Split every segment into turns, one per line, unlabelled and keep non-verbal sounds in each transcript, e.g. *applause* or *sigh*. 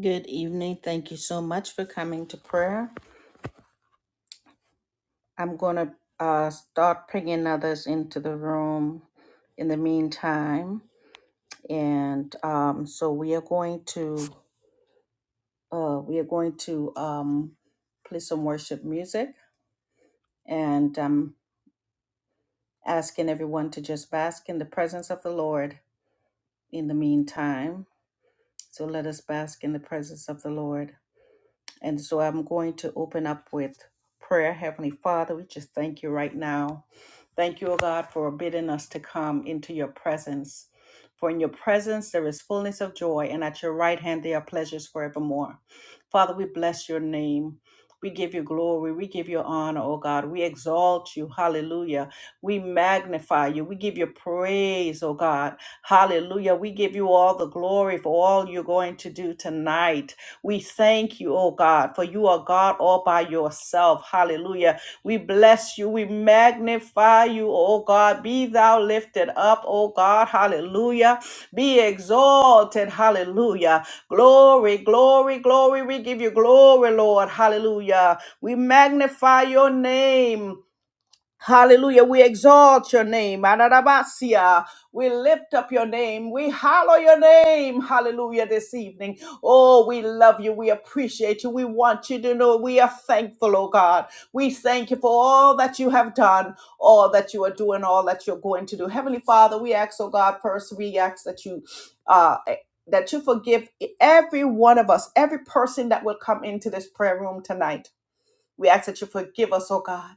Good evening. Thank you so much for coming to prayer. I'm going to uh, start bringing others into the room in the meantime, and um, so we are going to uh, we are going to um, play some worship music, and um, asking everyone to just bask in the presence of the Lord in the meantime. So let us bask in the presence of the Lord. And so I'm going to open up with prayer. Heavenly Father, we just thank you right now. Thank you, O God, for bidding us to come into your presence. For in your presence there is fullness of joy, and at your right hand there are pleasures forevermore. Father, we bless your name. We give you glory. We give you honor, O God. We exalt you. Hallelujah. We magnify you. We give you praise, O God. Hallelujah. We give you all the glory for all you're going to do tonight. We thank you, oh God, for you are God all by yourself. Hallelujah. We bless you. We magnify you, oh God. Be thou lifted up, oh God. Hallelujah. Be exalted. Hallelujah. Glory, glory, glory. We give you glory, Lord. Hallelujah. We magnify your name. Hallelujah. We exalt your name. Adarabasia. We lift up your name. We hallow your name. Hallelujah this evening. Oh, we love you. We appreciate you. We want you to know we are thankful, oh God. We thank you for all that you have done, all that you are doing, all that you're going to do. Heavenly Father, we ask, oh God, first, we ask that you uh eh, that you forgive every one of us, every person that will come into this prayer room tonight. We ask that you forgive us, oh God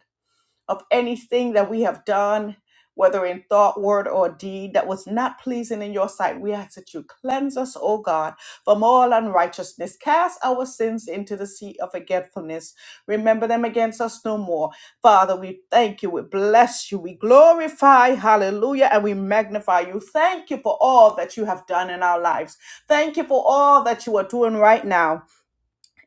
of anything that we have done, whether in thought, word, or deed, that was not pleasing in your sight. We ask that you cleanse us, O God, from all unrighteousness. Cast our sins into the sea of forgetfulness. Remember them against us no more. Father, we thank you. We bless you. We glorify, hallelujah, and we magnify you. Thank you for all that you have done in our lives. Thank you for all that you are doing right now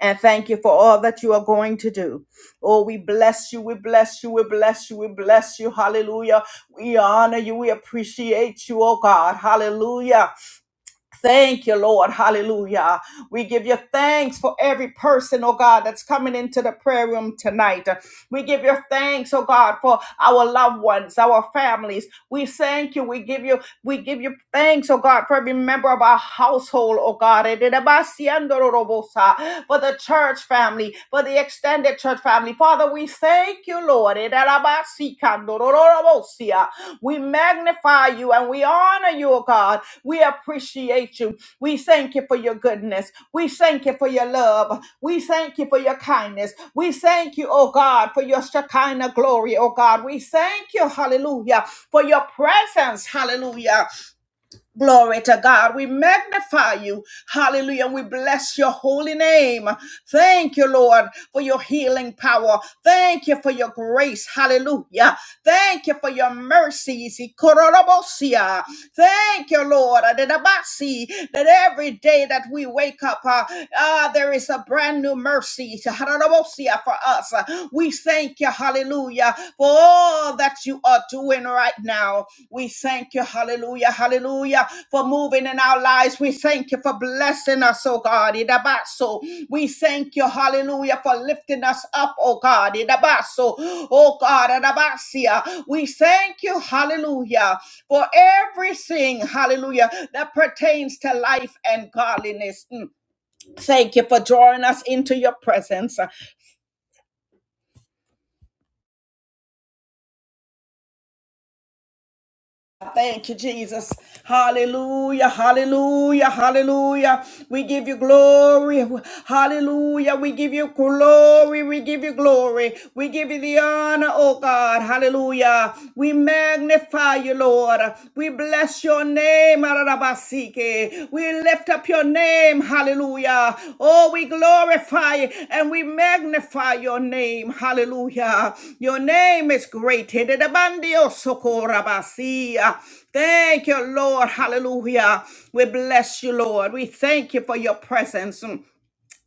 and thank you for all that you are going to do. Oh, we bless you, we bless you, we bless you, we bless you. Hallelujah. We honor you, we appreciate you, oh God. Hallelujah. Thank you, Lord. Hallelujah. We give you thanks for every person, oh God, that's coming into the prayer room tonight. We give you thanks, oh God, for our loved ones, our families. We thank you. We give you, we give you thanks, oh God, for every member of our household, oh God. For the church family, for the extended church family. Father, we thank you, Lord. We magnify you and we honor you, oh God. We appreciate you. We thank you for your goodness. We thank you for your love. We thank you for your kindness. We thank you, oh God, for your Shekinah glory, oh God. We thank you, hallelujah, for your presence, hallelujah. Glory to God. We magnify you. Hallelujah. We bless your holy name. Thank you, Lord, for your healing power. Thank you for your grace. Hallelujah. Thank you for your mercies. Ikororobosia. Thank you, Lord. Adedabasi. That every day that we wake up, uh, uh, there is a brand new mercy. Harorobosia For us, we thank you. Hallelujah. For all that you are doing right now. We thank you, hallelujah, hallelujah, for moving in our lives. We thank you for blessing us, oh God. Idabaso. We thank you, hallelujah, for lifting us up, oh God. Idabaso. Oh God, Adabasia. We thank you, hallelujah, for everything, hallelujah, that pertains to life and godliness. Mm. Thank you for drawing us into your presence. Thank you, Jesus. Hallelujah, hallelujah, hallelujah. We give you glory. Hallelujah. We give you glory. We give you glory. We give you the honor, oh God. Hallelujah. We magnify you, Lord. We bless your name glory. We lift up your name. Hallelujah. Oh, we glorify and we magnify your name. Hallelujah. Your name is great. Hidedabandio sokorabasia. Thank you, Lord. Hallelujah. We bless you, Lord. We thank you for your presence.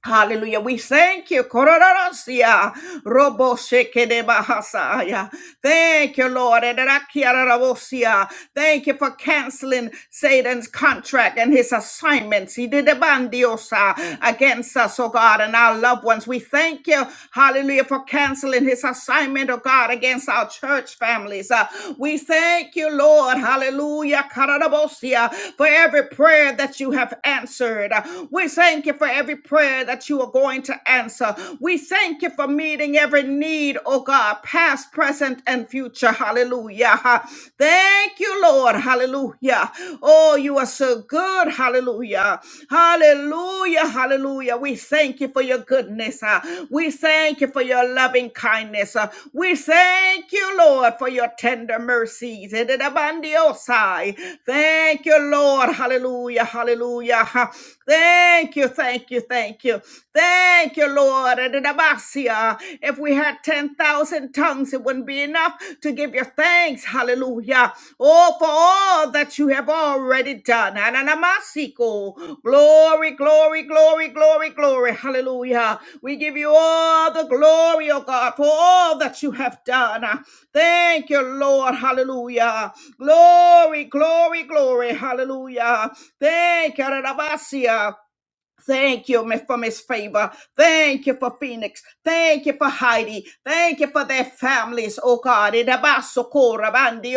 Hallelujah. We thank you. Kororosia. Robo shekede bahasaya. Thank you, Lord. Ederakiararabosia. Thank you for canceling Satan's contract and his assignments. He did a bandiosa against us, oh God, and our loved ones. We thank you, hallelujah, for canceling his assignment, oh God, against our church families. Uh, we thank you, Lord, hallelujah, Kararabosia, for every prayer that you have answered. Uh, We thank you for every every prayer that you are going to answer. We thank you for meeting every need, oh God, past, present, and future. Hallelujah. Thank you, Lord. Hallelujah. Oh, you are so good. Hallelujah. Hallelujah. Hallelujah. We thank you for your goodness. ah. We thank you for your loving kindness. ah. We thank you, Lord, for your tender mercies. Thank you, Lord. Hallelujah. Hallelujah. Thank you, thank you, thank you. Thank you, Lord. Adadabasia. If we had 10,000 tongues, it wouldn't be enough to give you thanks. Hallelujah. Oh, for all that you have already done. Ananamasiko. Glory glory, glory, glory, glory, glory. Hallelujah. We give you all the glory, oh God, for all that you have done. Thank you, Lord. Hallelujah. Glory, glory, glory. Hallelujah. Thank you, Rabasia. Thank you mi- for Miss Favor. Thank you for Phoenix. Thank you for Heidi. Thank you for their families, oh God. In the basso cora bandi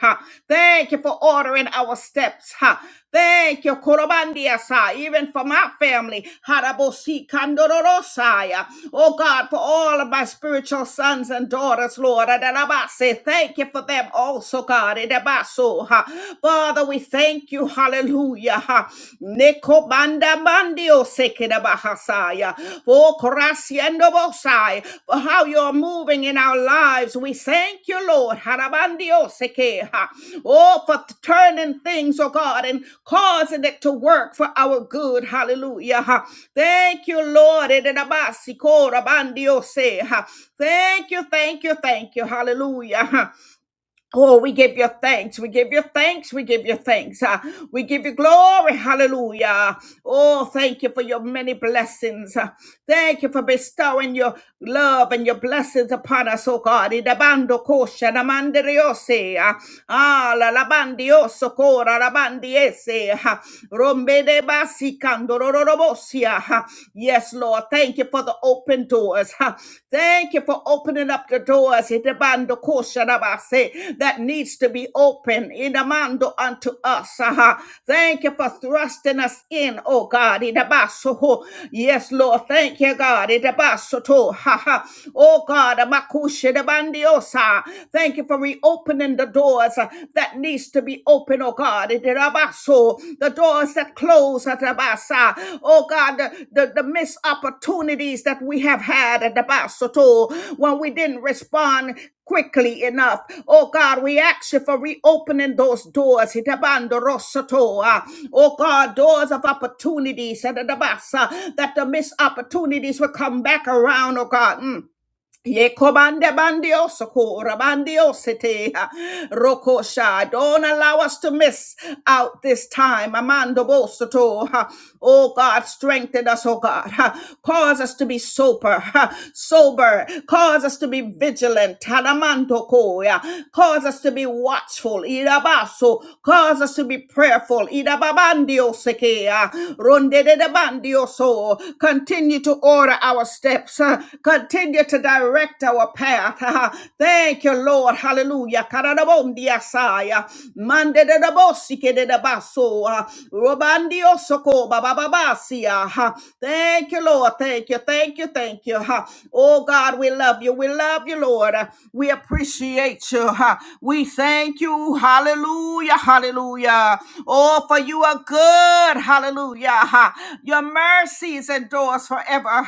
ha. Thank you for ordering our steps. ha. Thank you, Korobandia, sa, even for my family. Harabosi Kandorosaya. Oh God, for all of my spiritual sons and daughters, Lord. Adarabase thank you for them also, God. In the baso, ha. Father, we thank you. Hallelujah. ha. Neko banda mandio seke da bahasaya. For gracia and bosai. For how you're moving in our lives. We thank you, Lord. Harabandio seke, ha. Oh, for turning things, oh God, and causing it to work for our good. Hallelujah. ha. Thank you, Lord. In the basi, rabandio se, ha. Thank you, thank you, thank you. Hallelujah. Oh, we give you thanks. We give you thanks. We give you thanks. Uh, we give you glory. Hallelujah. Oh, thank you for your many blessings. Uh, thank you for bestowing your love and your blessings upon us, oh God. Idabando kosha namanderiose. Ah, la labandi osso cora, la labandi esse. ah, Rombe de basi candororobosia. ah. ah. Yes, Lord. Thank you for the open doors. ah. Thank you for opening up the doors. Idebando kosha rabase, That needs to be open. in the mando unto us. ah. ah. Thank you for thrusting us in, oh God. eh, de baso ho. Yes, Lord. Thank you, God. Idabaso to. ha, ha. Oh God, makusha de bandi osso ah. Thank you for reopening the doors uh, that needs to be open, oh God. Itirabaso, The doors that close, atabasa. oh God, the, the, the missed opportunities that we have had at the when we didn't respond quickly enough. Oh God, we ask you for reopening those doors. Hitabandorosoto, ah. Oh God, doors of opportunities, eh, ah, that the missed opportunities will come back around, oh God. Mm. Yekobande bandio soko rabandio sete rokosha. Don't allow us to miss out this time. Amando bosoto. Oh God, strengthen us, oh God. ha. Cause us to be sober, ha, sober. Cause us to be vigilant. Talamando koya. Cause us to be watchful. Irabaso. Cause us to be prayerful. Irababandio sekea. Ronde de bandio so. Continue to order our steps. ha. Continue to direct our path. *laughs* Thank you, Lord. Hallelujah. Karadabondiasaya. Mande de da bosike de da baso. Robandio soko bababasia. Thank you, Lord. Thank you. Thank you. Thank you. Oh God, we love you. We love you, Lord. We appreciate you. We thank you. Hallelujah. Hallelujah. Oh, for you are good. Hallelujah. Your mercies endures forever.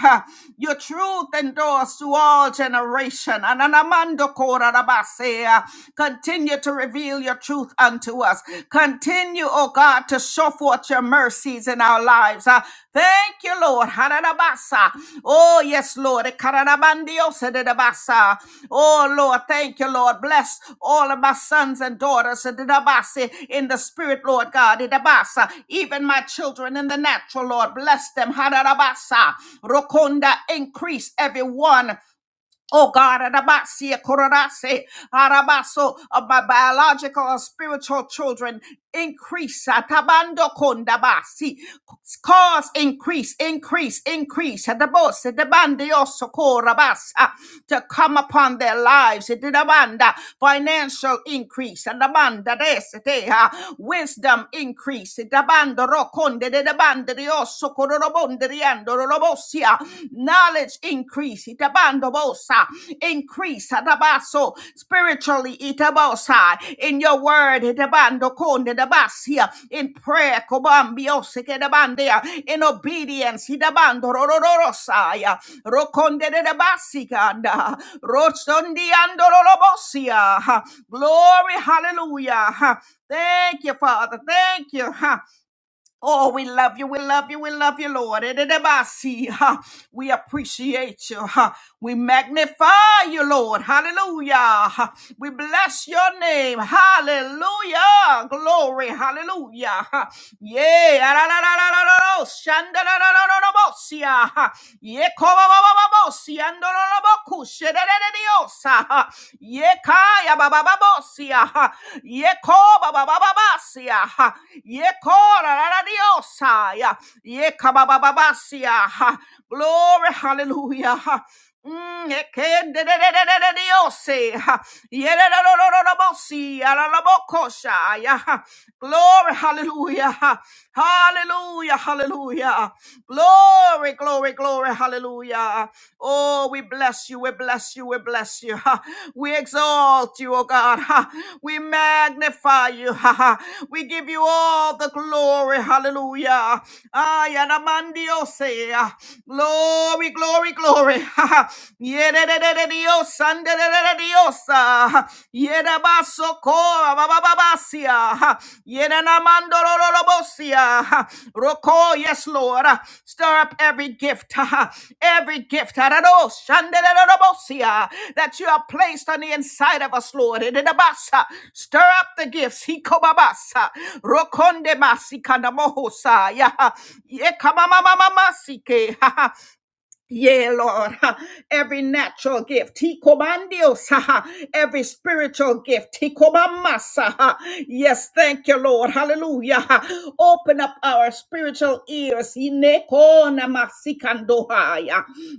Your truth endures to all all generation. Ananamando korarabasea. Continue to reveal your truth unto us. Continue, oh God, to show forth your mercies in our lives. Uh, Thank you, Lord. Hararabasa. Oh, yes, Lord. Ekarabandiosederabasa. Oh, Lord. Thank you, Lord. Bless all of my sons and daughters Sedabasi, in the spirit, Lord God. Edabasa. Even my children in the natural, Lord. Bless them. Hararabasa. Rokonda, increase everyone Oh God, Adabasia, Korarase, Arabaso, of my biological or spiritual children, increase. Atabando kondabasi. Cause increase, increase, increase. Adabose, debandioso, korabasa. To come upon their lives. Adabanda, Financial increase. Adabanda, desete, ah. Wisdom increase. Adabando rokonde de de bandri osso cororobondri andorobossia. Knowledge increase. Itabando bosa. Increase. Atabaso. Spiritually. Itabosa. In your word. Itabando conde de In prayer. Cobambiose che de bandea. In obedience. Itabando rororosaya. rokonde de de basicanda. Rostondi Glory. Hallelujah. Thank you, Father. Thank you. Huh. Oh, we love you. We love you. We love you, Lord. Ededebasi, ha. We appreciate you. ha. We magnify you, Lord. Hallelujah. ha. We bless your name. Hallelujah. Glory. Hallelujah. ha. Yeah. Ararararararo, shandarararararosia. Ye kobabababo si andorobo kushederediosa. Ye kaya babababo siya. Ye kobabababa siya. Ye korararadiosa. Ye kababababa siya. Glory, hallelujah. Mm, ekedededededediose, ha. Yededededededebosi, alalabokosha, ya, ha. Glory, hallelujah, ah, hallelujah, hallelujah, ah, glory, glory, glory, hallelujah. ah, Oh, we bless you, we bless you, we bless you, ha. we exalt you, oh God, ha. we magnify you, ha, ha. we give you all the glory, hallelujah. Ay, anamandiose, ah. Glory, glory glory, glory. *laughs* Yedededededios, andededededios, ah. Yedabasokoa, babababasia. Yedanamandorolobosia. Roko, yes, Lord. Stir up every gift, *laughs* every gift Adados, shandedededebosia, that you have placed on the inside of us, Lord. Ededabasa. Stir up the gifts. Hikobabasa. Rokonde masikana mohosa. Yaha. Yekamamamamamasike. *laughs* Yea, Lord, *laughs* ha, every natural gift, Tikobandios, ha, ha, every spiritual gift, Tikobamasa. ha. Yes, thank you, Lord. Hallelujah. *laughs* ha. Open up our spiritual ears. Ineko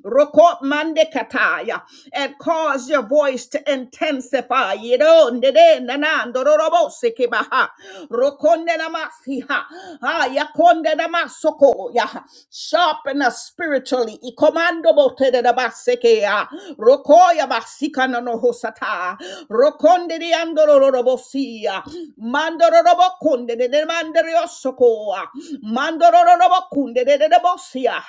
Roko mande kataya and cause your voice to intensify. Yedo ndede nanando rorobo kibaha. Rokonde namasiha. Aya konde Sharpen partner spiritually. Ikomando botere da basekea. Rokoya basikana no no hosata. Rokonde di andoro robosia. Mandoro robokunde de de manderiosokoa. Mandoro robokunde de de bosia.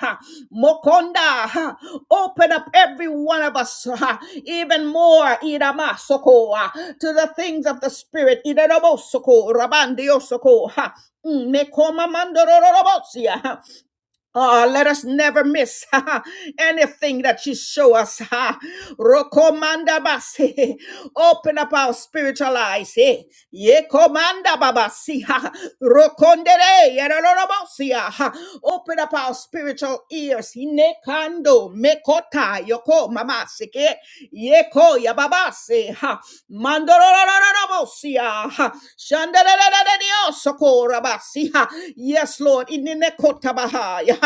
Mokonda. ha. Open up every one of us ha, even more. Irama sokoa. To the things of the spirit. Irama soko. Rabandiosoko. Ha. mm, Mekoma mandoro robosia. Ah, let us never miss *laughs* anything that you show us. *laughs* ha. Rokomanda basi. *laughs* Open up our spiritual eyes. eh. Ye komanda babasi. ha. Rokondere yerororobosia, ha. Open up our spiritual ears. Inekando mekota yoko mamasike. Yeko yababase. ha. Mandorororobosia. Shandararararariosokorabasiha. Yes, Lord. Ininekotabahaya.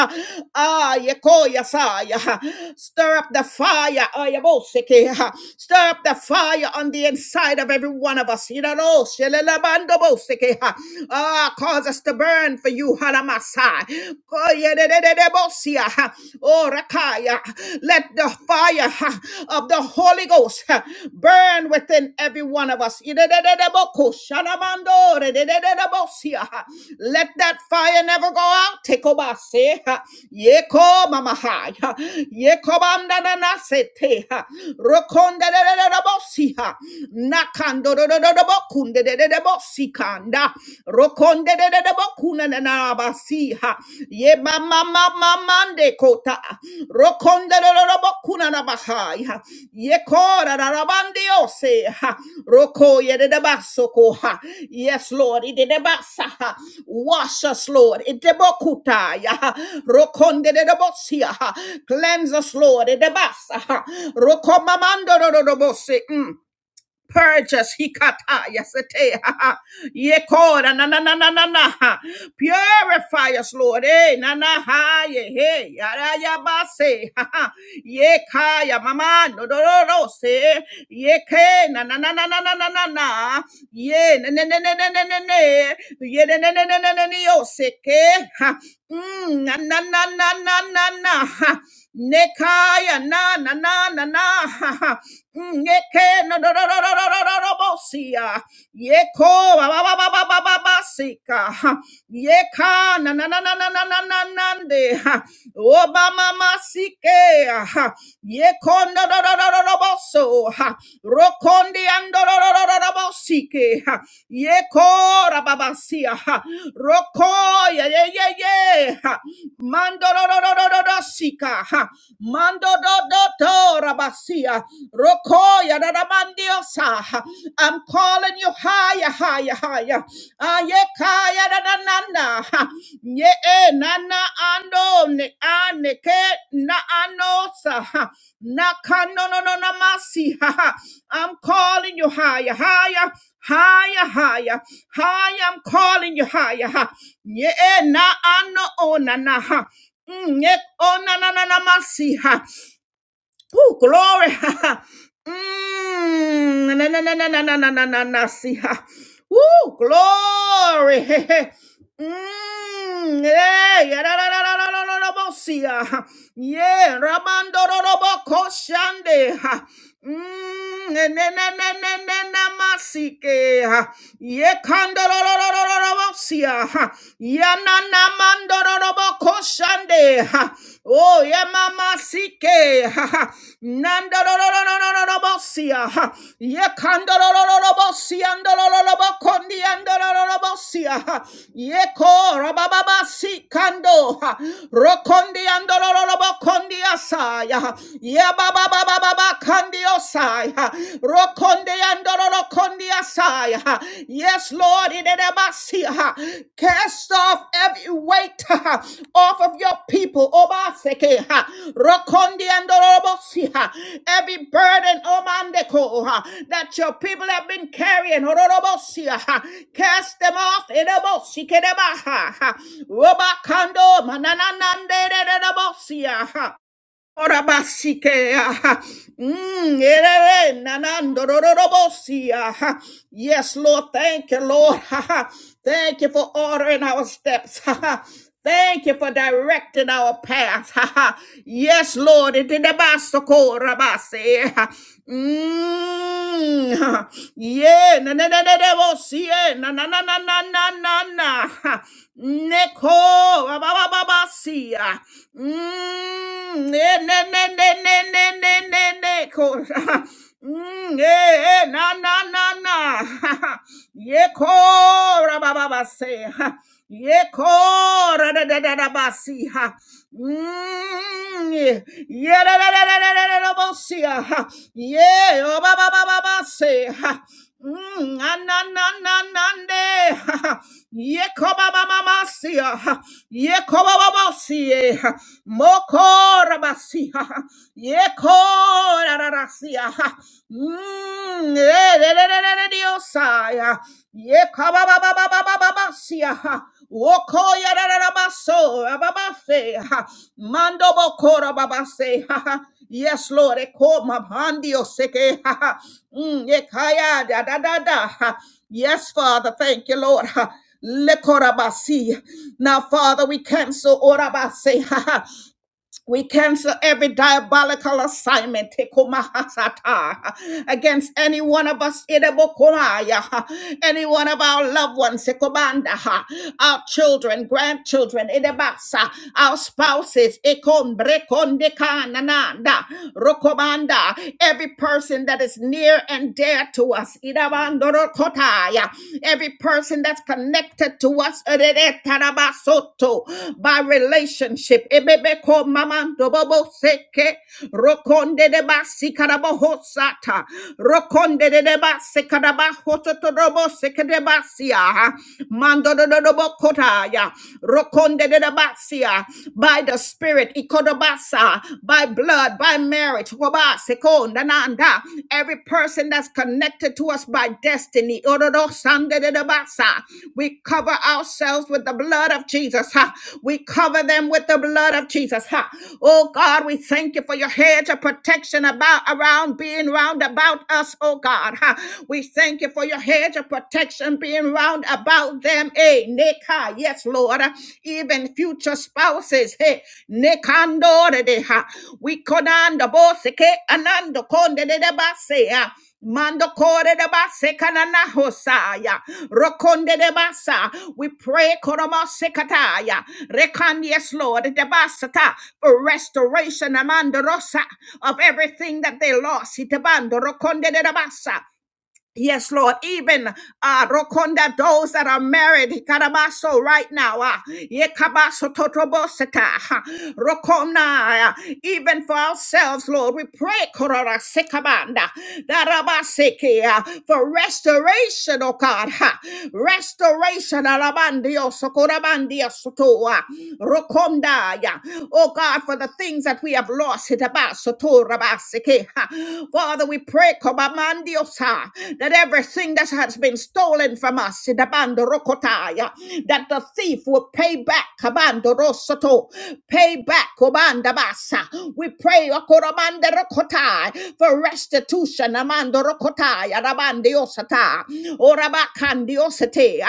Ah, yekoyasaya. Stir up the fire. Ayabosekeha. Stir up the fire on the inside of every one of us. Iraroshelelabandobosekeha. Ah, cause us to burn for you. Halamasai. Koyedededebosia. Oh, Rakaya let the fire ha, of the Holy Ghost ha, burn within every one of us. Let that fire never go out. Tekobase, ha. Yeko mamahai, ha. Yekobandananasete, ha. Rokondedededebosi, ha. Nakandodododobokundedededebosikanda. Kuna kunanabasiha ye mama mama mande kota rokonda robo kunanabahaya ye kora rabande ose ha roko ye de basoko ha yes lord ide de basaha wash us lord ide bokutaya rokonde de bosia ha cleanse us lord ide basaha rokomamando robo se mm. Purge us, hikata, yasete, ha, ha. yekora, na, na, na, na, na, na, ha. purify us, Lord, eh, na, na, ha, ye, he, yara, yabase, ha, ha. yekaya, mama, no, no, no, no, se, yeke, na, na, na, na, na, na, na, na, na, ye, ne, ne, ne, ne, ne, ne, ne, ne, ye, ne, ne, ne, ne, ne, ne, ne, yo, se, ke, ha. Mm, na, na, na, na, na, na, na, ha. nekaya, na, na, na, na, na, ha, ha. Nyeke no no no no no no no no no bosia. Yeko ba ba ba ba ba ba ba ba sika. Yeka na na na na na na na na nande. Obama masike. Ha. Yeko no no no no no no boso. Ha. Rokondi ando no no no no no bosike. Ha. Yeko rababasia. Ha. Roko ya ya ya ya. Ha. Mando no no no no no no Shika, ha. Mando do do do rabasia. Rokoya da I'm calling you higher, higher, higher. Ayekaya da ha. Nye e nana ando ne ane ke na anosa. ha. Na kano no no no, na ha, ha. I'm calling you higher, higher. Higher, higher, higher, I'm calling you higher. ha. e na ano ona na ha. Mm, yet, oh, na, na, na, na, ma, see, ha. Ooh, glory. *laughs* Ha, ha. Mm, na, na, na, na, na, na, na, na, na, na, see, ha. Ooh, glory. *laughs* Mm, yeah, yeah, da, da, da, da, da, da, da, da, bosia. Ha. Yeah, Ramando robo do, ko, shande. ha. Mm, ne, ne, ne, ne, ne, ne, ne, masike. ha. Ye kando ro ro ro ro ro do, bosia. ha. Ya na, na, mando ro ro bo, ko, shande. ha. Oh, yeah, mama sike. Ha, ha. Nandorororororobosia. ha. Yekandororororobosia. Ndorororobokondi. Andorororobosia. ha. Yeko rabababasi kando. ha. Rokondi. Andorororobokondi asaya. ha. Yebababababa kandi osaya. Rokondi. Andororokondi asaya. Yes, Lord. Cast off every weight off of your people. Obaseke. Rokondi and Orobosi. Every burden, Omandeko, that your people have been carrying. Cast them off. Erebosi Kedeba. Robakando. Orabasike, ah, mm, erere, nanando, rororobosi, ah. Yes, Lord, thank you, Lord. *laughs* ah, ah. Thank you for ordering our steps. *laughs* ah, ah. Thank you for directing our path. *laughs* ah, ah. Yes, Lord. itidabasoko, rabase, ah. Mm, ah. Yeah, na na na na na, bosi, eh, na na na na na na na. Neko bababasia. Mm, ne ne ne ne ne ne ne ne ne ko. *laughs* Mm, eh, eh, na na na na. *laughs* Yeko rabababase. Yeko ra da da da da basi. Mm, ye ye, da da da da da da da da bosia. *laughs* Ye o Mm, ananananande. *laughs* Yekobabamasia. Yekobababosie. Mokorabasia. Yekorarasia. *laughs* Mm, eh, eh, eh, eh, eh, eh, Diosaya. Yekobabababababasia. Woko ya da da Wokoya rarabaso, rababafe, ha. Mando bokora babase, ha ha. Yes, Lord, eko mabandio seke, ha ha. Mm, ekaya da da da da, ha. Yes, Father, thank you, Lord. Lekorabasi. Now, Father, we cancel orabase. We cancel every diabolical assignment tekomahasata, against any one of us, idebokomaya, any one of our loved ones, tekobanda, our children, grandchildren, idebasa, our spouses, ikombrekondekanananda, rokomanda, every person that is near and dear to us, idabandorokotaya, every person person that's connected to us Ereretarabasoto, by relationship. Ebebeko mamando bobo seke, rokonde de basi karaboho sata, rokonde de de basi karabaho soto robo seke de basia, mando do do do bo kotaya, rokonde de de basia, by the spirit, ikodobasa, by blood, by marriage, waba, seconda nanda. Every person that's connected to us by destiny. Ororo sande de de basa. We cover ourselves with the blood of Jesus. ha. We cover them with the blood of Jesus. ha. Oh God, we thank you for your hedge of protection about around being round about us, oh God. ha. We thank you for your hedge of protection being round about them. Eh, Nika. Yes, Lord even future spouses. Hey, nekando redeha. We konanda boseke anando konde de basea. Mando kore de base kanana hosaya. Rokonde de basa. We pray koroma sekataya. Rekan yes Lord de basata for restoration amando rosa of everything that they lost. Itabando rokonde de basa. Yes, Lord. Even uh, Rokonda, those that are married, Karabaso right now, uh, Yekabaso Totoboseta, huh, Rokona, uh, even for ourselves, Lord, we pray Korora Sekabanda, Darabaseke, uh, for restoration, oh God, huh, restoration, Alabandio, Sokorabandia Sotoa, Rokonda, yeah, oh God, for the things that we have lost, Hitabaso Torabaseke, huh. Father, we pray. Rekobamandiosa, that everything that has been stolen from us, Dabando Rokotaya, that the thief will pay back, Kabando Rosoto, pay back, Kobanda Basa. We pray, Okoramande Rokotai, for restitution, Amando Rokotaya, Rabandiosata, Orabakandiosate,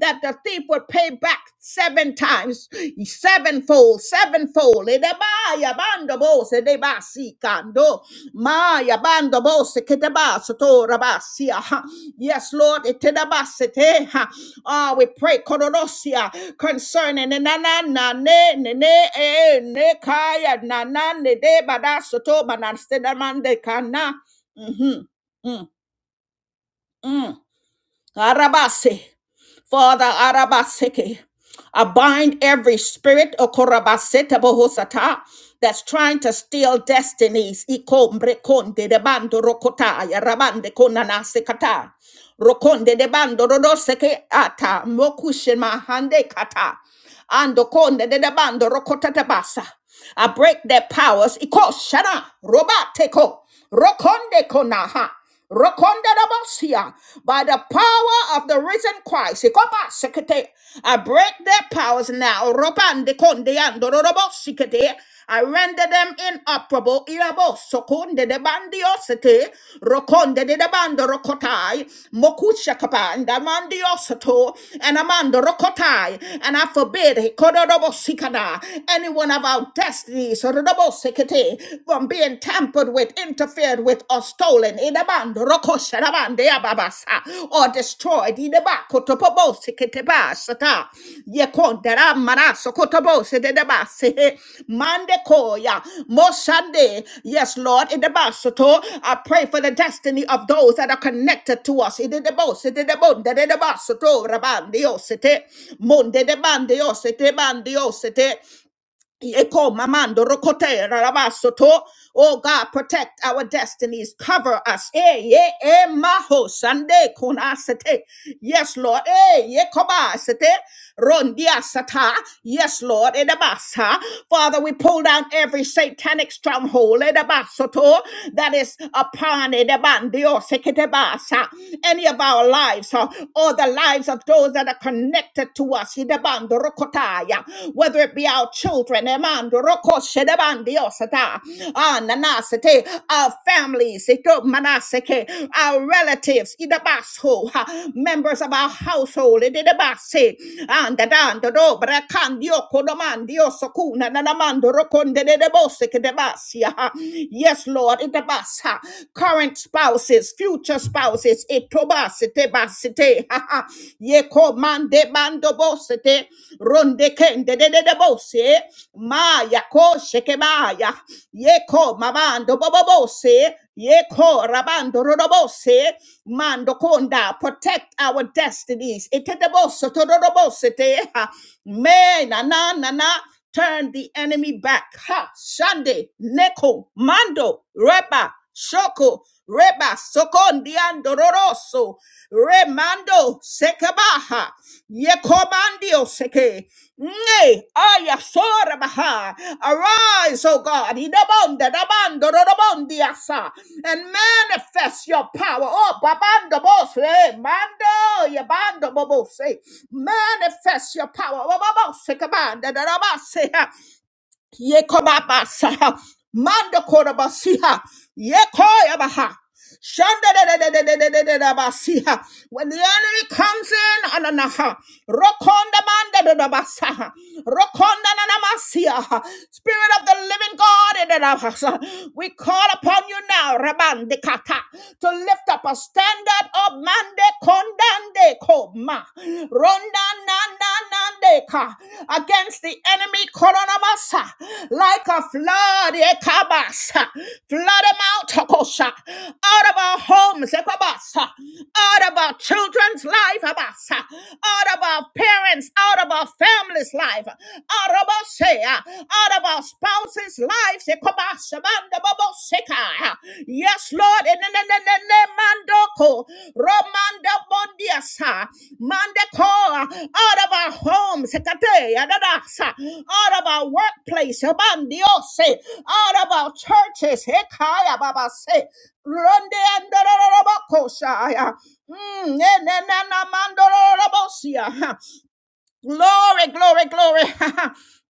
that the thief will pay back seven times, sevenfold, sevenfold. Edebaya, Bando Bose, Debasi, kando. Maya bando bose ketabas to rabasia. ha. Yes, Lord, etedabasete. ha. Ah, we pray kodonosia concerning na na na ne ne ne eh, ne kaya na na ne de badasoto banastedamande kana. Mm-hmm. Mm-hmm. Arabase. Father Arabaseke. I bind every spirit okorabaseta bohosata that's trying to steal destinies. Ikombre konde de bando rokota ya rabande konana sekata. Rokonde de bando rodoseke ata mokushin mahande kata. Ando konde de de bando rokota tabasa. I break their powers. Iko shana robateko rokonde konaha. Rokondarabosia, By the power of the risen Christ. Ikoba sekete. I break their powers now. Robande konde andororobosikete. I render them inoperable. Irabo sokonde de bandiosete. Rokonde de de bando rokotai. Mokusha and amandiosato and amando rokotai and I forbid hikododobo sikada any one of our destinies rodobo sekete, from being tampered with, interfered with, or stolen idabando rokosharabande ababasa or destroyed idabakotopobo seketeba ye kontera manaso kotobo se de debase mande koya mosande yes lord in the basoto i pray for the destiny of those that are connected to us in the debose de debonde de debasoto rabande osete monde de bande osete Eko mamando rokote rarabasoto. Oh God, protect our destinies, cover us. Eh, ye, eh, maho, sande kunasete. Yes, Lord. Eh, ye kobasete. Rondia sata. Yes, Lord. Edabasa. Father, we pull down every satanic stronghold edabasoto, that is upon edabandio seketebasa, any of our lives huh, or the lives of those that are connected connected to us, Hidabando Rokotaya, whether it be our children, Emando Roko Shedabandi Osata, Ah, Nanasete, our families, Ito Manaseke, our relatives, Idabaso, ha, members of our household, Idabase, and Dando Dobra Candio Kodomandio Sokuna, Nanamando Rokonde de Bosek Debasia. Yes, Lord, Idabasa, current spouses, future spouses, is etoba sete ba sete *laughs* ha ha ye ko mande bando bo sete ronde kende de de de bo se ma ya ko sheke ba ya ye ko mabando bo bo bo se ye ko rabando ro ro bo se mando konda protect our destinies etete bo soto ro ro bo sete ha me na na na na turn the enemy back ha shande neko mando reba Shoko Reba Sokondiandoroso Remando Sekebaha Yekomandio Seke Ne Ayasorabaha Arise, O God, Idabonda Dabando Rodobondiasa and manifest your power. Oh Babando Bose Mando Yabando Bobose Manifest your power. Oh Babose Kabanda Darabase Yekobabasa. Mando korabasia. Yekoyabaha. Shandadadadadadadadadabasiha. When the enemy comes in, ananaha, rokonda mandadadabasaha, rokonda nanamasiha. Spirit of the living God, edadabasa. we call upon you now, Rabandikata, to lift up a standard of mande kondande koma, ronda nananandeka, against the enemy, koronamasa, like a flood, ekabasa. flood him out, tokosha out of our homes, Ekabasa, out of our children's life, Abasa, out of our parents, out of our families' life, out of our share, out of our spouses' lives, Ekabasa, Manda Babo Seka. Yes, Lord, in the name of Mandoko, Romanda Bondiasa, Mandakoa, out of our homes, Ekate, Adadasa, out of our workplace, Abandiose, out of our churches, Ekaya Baba say, Ronde andororobokoshaya. Mm, nenenanamandororobosia. Glory, glory, glory.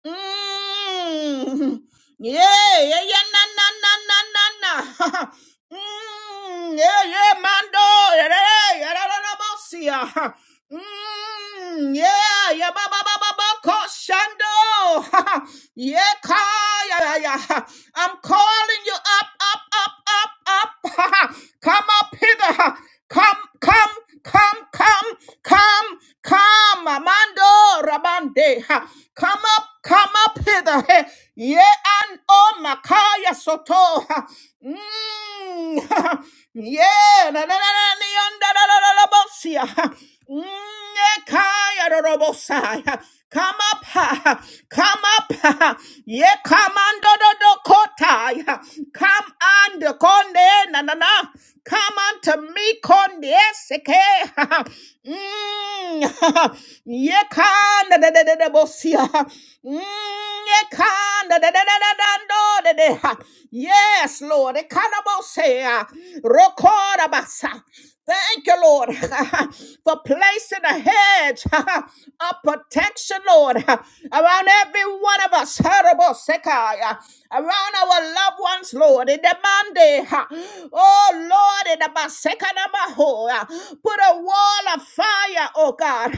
Mm. Yeah, yeah, yeah, na, na, na, na, na, na. Mm, yeah, yeah, mando, yeah, yeah, yeah, yeah, yeah, yeah, yeah, yeah, yeah. Mm, yeah, yeah, ba ba ba ba ba, koshando. *laughs* yeah, ka, yeah, yeah, yeah. I'm calling you up, up, up, up, up. *laughs* come up hither. Come, come, come, come, come, come, Amando Rabande. Ha. Come up, come up hither. Hey. Yeah, and oh, Makaya Soto. Ha. Mm, *laughs* yeah, na, na, na, na, ni, onda, da, da, da, da, bosia. Mm, eh, kaya, da, da, bosaya. Come up, ha, come up, ha. ye come under the Dakota, come under Conde, na na na, come unto me, Conde, seke, Mm, *laughs* ye can, da da da da da, bosia, ekanda da da da da da do da da Yes, Lord. Ekanabosea. Rokorabasa. Thank you, Lord, *laughs* for placing a hedge *laughs* of protection, Lord, *laughs* around every one of us, *laughs* around our loved ones, Lord, in the Monday. *laughs* Oh, Lord, in the Basekanabaho, *laughs* put a wall of fire fire, oh God, *laughs*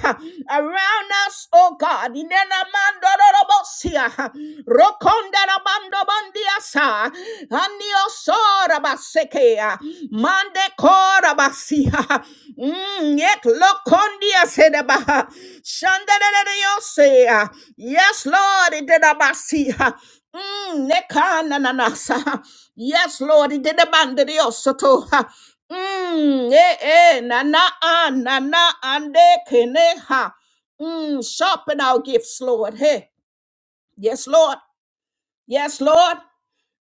around us, oh God. Inena mando robosia, *laughs* rokonda ramando bandiasa, anio *laughs* sora basekea, mande kora basia, *laughs* mm, yet lokondia sedaba, shandarereosea. *laughs* Yes, Lord, it did abasia. *laughs* Mm, nekananasa. Yes, Lord, it did abandon the osoto. *laughs* Mm, eh, eh, na na ah, na na ande kene ha. Mm, sharpen our gifts, Lord. Hey, yes, Lord. Yes, Lord.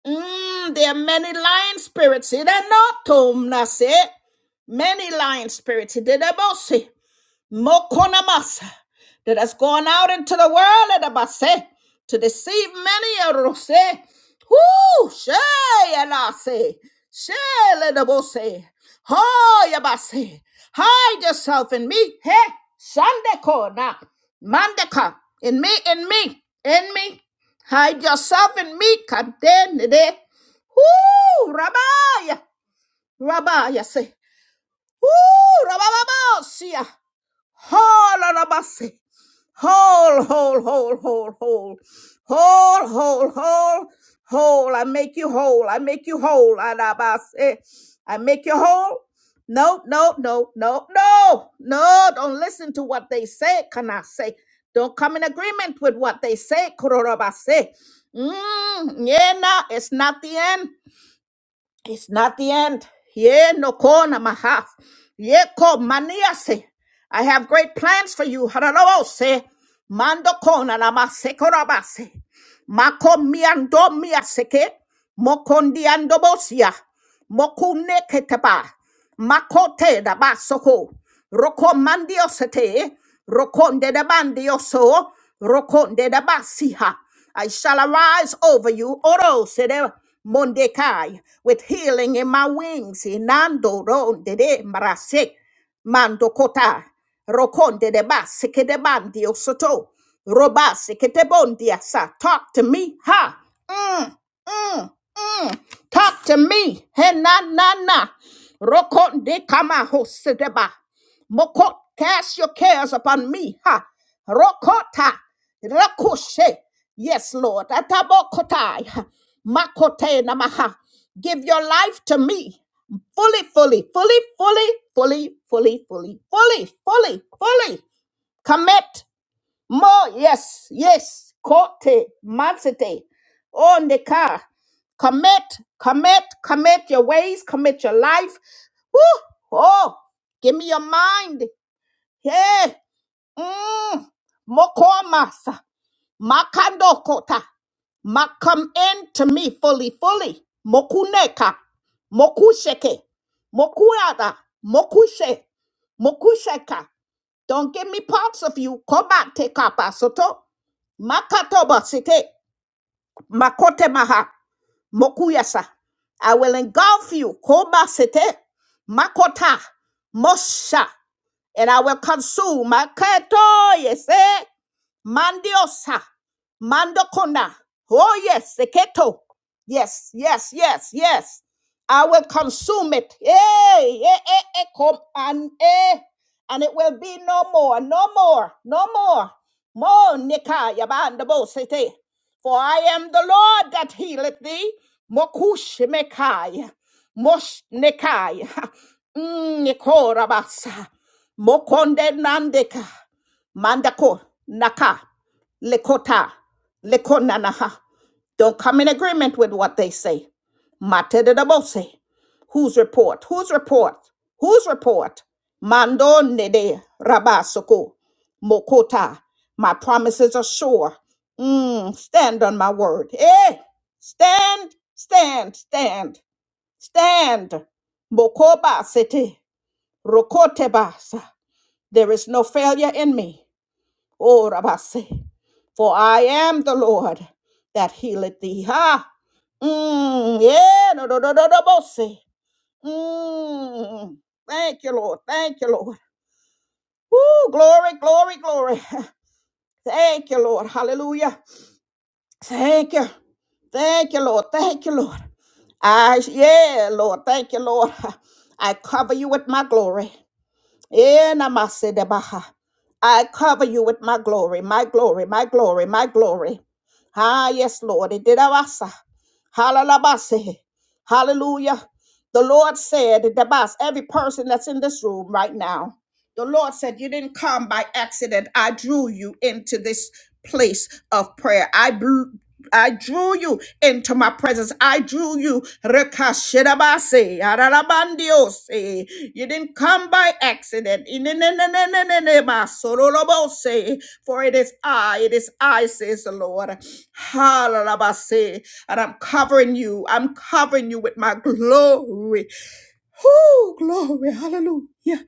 Mm, there are many lying spirits. It ain't not tomb, that's Many lying spirits. It did about say. Mokonamas that has gone out into the world Edabase, to deceive many a rose who Shay Elase. Shay Ledabose. Ho Yabase. Hide yourself in me. Hey, Shandeko na. Mandeka. In me, in me, in me. Hide yourself in me. Kadenede. who Rabaya. Rabaya say. Whoo! Rabababa. Whole on a bus. Whole, whole, whole, whole, whole. Whole, whole, whole, whole. I make you whole. I make you whole. on Eh, I make you whole. No, no, no, no, no, no. Don't listen to what they say. Can I say? Don't come in agreement with what they say. Kurorobase. Mm, yeah, no, it's not the end. It's not the end. Ye no kona maha. Ye ko maniase. I have great plans for you. Hararabose. Mando kona namase korabase. Makomiandomia seke, mokondiandobosia, mokune keteba, makote da basoko, rokomandiosete, rokonde da bandioso, rokonde da basiha. I shall arise over you, oro sede mondekai, with healing in my wings, inando ronde de marasek. Mando kota rokonde de bas kedebandi osoto roba sekedebondi asa. Talk to me, ha? Mm, Mm. Talk to me. He na na na. Rokon de kama hosedeba. Mokot, cast your cares upon me. Ha. Rokota. Rakoshe. Yes, Lord. Atabokotai. Makote namaha. Give your life to me. Fully, fully, fully, fully, fully, fully, fully, fully, fully, fully. Commit. More, yes, yes. Kote, matsete, on the car. Commit, commit, commit your ways, commit your life. Woo! Oh, give me your mind. Hey, mm, mokomasa, makandokota, ma come in to me fully, fully. Mokuneka, mokusheke, mokuada, mokushe, mokusheka. Don't give me parts of you. Come back, take Kobate kapasoto, makatoba site. Makote maha. Mokuyasa. I will engulf you. Koba sete. Makota. Mosha. And I will consume. Maketo yese. Mandiosa. Mandokona. Oh yes. Seketo. Yes, yes, yes, yes. I will consume it. Hey, eh, eh, eh, come and eh. And it will be no more, no more, no more. More nikaya bandabo for I am the Lord that healeth thee. Mokush mekai. Mosh nekai. *laughs* Nikorabasa. Mokonde nandeka. *laughs* Mandako naka. Lekota. Lekonanaha. Don't come in agreement with what they say. Matedabose. Whose report? Whose report? Whose report? Mando nede rabasoko. Mokota. My promises are sure. Mm, stand on my word. Eh? Stand, stand, stand, stand. Bokoba sete, rokote basa. There is no failure in me. Oh, rabase. For I am the Lord that healeth thee. Ha! Mm, yeah, no, no, no, no, no, bose. Mm. Thank you, Lord. Thank you, Lord. Woo, glory, glory, glory. *laughs* Thank you, Lord. Hallelujah. Thank you. Thank you, Lord. Thank you, Lord. I yeah, Lord. Thank you, Lord. I cover you with my glory. Eh, namasedebaha. I cover you with my glory, my glory, my glory, my glory. Ah, yes, Lord. It did awasa. Halalabase. Hallelujah. The Lord said, Debas, every person that's in this room right now, the Lord said, You didn't come by accident. I drew you into this place of prayer. I blew. I drew you into my presence. I drew you. Rekashirabase, ararabandiose. You didn't come by accident. Inenenenenenenebasorolobose. For it is I, it is I, says the Lord. Halalabase. And I'm covering you. I'm covering you with my glory. Whoo, glory. Hallelujah.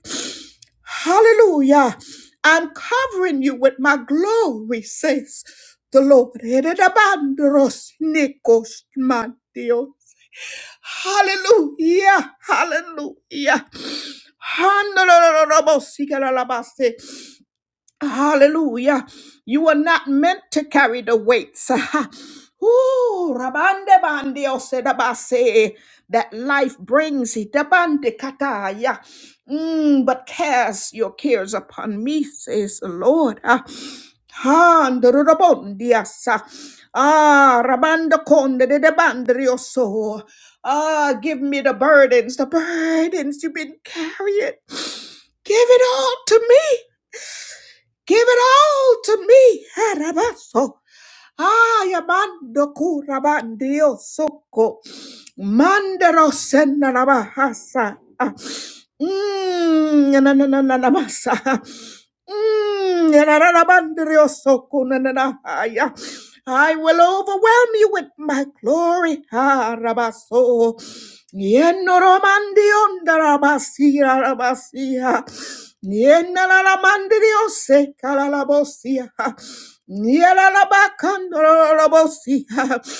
Hallelujah. I'm covering you with my glory, says the Lord. Eredabandoros nikos mantios. Hallelujah. Hallelujah. Handorororobosikalalamase. Hallelujah. You are not meant to carry the weights. *laughs* Ooh, rabande bande osedabase. That life brings it. Dabande kataya. Mm, but cast your cares upon me, says the Lord. Ah, handorobondiasa. Ah, rabando conde de debandrioso. Ah, give me the burdens, the burdens you've been carrying. Give it all to me. Give it all to me. Harabaso. Ay, amando curabandio soco. Mandero senarabahasa. Mmm, na na na na na masa. Mmm, na na na na na I will overwhelm you with my glory. Harabaso. Yenoromandio ndarabasi, rabasi. Niena la la mandirio se cala la bosia. Niela la Nienalalamandiriose kalalabosia. Nielalabakandorolobosia.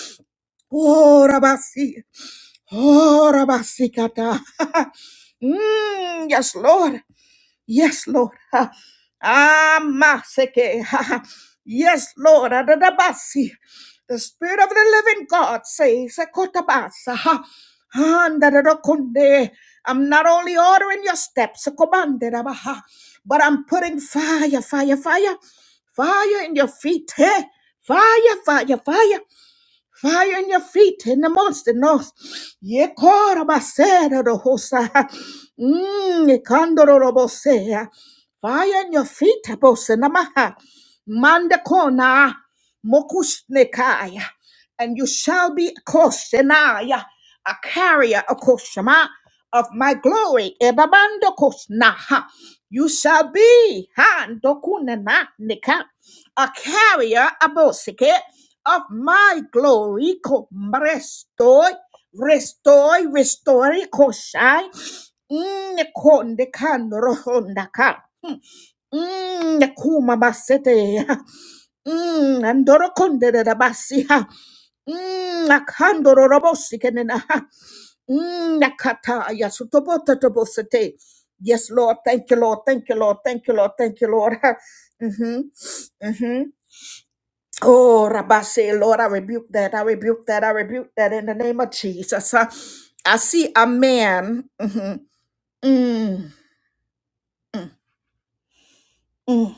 Oh, rabasi. Oh, rabasikata. *laughs* Mm, yes, Lord. Yes, Lord. *laughs* Ha. Ah, maseke. Ha, ha. *laughs* Yes, Lord. Adadabasi. The Spirit of the Living God says, Ekotabasa. Ha. Andadadakonde. I'm not only ordering your steps, Ekobanderabaha, but I'm putting fire, fire, fire, fire in your feet. Hey, fire, fire, fire. Fire in your feet in the monster north. Yekorabasera rohosa. Mm, ikandororobosea. Fire in your feet, abosenamaha. Mandakona. Mokusnekaya. And you shall be a koshenaya, a carrier, a koshama of my glory. Ebabando kosnaha. You shall be ha, ndokunena, nika, a carrier, a bosike of my glory. Restoy, restoy, restoy, koshai. Mm, kon de kan rohonda ka. Mm, kuma basete. Mm, andoro konde de da basiha. Mm, akandoro robosi kenena. Mm, nakata ya sutobota tobosete. Yes, Lord. Thank you, Lord. Thank you, Lord. Thank you, Lord. Thank you, Lord. *laughs* Mm-hmm. Mm-hmm. Oh, Rabbi say, Lord, I rebuke that. I rebuke that. I rebuke that in the name of Jesus. I, I see a man. mhm, mm, mm. mm,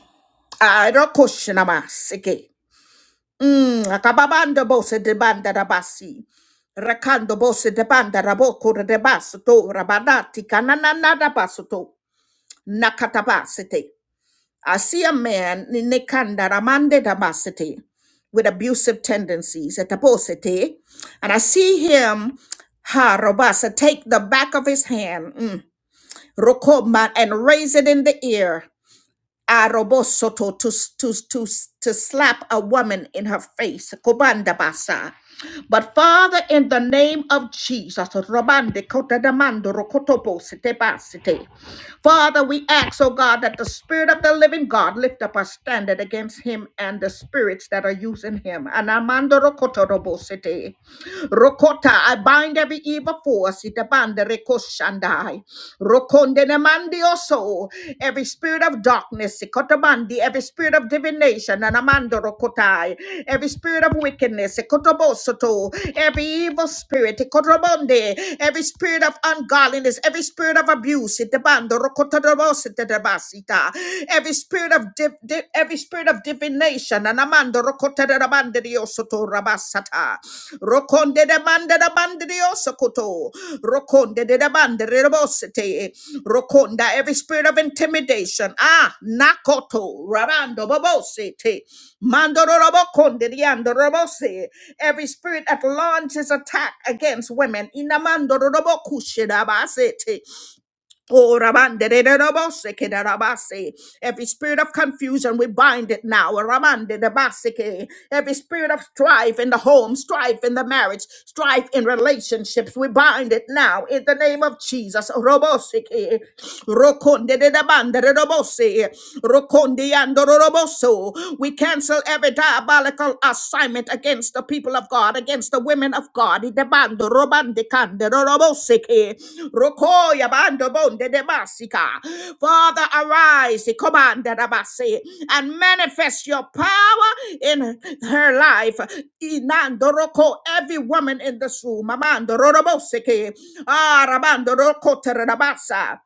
I don't question him. Akababanda bose de banda rabasi. Rakando bose de banda raboko de basato. Rabanati kananana da basato. Nakatabasite. I see a man in ninekanda ramande dabasete with abusive tendencies at aposete, and I see him ha robasa take the back of his hand mm, rokoba and raise it in the air Arobosoto to, to, to, to slap a woman in her face. Kobanda basa. But Father, in the name of Jesus, Robande Kotadamando Rokotopo Sete Basete. Father, we ask, oh God, that the Spirit of the living God lift up a standard against him and the spirits that are using him. Anamando Rokotorobo Sete. Rokota, I bind every evil force. Itabanda Rekoshandai. Rokonde ne mandioso. Every spirit of darkness, Sikotomandi, every spirit of divination, Anamando Rokotai, every spirit of wickedness, Sikotobosoto, every evil spirit, Ikotobonde, every spirit of ungodliness, every spirit of abuse, Itebando Rokotodobositebasita, every spirit of div- di- every spirit of divination, Anamando Rokotarabande Diosoto Rabasata. Rokonde de bande de bande de osokoto. Rokonde de de bande de bosete. Rokonda, every spirit of intimidation. Ah, nakoto. Rabando bobosete. Mandoro robokonde, diando robose. Every spirit that launches attack against women. Inamando robokushida basete. Oh, Rabande, de- de- de- ke- de- rabase. Every spirit of confusion, we bind it now. Rabande, de- base, Every spirit of strife in the home, strife in the marriage, strife in relationships, we bind it now in the name of Jesus. Robose, Rokonde, de- de- bande, de- de- Rokonde, yando, roboso. We cancel every diabolical assault assignment against the people of God, against the women of God. Idebando robande kande roroboseke, rokoya bando bonde demasika. Father, arise ikomanda rabase, and manifest your power in her life. Inando roko, Every woman in this room, amando roroboseke, ah, rabando roko terabasa.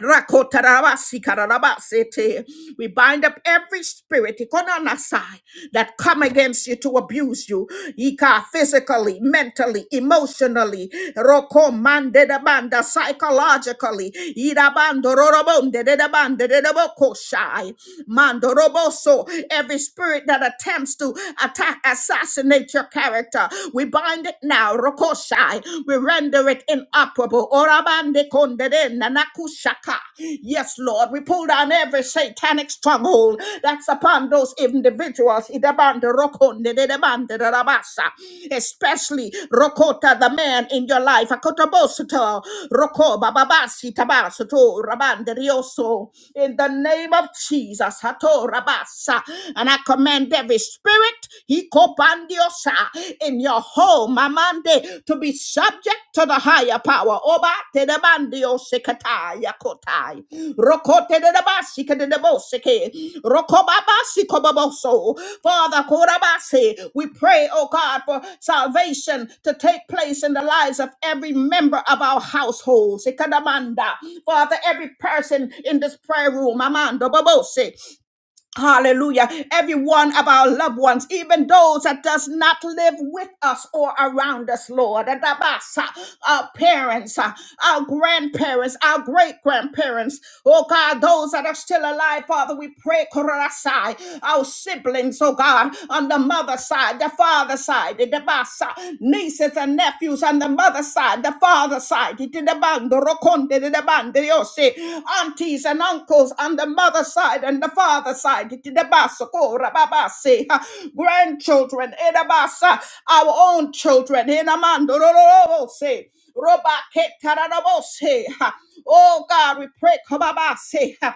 Rakotarabasi kararabasete. We bind up every spirit ikonanasai, that come against you to abuse you Ika, physically, mentally, emotionally, rokomandedabanda, psychologically, irabandororobondedabandedebokoshai, mandoroboso. every spirit that attempts to attack, assassinate your character. We bind it now. Rokoshai. We render it inoperable. Orabande kondede nanakushaka. Yes, Lord, we pull down every satanic stronghold that's upon those individuals. Idabande rokondede debande darabasa. Especially Rokota, the man in your life. Akotobosoto, Roko bababasi tabasoto rabande rioso. In the name of Jesus. Hato rabasa. And I command every spirit. he kopandiosa in your home, Amande, to be subject to the higher power. Oba te de bandio sekata yakotai. Rokote de de basi ke de de boseke. Rokobabasi koboboso. Father, korabasi, we pray, oh God, for salvation to take place in the lives of every member of our households. Sekadamanda. Father, every person in this prayer room, Amanda, Babose, Hallelujah. Every one of our loved ones, even those that does not live with us or around us, Lord. Adabasa, Our parents, uh, our grandparents, our great grandparents. Oh God, those that are still alive, Father, we pray, Kororasai, our siblings, oh God, on the mother side, the father side, Adabasa, nieces and nephews nephews on the mother side, the father side, Itidabando, Rokonde, Didabandiose, aunties and uncles on the mother side and the father side, Itidabasoko, Rababase, ha, grandchildren, Edabasa, our own children, Inamando, Rorobose, Robake, Taranabose, ha. Oh God, we pray, Kababase,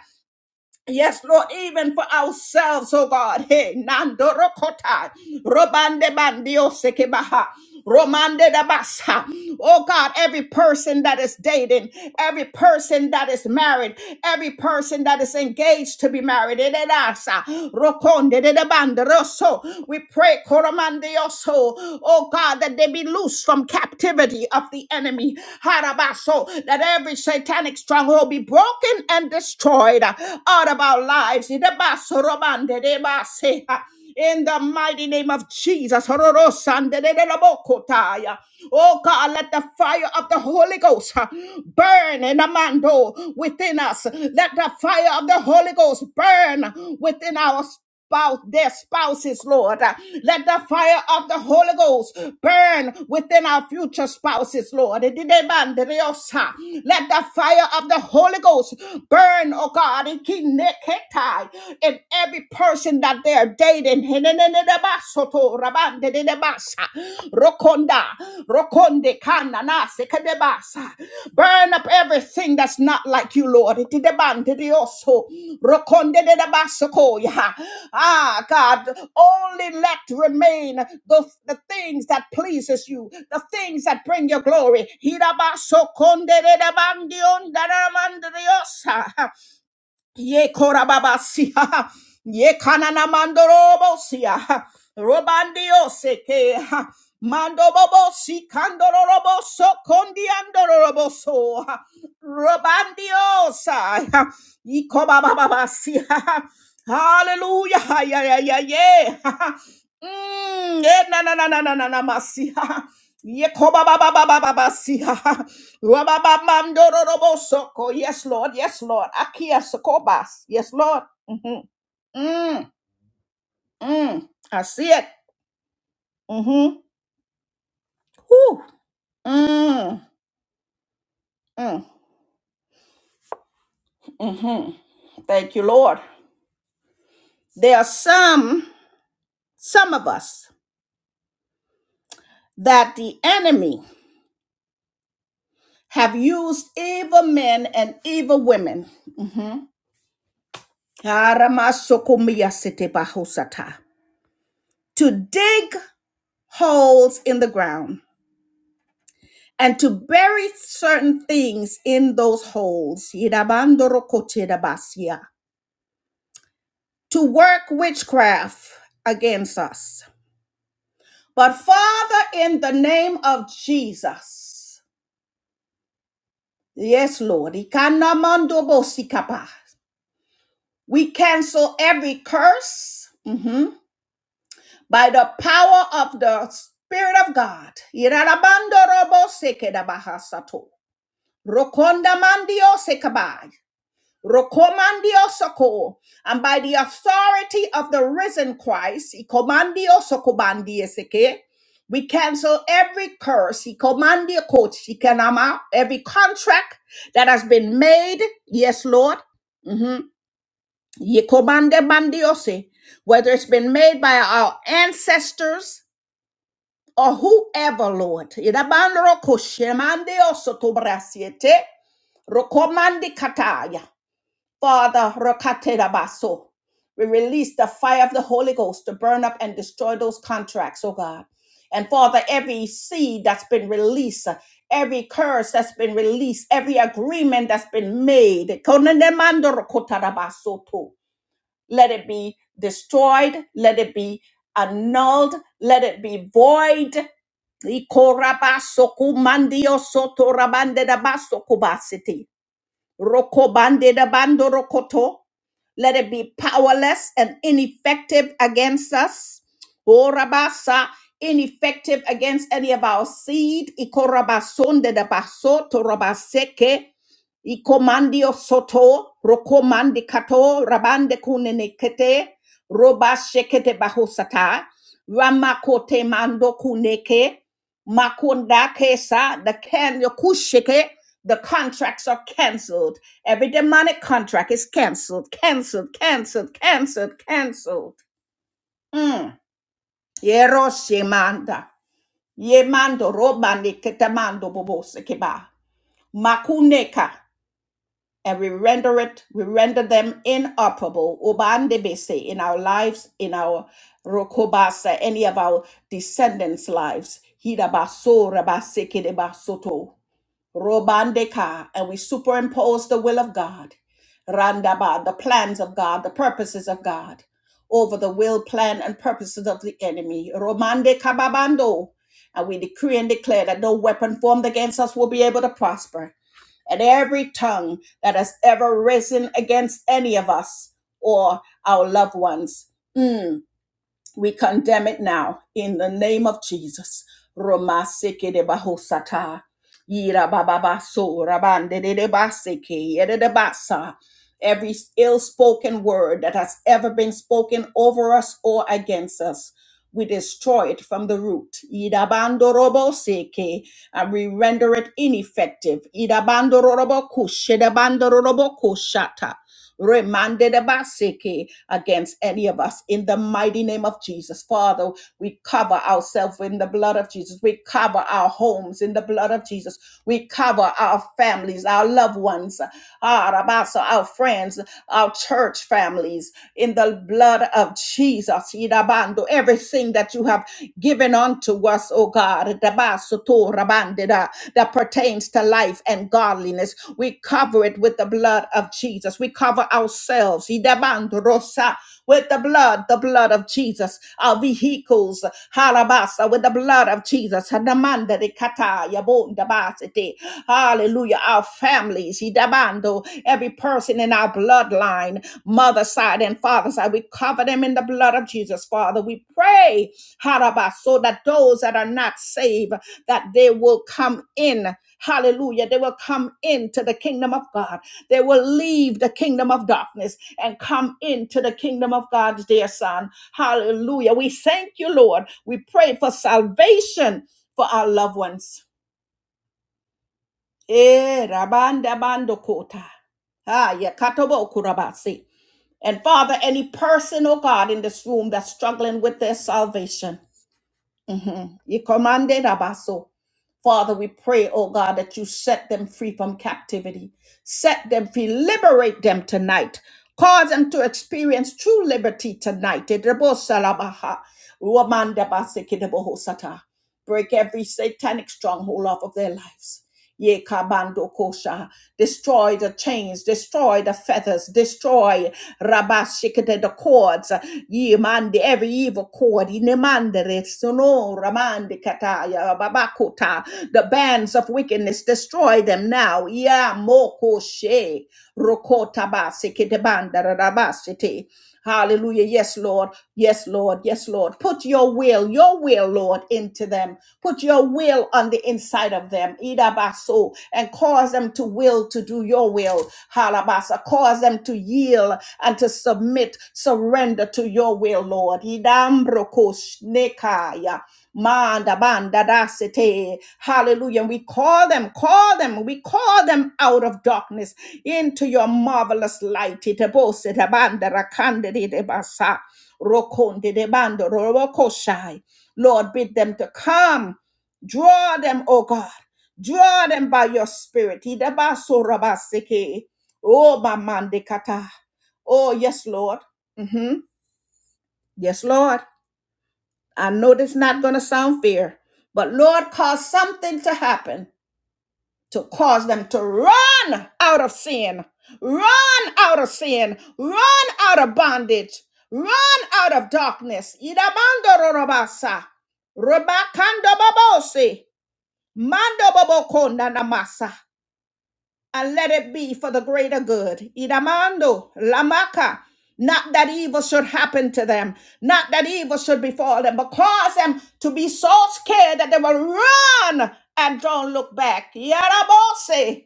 Yes, Lord, even for ourselves, oh God. Hey, Nandorokota, Robande Bandio Sekebaha, Romande Dabasa. Oh God, every person that is dating, every person that is married, every person that is engaged to be married, Ededasa, Rokonde de Bande Rosso. We pray, Koromandioso, oh God, that they be loose from captivity of the enemy. Harabaso, that every satanic stronghold be broken and destroyed out of our lives. In the basorobande de in the mighty name of Jesus. Hororosande de de la bocotaya. Oh God, let the fire of the Holy Ghost uh, burn in the mando within us. Let the fire of the Holy Ghost burn within our spouse, their spouses, Lord. Uh, Let the fire of the Holy Ghost burn within our future spouses, Lord. Ididebanderiosa. Let the fire of the Holy Ghost burn, oh God, ikineketai, in every person that they are dating. Hinenenenebasoto, rabandedebasa. Rokonda. Rokonde kanana sekedebasa. Burn up everything that's not like you, Lord. Itidebande dioso. Rokonde dedabasokoya. Ah, God, only let remain the, the things that pleases you, the things that bring your glory. Hirabasokonde dedabandiondanamandriosa. Ye korababasia. *laughs* Ye kanana mandorobosia. Robandio seke. Mandobobo si kandoroboso kondiandoroboso. Robandio sa. Ikobababasia. Hallelujah. Yeah, yeah, yeah, yeah. Mm, eh, na na na na na na na masia. Ye koba kobababababasia. Rababamandorobosoko. Yes, Lord. Yes, Lord. Akia Sokobas. Yes, Lord. Mm-hmm. Mm, mm. I see it. Mm-hmm. Whew. Mm, mm, mm-hmm. Thank you, Lord. There are some, some of us that the enemy have used evil men and evil women mhm, aramasokomiyasitebahosata, to dig holes in the ground and to bury certain things in those holes. Yidabandorokotirabasia. To work witchcraft against us. But Father, in the name of Jesus, yes, Lord, ikanamandobosikapa. we cancel every curse mhm, by the power of the Spirit of God. Yidabandorobosekedabahasato. Rokondamandio Rokomandiosoko, and by the authority of the risen Christ, Ikomandiosokobandiyeseke, we cancel every curse, Ikomandiokoti, Ikanama, every contract that has been made, yes, Lord, Mhm. Yikomandemandiose, whether it's been made by our ancestors or whoever, Lord. Idabandorokoshemandeosotobrasiete, rokomandikataya. Father, rakaterabaso. we release the fire of the Holy Ghost to burn up and destroy those contracts, oh God. And Father, every seed that's been released, every curse that's been released, every agreement that's been made, konenemandorokotarabasoto. let it be destroyed, let it be annulled, let it be void. Ikorabasokumandiosotorabandedabasokubasiti. Rokobandedabandorokoto. Let it be powerless and ineffective against us. Orabasa, ineffective against any of our seed. Ikorabasonde de da baso torabaseke. Ikomandio soto, rokomandi kato, rabande kunenekete, roba shekete bahosata, ramakote mando kuneke, makunda kesa, the can, yokusheke, the contracts are canceled Every demonic contract is canceled, canceled, canceled, canceled, canceled. Mm. Yeroshimanda. Yemando robani ketamando bobose keba. Makuneka. And we render it, we render them inoperable. Ubandebese in our lives, in our rokobasa, any of our descendants' lives. Hidabasora basekede basoto. Robandeka, and we superimpose the will of God, Randaba, the plans of God, the purposes of God, over the will, plan, and purposes of the enemy. Romande kababando, and we decree and declare that no weapon formed against us will be able to prosper, and every tongue that has ever risen against any of us or our loved ones. mm, we condemn it now in the name of Jesus. Roma seke de bahosata. Yira bababa so rabande de de baseke yede de basa. Every ill-spoken word that has ever been spoken over us or against us, we destroy it from the root. Idabando robo seke, and we render it ineffective. Idabando robo kush, edabando robo remanded abaseke against any of us in the mighty name of Jesus. Father, we cover ourselves in the blood of Jesus. We cover our homes in the blood of Jesus. We cover our families, our loved ones, our, rabasa, our friends, our church families in the blood of Jesus. Irabando, Everything that you have given unto us, oh God. Rabasoto Rabandida, that pertains to life and godliness. We cover it with the blood of Jesus. We cover ourselves Idabandrosa, with the blood, the blood of Jesus. Our vehicles, halabasa, with the blood of Jesus. Hadamanda de kata, yabondabasete. Hallelujah. Our families, idabando, every person in our bloodline other side and father side. We cover them in the blood of Jesus, Father. We pray, Harabah, so that those that are not saved, that they will come in. Hallelujah. They will come into the kingdom of God. They will leave the kingdom of darkness and come into the kingdom of God's dear son. Hallelujah. We thank you, Lord. We pray for salvation for our loved ones. Eh, rabanda bando kota. Ah, ya katobo yeah, and Father, any person, oh God, in this room that's struggling with their salvation, mhm, you commanded abaso. Father, we pray, oh God, that you set them free from captivity, set them free, liberate them tonight, cause them to experience true liberty tonight. Edebosalabaha, ruamandabasikedebohosata. Break every satanic stronghold off of their lives. Ye kabando kosha. Destroy the chains, destroy the feathers, destroy rabashikete the cords. Ye mande every evil cord. Inemandere sono ramande kataya babakota. The bands of wickedness, destroy them now. Ya moko she rokota basikete banda rabasite. Hallelujah. Yes, Lord. Yes, Lord. Yes, Lord. Put your will, your will, Lord, into them. Put your will on the inside of them. Idabaso. And cause them to will to do your will. Halabasa. Cause them to yield and to submit, surrender to your will, Lord. Idambrokosh nekaya. Manda banda dasete. Hallelujah. We call them, call them, we call them out of darkness into your marvelous light. Itebose de banda rakande de de basa. Rokonde de bando rorokoshai. Lord, bid them to come. Draw them, O God. Draw them by your spirit. Itabaso, rabaseke. Oh, mamande kata. Oh, yes, Lord. hmm Yes, Lord. I know this not going to sound fair, but Lord, cause something to happen to cause them to run out of sin, run out of sin, run out of bondage, run out of darkness. Idabando rorobasa, rebakando and let it be for the greater good. Idamando, lamaka. Not that evil should happen to them, not that evil should befall them, but cause them to be so scared that they will run and don't look back. Yarabose,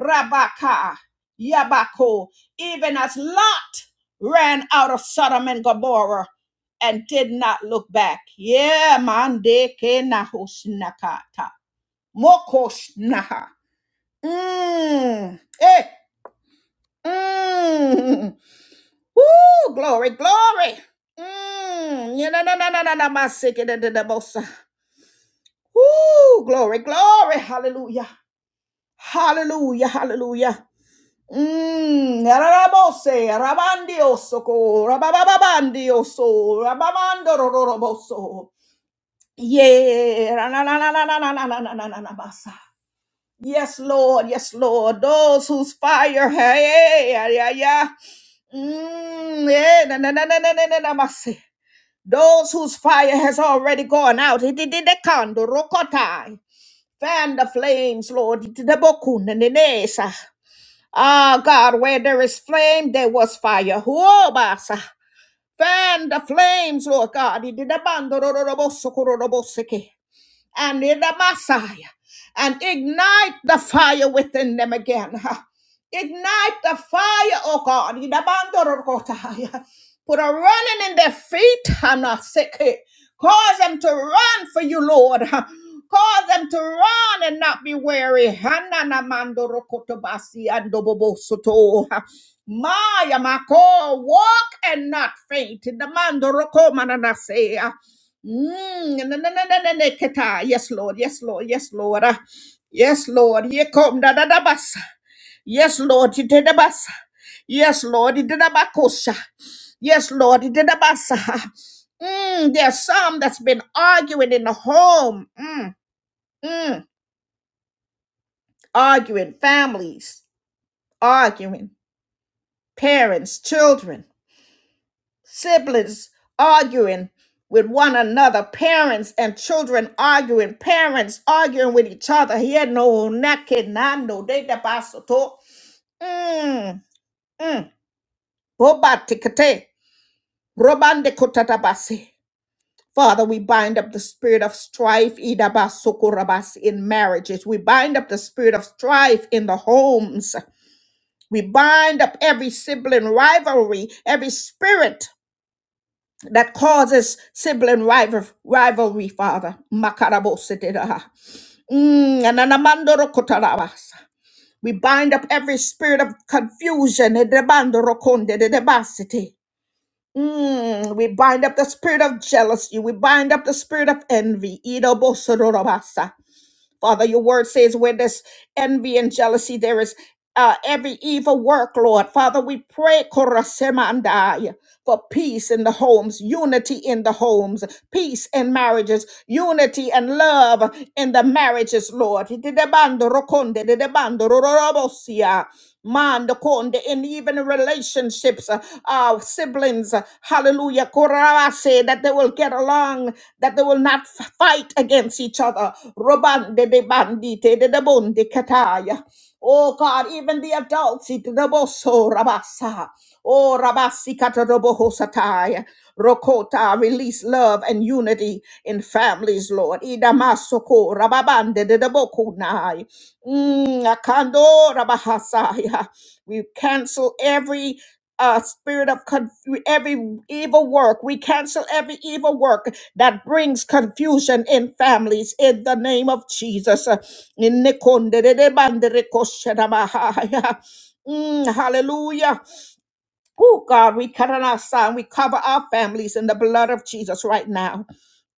rabaka, yabako. Even as Lot ran out of Sodom and Gomorrah and did not look back. Yeah, mande ke nahusnakata. Mokoshnaha. Mm. Hey. Mm. *laughs* Woo. Glory. Glory. Mm. Yeah, na, na, na, na, na, na, my sick, da, da, da, bosa. Woo. Glory. Glory. Hallelujah. Hallelujah. Hallelujah. Mm. Rabose. Rabandioso. Rabababandioso. Rabamando. Roroboso. Yeah. Na, na, na, na, na, na, na, na, na, na, na, na, na, basa. Yes, Lord. Yes, Lord. Those whose fire, hey, hey, yeah, yeah, yeah. Mm, yeah, na, na, na, na, na, na, na, na, must say. Those whose fire has already gone out. It did the candle, rokotai. Fan the flames, Lord. It did the bokun, na, na, na, sa. Ah, God, where there is flame, there was fire. Whoa, basa. Fan the flames, Lord God. It did the bando, ro, ro, ro, bo, so, ko, ro, ro, bo, se, ke and in the Messiah and ignite the fire within them again. *laughs* Ignite the fire, oh God. In the Bandorokotaya. Put a running in their feet. I'm not sick. Cause them to run for you, Lord. *laughs* Cause them to run and not be weary. *laughs* Hanana mandorokotobasi andobobosoto. Maya mako *laughs* walk and not faint. In the mandoroko mananase. Mm, na- na- na- na- na- na- keta. Yes, Lord. Yes, Lord. Yes, Lord. Ah, Yes, Lord. Ye kom da da da basa. Yes, Lord. Ye da da basa. Yes, Lord. Ye da da bakosha. Yes, Lord. Ye da da basa. Mm, there's some that's been arguing in the home. Mm, mm. Arguing families, arguing parents, children. siblings arguing with one another, parents and children arguing, parents arguing with each other. He had no nake nando de da basoto. Mm, mm. Boba tikate, robande kotatabasi. Father, we bind up the spirit of strife Ida idabasokorabasi, in marriages. We bind up the spirit of strife in the homes. We bind up every sibling rivalry, every spirit. that causes sibling rival, rivalry, Father. Makarabosetedaha. Mm, ananamandorokotarawas. We bind up every spirit of confusion. Edebandorokondedebasete. Mm, we bind up the spirit of jealousy. We bind up the spirit of envy. Idobosororabasa. Father, your word says where there's envy and jealousy, there is uh, every evil work, Lord. Father, we pray korasema andai, for peace in the homes, unity in the homes, peace in marriages, unity and love in the marriages, Lord. Dedebando rokonde, dedebando rororobosia. Man, the Mandakonde, and even relationships, uh, uh, siblings, uh, hallelujah, korabase, that they will get along, that they will not f- fight against each other. Robande de bandite de debonde kataya. Oh God, even the adults, it the boso rabasa. Oh rabasi kataroboho sataya. Rokota, release love and unity in families, Lord. Idamasoko rababande de debokunai. Mm, akando rabahasaya. We cancel every uh, spirit of conf- every evil work. We cancel every evil work that brings confusion in families in the name of Jesus. Uh, in nikondedede bandere Mm, hallelujah. Oh God, we cut on our son. We cover our families in the blood of Jesus right now.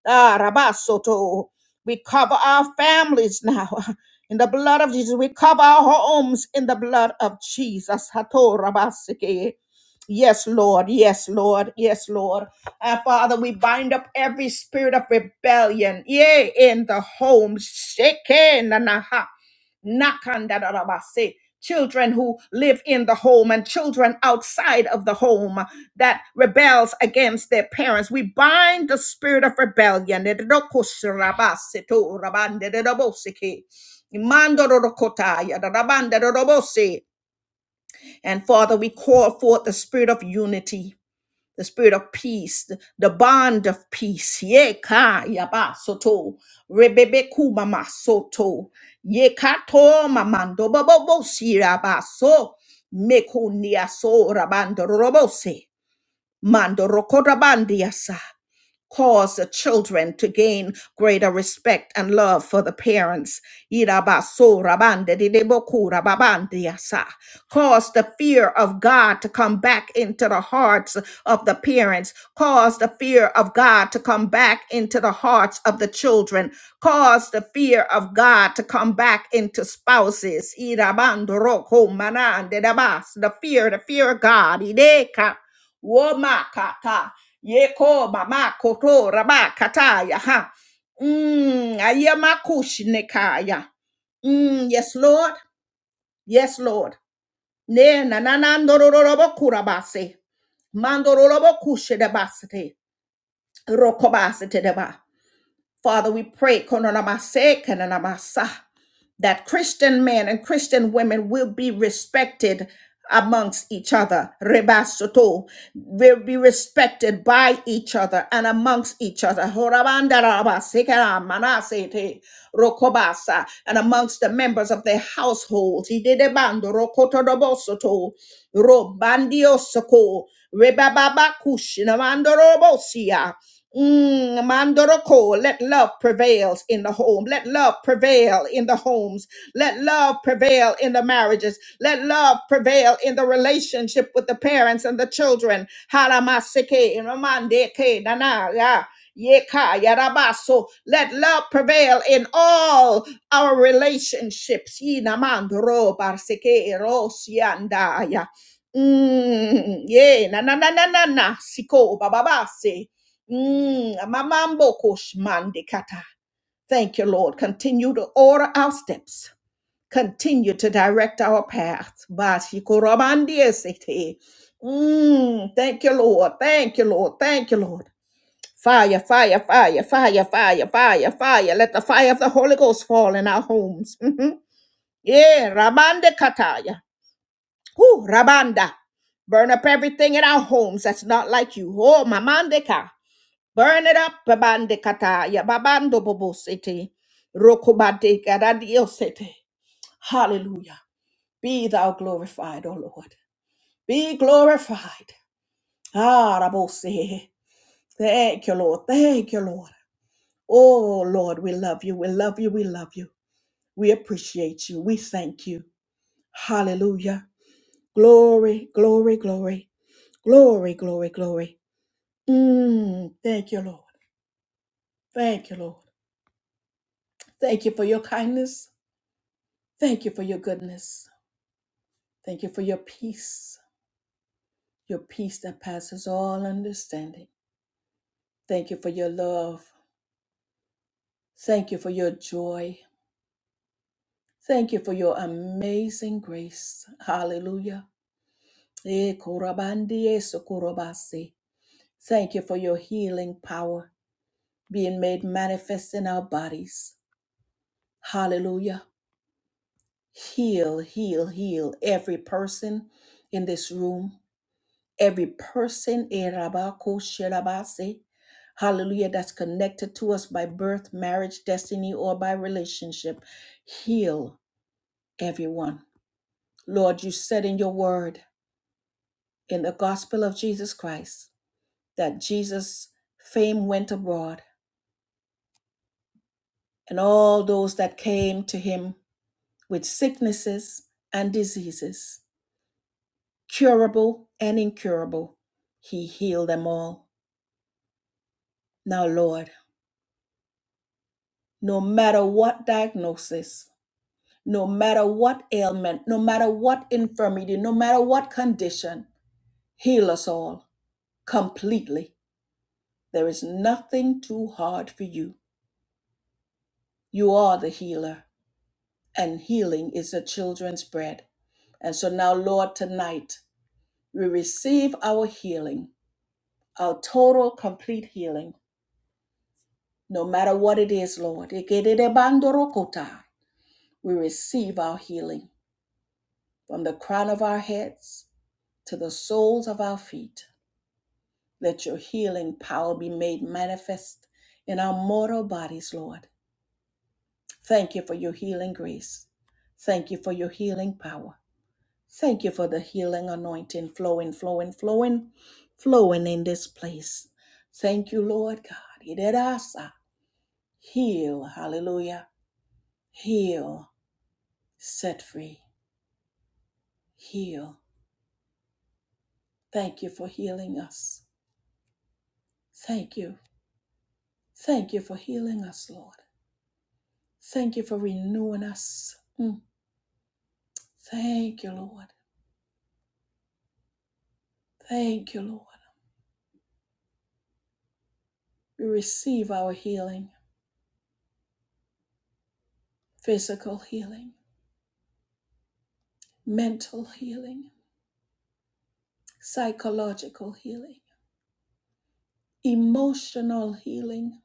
Ah, Rabasoto. We cover our families now *laughs* in the blood of Jesus. We cover our homes in the blood of Jesus. Hato Rabasike. Yes, Lord. Yes, Lord. Yes, Lord. And Father, we bind up every spirit of rebellion. Yea, in the home. Sheke nanaha. Nakandarabase. Children who live in the home and children outside of the home that rebels against their parents. We bind the spirit of rebellion. And Father, we call forth the spirit of unity, the spirit of peace, the, the bond of peace. Yeka yaba soto, rebebe kumama soto, yekato mamando babobo siraba so, mekunia so rabando robose. Mando rokorabandiasa. Cause the children to gain greater respect and love for the parents. Irabaso rabande dideboku rababandiasa. Cause the fear of God to come back into the hearts of the parents. Cause the fear of God to come back into the hearts of the children. Cause the fear of God to come back into spouses. Irabando roko manande dabas. The fear, the fear of God. Woma kata. Yeko mama koto raba kataya ha. Mm, ayama kushinekaya. Mm, yes, Lord. Yes, Lord. Ne na na na ndororobo kurabase. Mandororobo kushedabasete. Rokobasete deba. Father, we pray. Kononamase, kananamasa that Christian men and Christian women will be respected amongst each other. Rebasoto will be respected by each other and amongst each other. Horabanda Horabandaraba, sekera, manasete, rokobasa, And amongst the members of their households. Idedebando, rokotodobosoto, robandiosoko, rebababakush, namandorobosia. Mm, Mandoroko, let love prevail in the home. Let love prevail in the homes. Let love prevail in the marriages. Let love prevail in the relationship with the parents and the children. Haramaseke, ramandeke, nana, ya, yeka, yarabaso. Let love prevail in all our relationships. Yinamandoro, barseke, erosianda, ya. Mm, yeah, na na na na na na, siko, bababase. Mm, amamboko shmande kata. Thank you, Lord. Continue to order our steps. Continue to direct our path. Bashikoromandesete. Mm, thank you, Lord. Thank you, Lord. Thank you, Lord. Fire, fire, fire, fire, fire, fire, fire. Let the fire of the Holy Ghost fall in our homes. Mhm. Yeah, Ramande Kataya. Whew, Rabanda. Burn up everything in our homes that's not like you. Oh, Mamandeka. Burn it up, babande kata, ya babando bobo sete, rokobade garadio sete. Hallelujah. Be thou glorified, O Lord. Be glorified. Ah, rabose. Thank you, Lord. Thank you, Lord. Oh, Lord, we love you. We love you. We love you. We appreciate you. We thank you. Hallelujah. Glory, glory, glory, glory, glory, glory. Mm, thank you, Lord. Thank you, Lord. Thank you for your kindness. Thank you for your goodness. Thank you for your peace, your peace that passes all understanding. Thank you for your love. Thank you for your joy. Thank you for your amazing grace. Hallelujah. Eh, korabandie sokorobase. Thank you for your healing power being made manifest in our bodies. Hallelujah. Heal, heal, heal every person in this room. every person, eh, rabako sherabase, hallelujah, that's connected to us by birth, marriage, destiny, or by relationship. Heal everyone. Lord, you said in your word, in the gospel of Jesus Christ, that Jesus' fame went abroad, and all those that came to him with sicknesses and diseases, curable and incurable, he healed them all. Now, Lord, no matter what diagnosis, no matter what ailment, no matter what infirmity, no matter what condition, heal us all completely. There is nothing too hard for you. You are the healer, and healing is the children's bread. And so now, Lord, tonight we receive our healing, our total, complete healing, no matter what it is, Lord. Ikededebandorokota. We receive our healing from the crown of our heads to the soles of our feet. Let your healing power be made manifest in our mortal bodies, Lord. Thank you for your healing grace. Thank you for your healing power. Thank you for the healing anointing flowing, flowing, flowing, flowing in this place. Thank you, Lord God. Iderasa. Heal, hallelujah. Heal, set free, heal. Thank you for healing us. Thank you. Thank you for healing us, Lord. Thank you for renewing us. Mm. Thank you, Lord. Thank you, Lord. We receive our healing, physical healing, mental healing, psychological healing, emotional healing,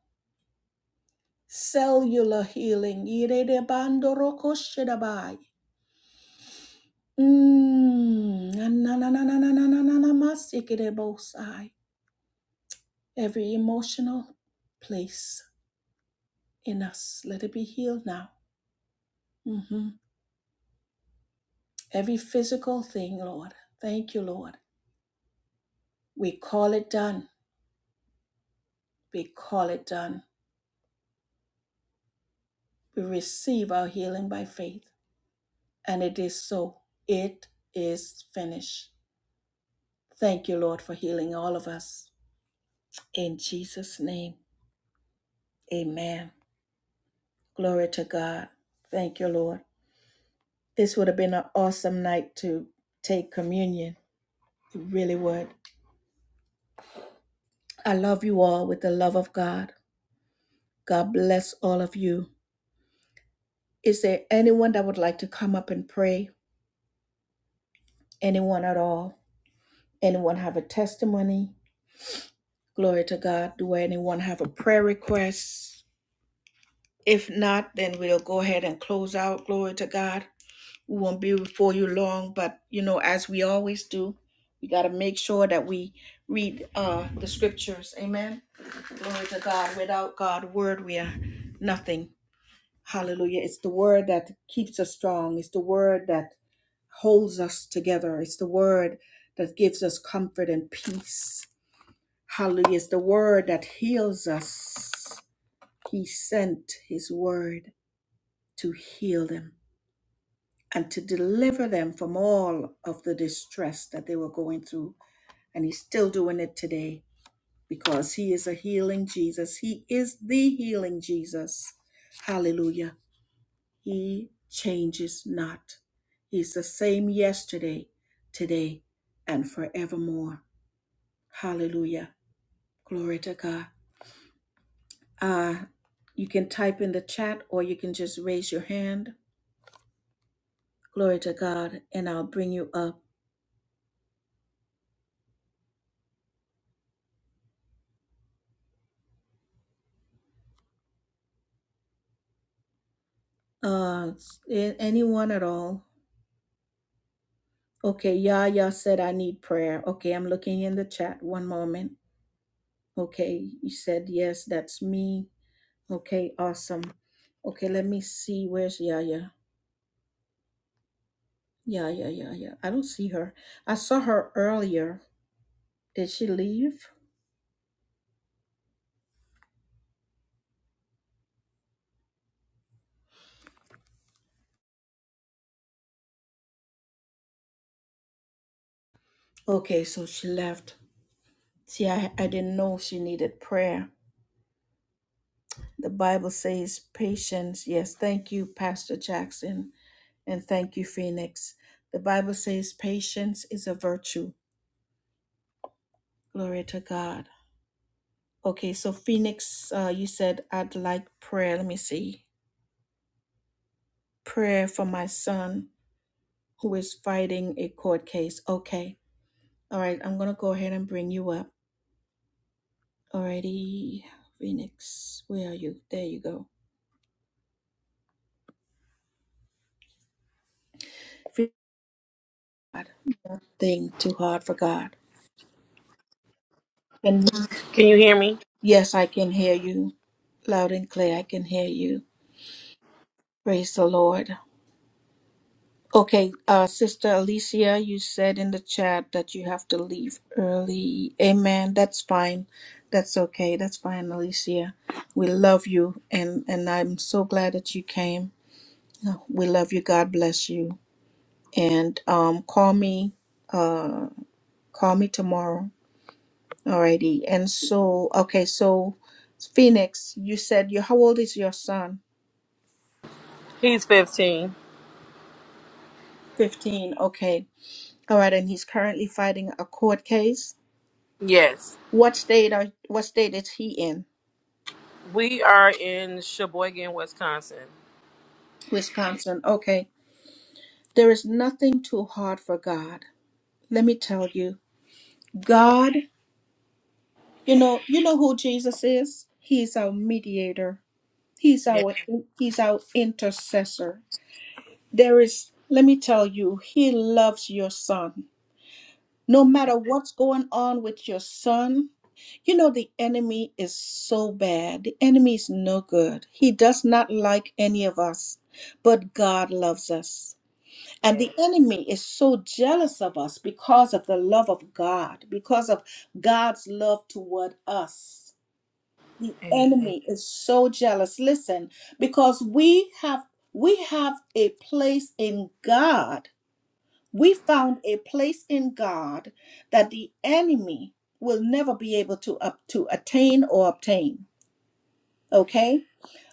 cellular healing. Irerebandorokoshidabai. Mm, nananananananananamasikidebosai. Every emotional place in us, let it be healed now. Mhm. Every physical thing, Lord. Thank you, Lord. We call it done. We call it done. We receive our healing by faith. And it is so. It is finished. Thank you, Lord, for healing all of us. In Jesus' name, amen. Glory to God. Thank you, Lord. This would have been an awesome night to take communion. It really would. I love you all with the love of God. God bless all of you. Is there anyone that would like to come up and pray? Anyone at all? Anyone have a testimony? Glory to God. Do anyone have a prayer request? If not, then we'll go ahead and close out. Glory to God. We won't be before you long, but you know, as we always do, we got to make sure that we read uh, the scriptures. Amen. Glory to God. Without God's word, we are nothing. Hallelujah. It's the word that keeps us strong. It's the word that holds us together. It's the word that gives us comfort and peace. Hallelujah. It's the word that heals us. He sent his word to heal them and to deliver them from all of the distress that they were going through. And he's still doing it today because he is a healing Jesus. He is the healing Jesus. Hallelujah. He changes not. He's the same yesterday, today, and forevermore. Hallelujah. Glory to God. Uh, you can type in the chat or you can just raise your hand. Glory to God, and I'll bring you up. Uh, a- anyone at all? Okay, Yaya said I need prayer. Okay, I'm looking in the chat. One moment. Okay, you said yes, that's me. Okay, awesome. Okay, let me see. Where's Yaya? Yaya, Yaya. I don't see her. I saw her earlier. Did she leave? Okay, so she left. See, I, I didn't know she needed prayer. The Bible says patience. Yes, thank you, Pastor Jackson, and thank you, Phoenix. The Bible says patience is a virtue. Glory to God. Okay, so Phoenix, uh, you said I'd like prayer. Let me see. Prayer for my son who is fighting a court case. Okay. All right, I'm going to go ahead and bring you up. Alrighty, Phoenix, where are you? There you go. Phoenix, God, Thing too hard for God.
Can you hear me?
Yes, I can hear you loud and clear. I can hear you. Praise the Lord. Okay, uh, Sister Alicia, you said in the chat that you have to leave early. Amen. That's fine. That's okay. That's fine, Alicia. We love you, and and I'm so glad that you came. Uh, We love you. God bless you. And um, call me. Uh, call me tomorrow. Alrighty. And so, okay, so Phoenix, you said you. How old is your son?
He's 15.
15, okay. All right, and he's currently fighting a court case.
Yes.
What state are what state is he in?
We are in Sheboygan, Wisconsin.
Wisconsin. Okay. There is nothing too hard for God. Let me tell you. God, you know, you know who Jesus is? He's our mediator. He's
Yes.
our he's our intercessor. There is let me tell you, he loves your son. No matter what's going on with your son, you know, the enemy is so bad. The enemy is no good. He does not like any of us, but God loves us. And the
Yes.
enemy is so jealous of us because of the love of God, because of God's love toward us. The
Amen.
enemy is so jealous. Listen, because we have we have a place in God we found a place in God that the enemy will never be able to up to attain or obtain. Okay?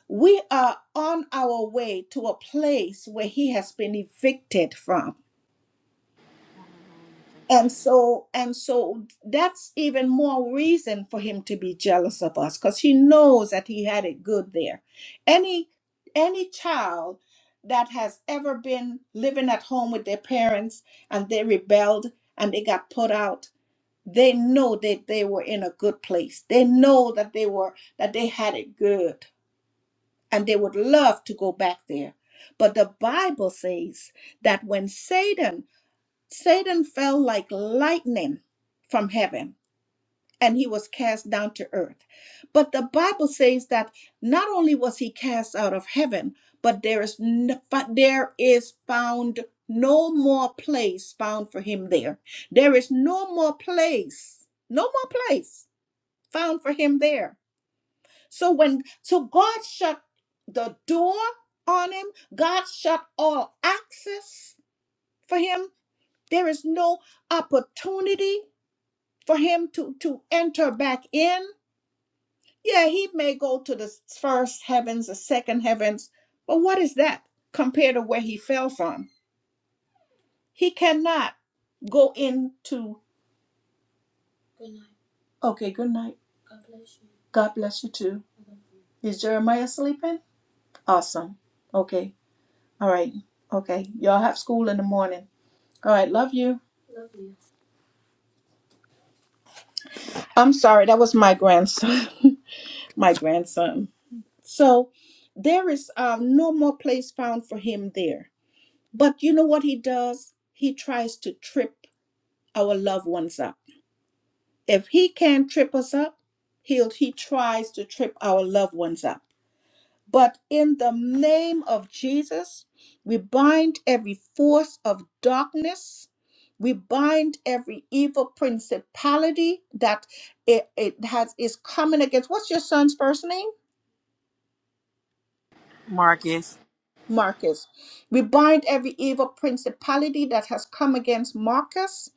We are on our way to a place where he has been evicted from. And so and so that's even more reason for him to be jealous of us cuz he knows that he had it good there. Any any child that has ever been living at home with their parents and they rebelled and they got put out They know that they were in a good place. They know that they were that they had it good and they would love to go back there. But the Bible says that when Satan Satan fell like lightning from heaven and he was cast down to earth. But the Bible says that not only was he cast out of heaven, but there is n- but there is found no more place found for him there. There is no more place. No more place found for him there. So when so God shut the door on him, God shut all access for him. There is no opportunity for him to to enter back in. Yeah, he may go to the first heavens, the second heavens, but what is that compared to where he fell from? He cannot go into okay, good night. God bless you too. Is Jeremiah sleeping? Awesome. Okay. All right. Okay. Y'all have school in the morning. All right. Love you. I'm sorry. That was my grandson. *laughs* my grandson. So there is um, no more place found for him there. But you know what he does? He tries to trip our loved ones up. If he can't trip us up, he'll he tries to trip our loved ones up. But in the name of Jesus, we bind every force of darkness. We bind every evil principality that it, it has is coming against. What's your son's first name?
Marcus,
Marcus. We bind every evil principality that has come against Marcus.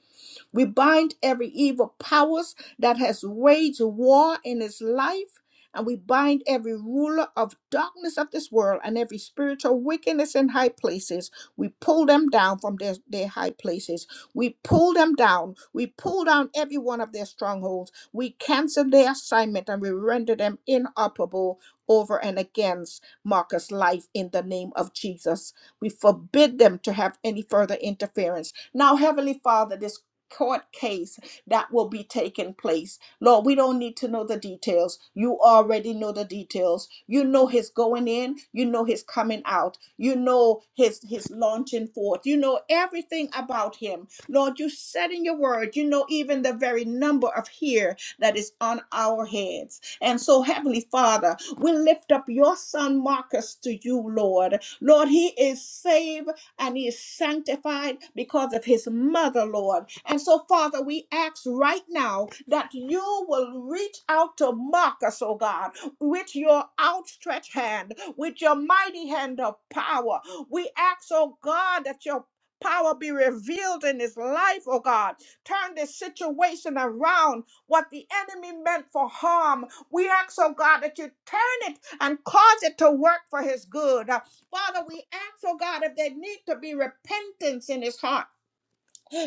We bind every evil powers that has waged war in his life, and we bind every ruler of darkness of this world and every spiritual wickedness in high places. We pull them down from their, their high places. We pull them down. We pull down every one of their strongholds. We cancel their assignment and we render them inoperable over and against Marcus' life in the name of Jesus. We forbid them to have any further interference. Now, Heavenly Father, this court case that will be taking place. Lord, we don't need to know the details. You already know the details. You know his going in, you know his coming out, you know his his launching forth. You know everything about him. Lord, you said in your word, you know even the very number of hair that is on our heads. And so heavenly Father, we lift up your son Marcus to you, Lord. Lord, he is saved and he is sanctified because of his mother, Lord. And so, Father, we ask right now that you will reach out to Marcus, oh God, with your outstretched hand, with your mighty hand of power. We ask, oh God, that your Power be revealed in his life, oh God. Turn this situation around. What the enemy meant for harm, we ask, oh God, that you turn it and cause it to work for his good. Father, we ask, oh God, if there need to be repentance in his heart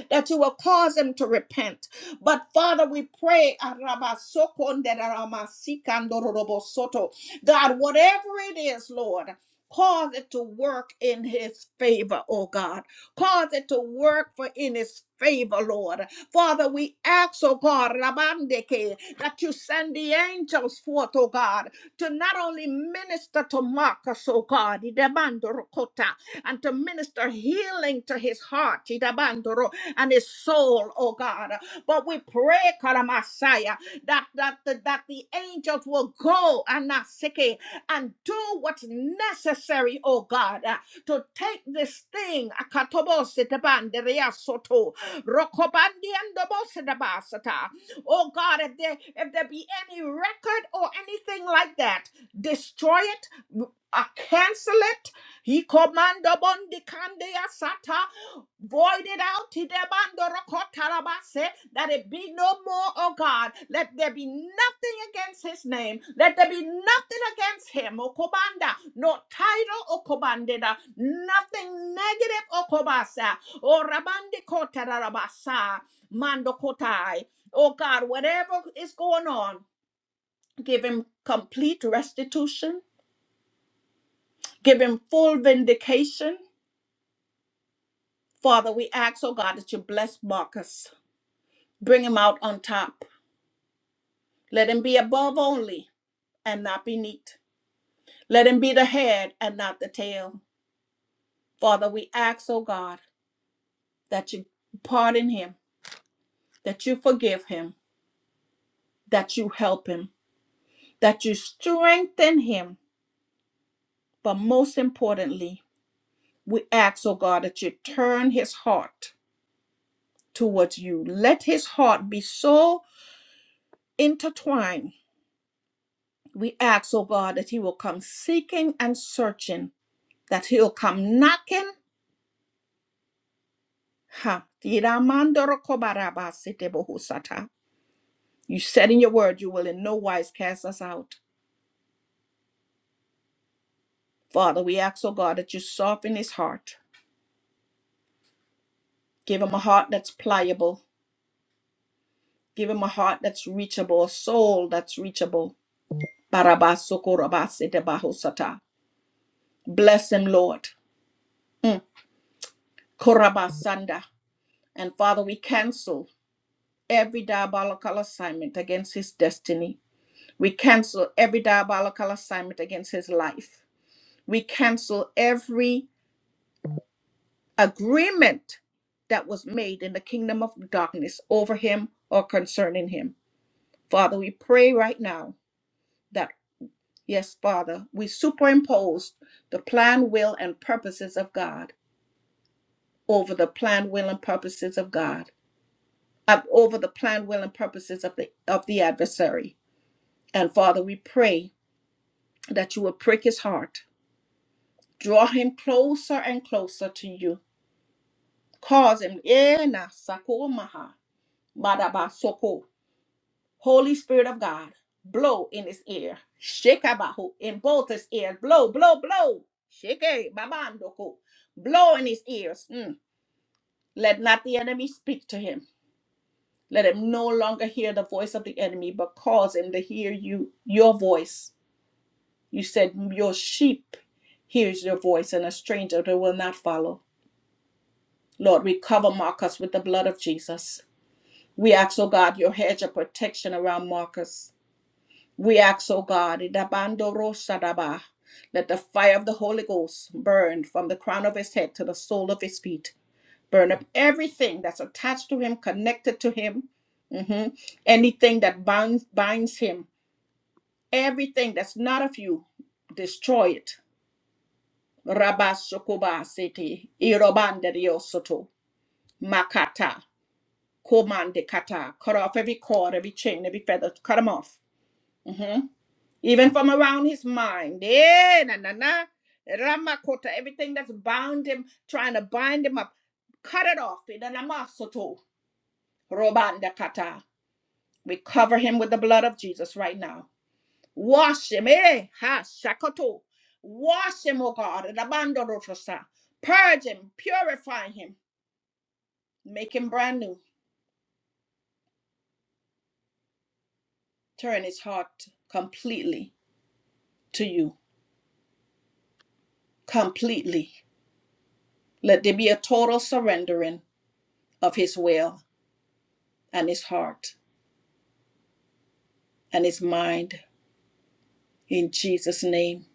that you will cause them to repent. But Father, we pray, Arabasokonderaramasikandorodorobosoto. God, whatever it is, Lord, cause it to work in his favor, oh God. Cause it to work for in his favor, Lord. Father, we ask, oh God, Rabandeke, that you send the angels forth, oh God, to not only minister to Marcus, oh God, Idabandorokota, and to minister healing to his heart and his soul, oh God. But we pray, Karamasaya, that, that, that, that the angels will go and not seek it and do what's necessary, oh God, uh, to take this thing, Akatobositabandereasoto, Rokobandiandobositabasata. oh God, if there, if there be any record or anything like that, destroy it, uh, cancel it, he command upon the candia sata Void it out, Tidebandorokotarabase, that it be no more, oh God. Let there be nothing against his name. Let there be nothing against him, Okobanda. No title, Okobandida. Nothing negative, Okobasa. Or Rabandicotarabasa, Mandokotai. Oh God, whatever is going on, give him complete restitution. Give him full vindication. Father, we ask, oh God, that you bless Marcus. Bring him out on top. Let him be above only and not beneath. Let him be the head and not the tail. Father, we ask, oh God, that you pardon him, that you forgive him, that you help him, that you strengthen him. But most importantly, we ask, oh God, that you turn his heart towards you. Let his heart be so intertwined. We ask, oh God, that he will come seeking and searching, that he'll come knocking Ha. Tiramandoro kobarabasite bohusata. You said in your word you will in no wise cast us out. Father, we ask, oh God, that you soften his heart. Give him a heart that's pliable. Give him a heart that's reachable, a soul that's reachable. Barabasokorabasite bahusata. Bless him, Lord. Mm. Korabasanda. And Father, we cancel every diabolical assignment against his destiny. We cancel every diabolical assignment against his life. We cancel every agreement that was made in the kingdom of darkness over him or concerning him. Father, we pray right now that, yes, Father, we superimpose the plan, will, and purposes of God over the plan, will, and purposes of God, uh, over the plan, will, and purposes of the of the adversary. And Father, we pray that you will prick his heart, draw him closer and closer to you, cause him, eh, na, sakomaha, Madabasoko. Holy Spirit of God, blow in his ear. Shekabahu. In both his ears. Blow, blow, blow. Sheke babandoko. Blow in his ears. Mm. Let not the enemy speak to him. Let him no longer hear the voice of the enemy, but cause him to hear you, your voice. You said your sheep hears your voice, and a stranger they will not follow. Lord, we cover Marcus with the blood of Jesus. We ask, oh God, your hedge of protection around Marcus. We ask, O God, Idabandorosadaba, let the fire of the Holy Ghost burn from the crown of his head to the sole of his feet. Burn up everything that's attached to him, connected to him, Mhm. anything that binds, binds him, everything that's not of you, destroy it. Rabasokoba sete, irobanderiosoto, makata, komandekata. Cut off every cord, every chain, every feather, cut them off. Mm-hmm. even from around his mind. Eh, na na na. Ramakota, everything that's bound him, trying to bind him up, cut it off. In the namasoto, robanda kata. We cover him with the blood of Jesus right now. Wash him, eh? Ha shakato. Wash him, oh God. rabando rotosa. Purge him, purify him, make him brand new. Turn his heart completely to you, completely. Let there be a total surrendering of his will and his heart and his mind. In Jesus' name,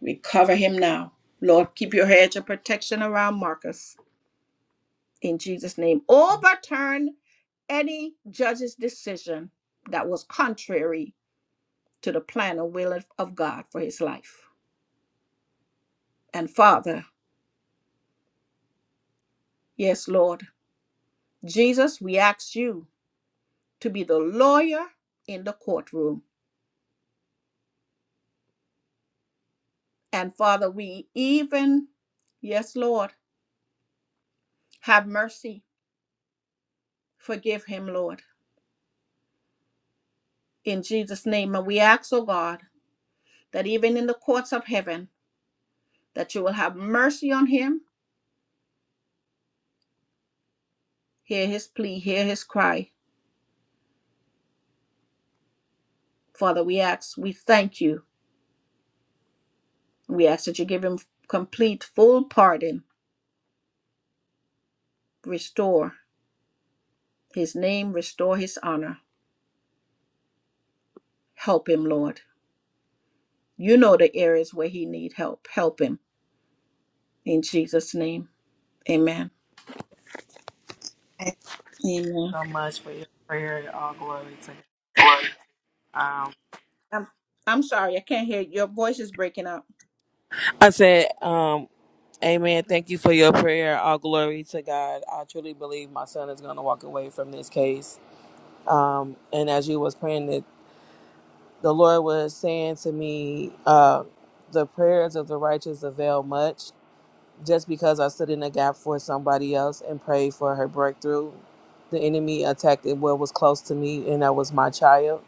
we cover him now. Lord, keep your hedge of protection around Marcus. In Jesus' name, overturn any judge's decision that was contrary to the plan and will of of God for his life. And Father, yes, Lord, Jesus, we ask you to be the lawyer in the courtroom. And Father, we even, yes, Lord, have mercy. Forgive him, Lord. in Jesus' name. And we ask, O God, that even in the courts of heaven, that you will have mercy on him, hear his plea, hear his cry. Father, we ask, we thank you. We ask that you give him complete, full pardon. Restore his name, restore his honor. Help him, Lord. You know the areas where he need help. Help him in Jesus' name. Amen.
thank you
Amen.
so much for your prayer. All glory to God. Um,
I'm, I'm sorry, I can't hear. Your voice is breaking up.
I said, um, Amen. Thank you for your prayer. All glory to God. I truly believe my son is going to walk away from this case. Um, and as you was praying, that the Lord was saying to me, uh, the prayers of the righteous avail much just because I stood in a gap for somebody else and prayed for her breakthrough. The enemy attacked it what was close to me, and that was my child.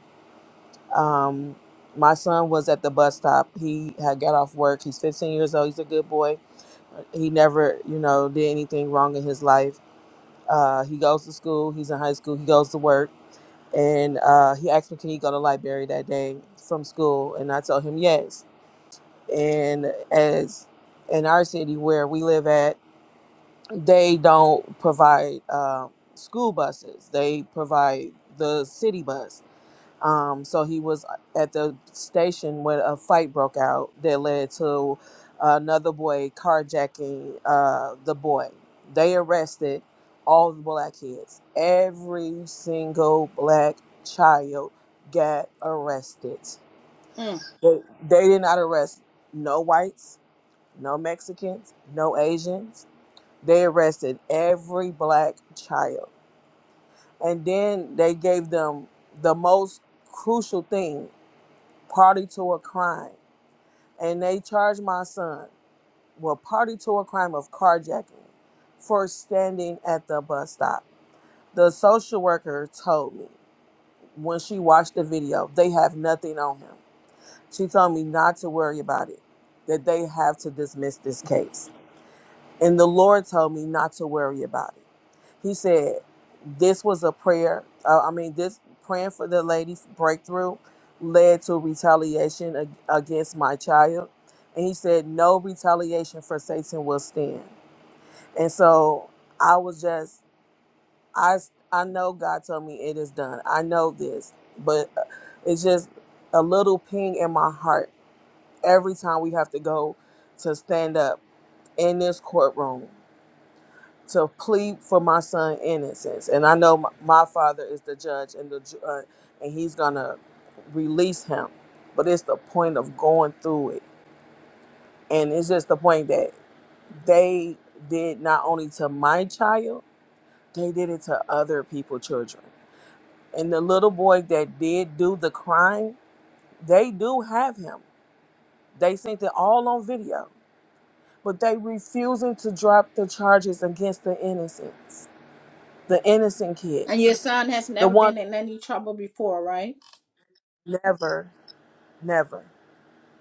Um, my son was at the bus stop. He had got off work. He's 15 years old. He's a good boy. He never, you know, did anything wrong in his life. Uh, he goes to school. He's in high school. He goes to work. And uh, he asked me, can he go to library that day from school? And I told him yes. And as in our city where we live at, they don't provide uh, school buses. They provide the city bus. Um, so he was at the station when a fight broke out that led to another boy carjacking uh, the boy. They arrested all the black kids. Every single black child got arrested.
Mm.
They, they did not arrest no whites, no Mexicans, no Asians they arrested every black child. And then they gave them the most crucial thing party to a crime. And they charged my son with party to a crime of carjacking for standing at the bus stop. The social worker told me when she watched the video, they have nothing on him. She told me not to worry about it, that they have to dismiss this case. And the Lord told me not to worry about it. He said, This was a prayer. Uh, I mean, this praying for the lady's breakthrough led to retaliation ag- against my child. And he said, No retaliation for Satan will stand. And so I was just, I, I know God told me it is done. I know this, but uh, it's just a little ping in my heart every time we have to go to stand up in this courtroom to plead for my son innocence and i know my, my father is the judge and the ju- uh, and he's gonna release him but it's the point of going through it and it's just the point that they did not only to my child they did it to other people children and the little boy that did do the crime they do have him they sent it all on video but they refusing to drop the charges against the innocents the innocent
And your
kids
son has
the
never
ones.
been in any trouble before, right?
Never, never.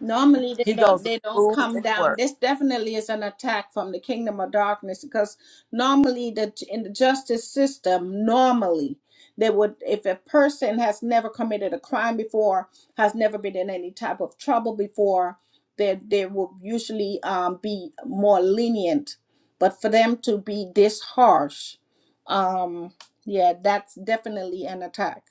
normally
He
they
goes
don't
to
they don't
school
come
and
down
work.
this definitely is an attack from the kingdom of darkness because normally the in the justice system normally they would if a person has never committed a crime before has never been in any type of trouble before they they will usually um, be more lenient but for them to be this harsh um yeah that's definitely an attack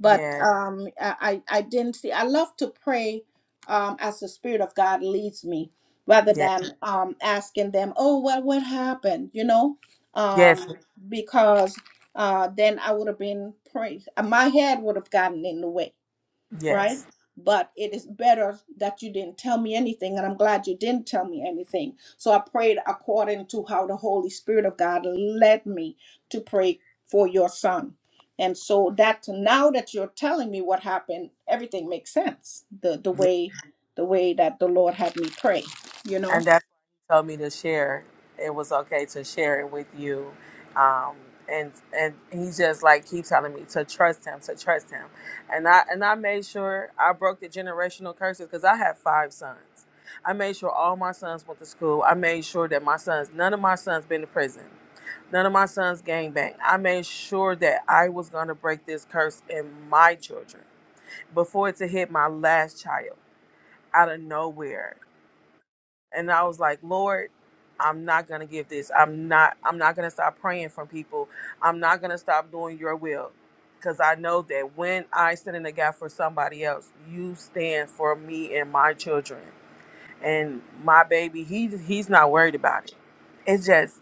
but
Yes,
um, I, I I didn't see. I love to pray um, as the Spirit of God leads me, rather
yes,
than um, asking them, "Oh, well, what happened?" You know, um,
yes, ma'am.
because uh, then I would have been praying. My head would have gotten in the way right? But it is better that you didn't tell me anything, and I'm glad you didn't tell me anything. So I prayed according to how the Holy Spirit of God led me to pray for your son. And so that now that you're telling me what happened, everything makes sense. The the
yes,
way the way that the Lord had me pray, you know.
and that's why he told me to share. It was okay to share it with you, um, and and he just like keep telling me to trust him, to trust him, and I and I made sure I broke the generational curses because I have five sons. I made sure all my sons went to school. I made sure that my sons, none of my sons, been to prison. None of my sons gangbang. I made sure that I was gonna break this curse in my children before it to hit my last child out of nowhere and I was like, Lord, I'm not gonna give this. I'm not. I'm not gonna stop praying from people. I'm not gonna stop doing your will, because I know that when I stand in the gap for somebody else, you stand for me and my children and my baby. He he's not worried about it. It's just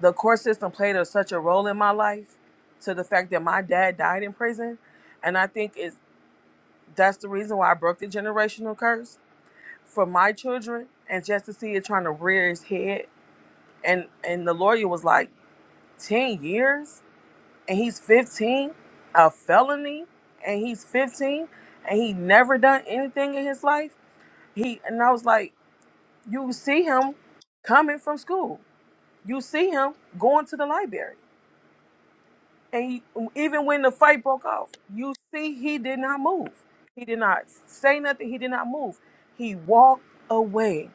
the court system played a, such a role in my life, to the fact that my dad died in prison, and I think it's that's the reason why I broke the generational curse for my children and just to see it trying to rear its head and and the lawyer was like 10 years and he's 15 a felony and he's 15 and he never done anything in his life he and i was like you see him coming from school you see him going to the library and he, even when the fight broke off you see he did not move he did not say nothing he did not move he walked away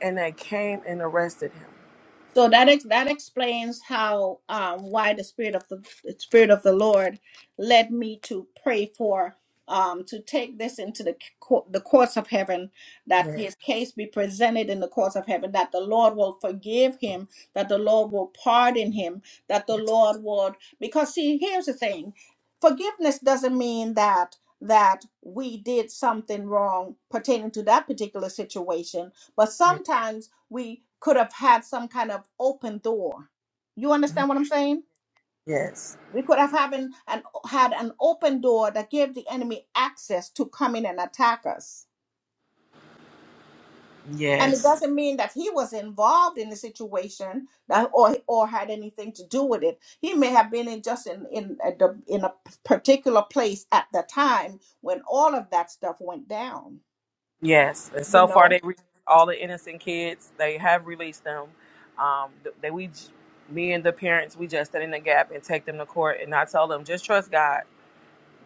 and they came and arrested him
So that ex- that explains how um, why the spirit of the, the spirit of the Lord led me to pray for um, to take this into the court, the courts of heaven, that
yeah,
his case be presented in the courts of heaven, that the Lord will forgive him, that the Lord will pardon him, that the Lord would because see here's the thing, forgiveness doesn't mean that that we did something wrong pertaining to that particular situation, but
yeah.
sometimes we could have had some kind of open door. You understand what I'm saying?
yes
We could have having an had an open door that gave the enemy access to come in and attack us. And it
yes
doesn't mean that he was involved in the situation that, or or had anything to do with it. He may have been in just in in a, the- in a particular place at the time when all of that stuff went down.
Yes, and
You
so far
know.
they released all the innocent kids. They have released them. Um, th- they we, j- me and the parents, we just stand in the gap and take them to court. And I tell them just trust God,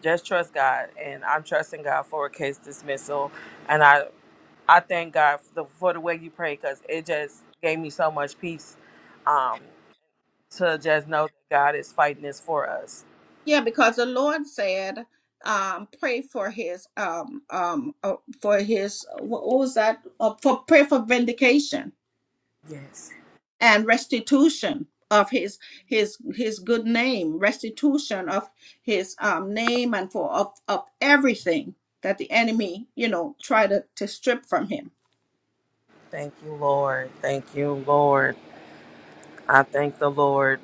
just trust God. And I'm trusting God for a case dismissal. And I I thank God for the, for the way you pray because it just gave me so much peace um, to just know that God is fighting this for us.
Yeah, because the Lord said, um, pray for his um um uh, for his what what was that? Uh, for pray for vindication
Yes,
and restitution of his his his good name, restitution of his um name and for of of everything that the enemy, you know, tried to, to strip from him.
thank you, Lord. Thank you, Lord. I thank the Lord.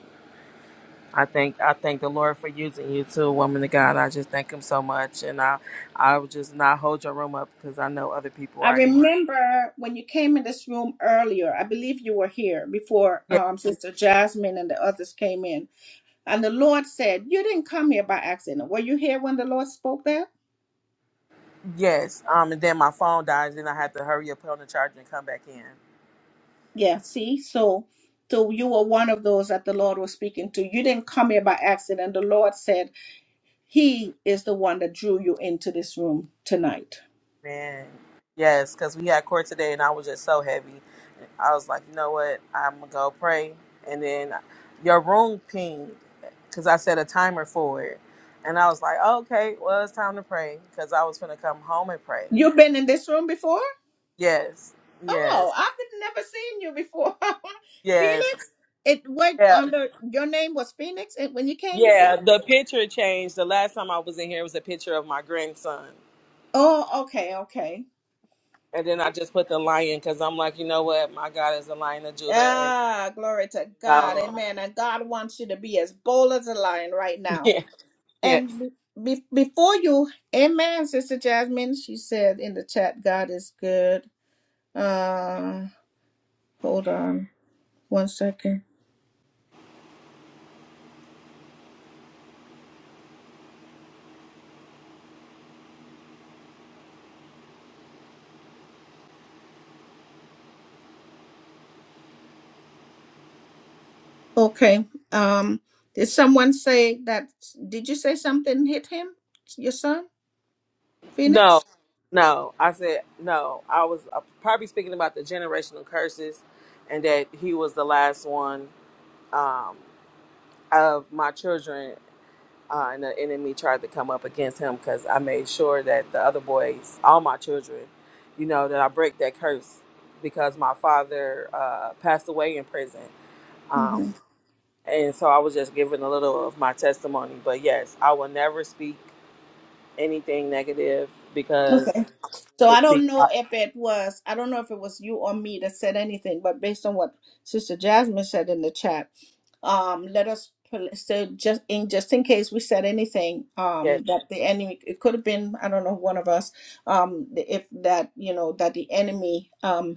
I thank I thank the Lord for using you too, woman of God. I just thank Him so much, and I I would just not hold your room up because I know other people
I
are in.
remember when you came in this room earlier, I believe you were here before
here.
um Sister Jasmine and the others came in And the Lord said, You didn't come here by accident. Were you here when the Lord spoke that?
Yeah, yes. Um, and then my phone died, and I had to hurry up, put on the charger, and come back in.
Yeah, see? So so you were one of those that the Lord was speaking to. You didn't come here by accident. The Lord said, He is the one that drew you into this room tonight.
Man, yes, because we had court today, and I was just so heavy. I was like, you know what? I'm gonna go pray, and then your room pinged because I set a timer for it, and I was like, okay, well it's time to pray because I was gonna come home and pray.
You've been in this room before?
Yes, yes.
Oh, I've never seen you before. *laughs*
Yes.
Phoenix? It went
Yeah.
under your name was Phoenix and when you came
Yeah.
before?
The picture changed. The last time I was in here, it was a picture of my grandson.
Oh, okay, okay.
And then I just put the lion because I'm like, you know what? My God is the lion of Judah. And
Ah, glory to God.
no.
Amen. And God wants you to be as bold as a lion right
*laughs*
now.
Yeah. Yes.
And be- before you, amen, Sister Jasmine, she said in the chat, God is good. Uh, hold on one second. Okay. Um, did someone say that? Did you say something hit him, your son, Phoenix?
No. No. I said, no. I was uh, probably speaking about the generational curses and that he was the last one um, of my children. uh, and the enemy tried to come up against him because I made sure that the other boys, all my children, you know, that I break that curse because my father uh, passed away in prison. Um,
Mm-hmm.
and so I was just giving a little of my testimony. But yes, I will never speak anything negative because
So
to
I
speak,
don't know if it was, I don't know if it was you or me that said anything, but based on what Sister Jasmine said in the chat, um, let us pl- so just in just in case we said anything
yes,
um, that the enemy it could have been I don't know one of us um, if that you know that the enemy um,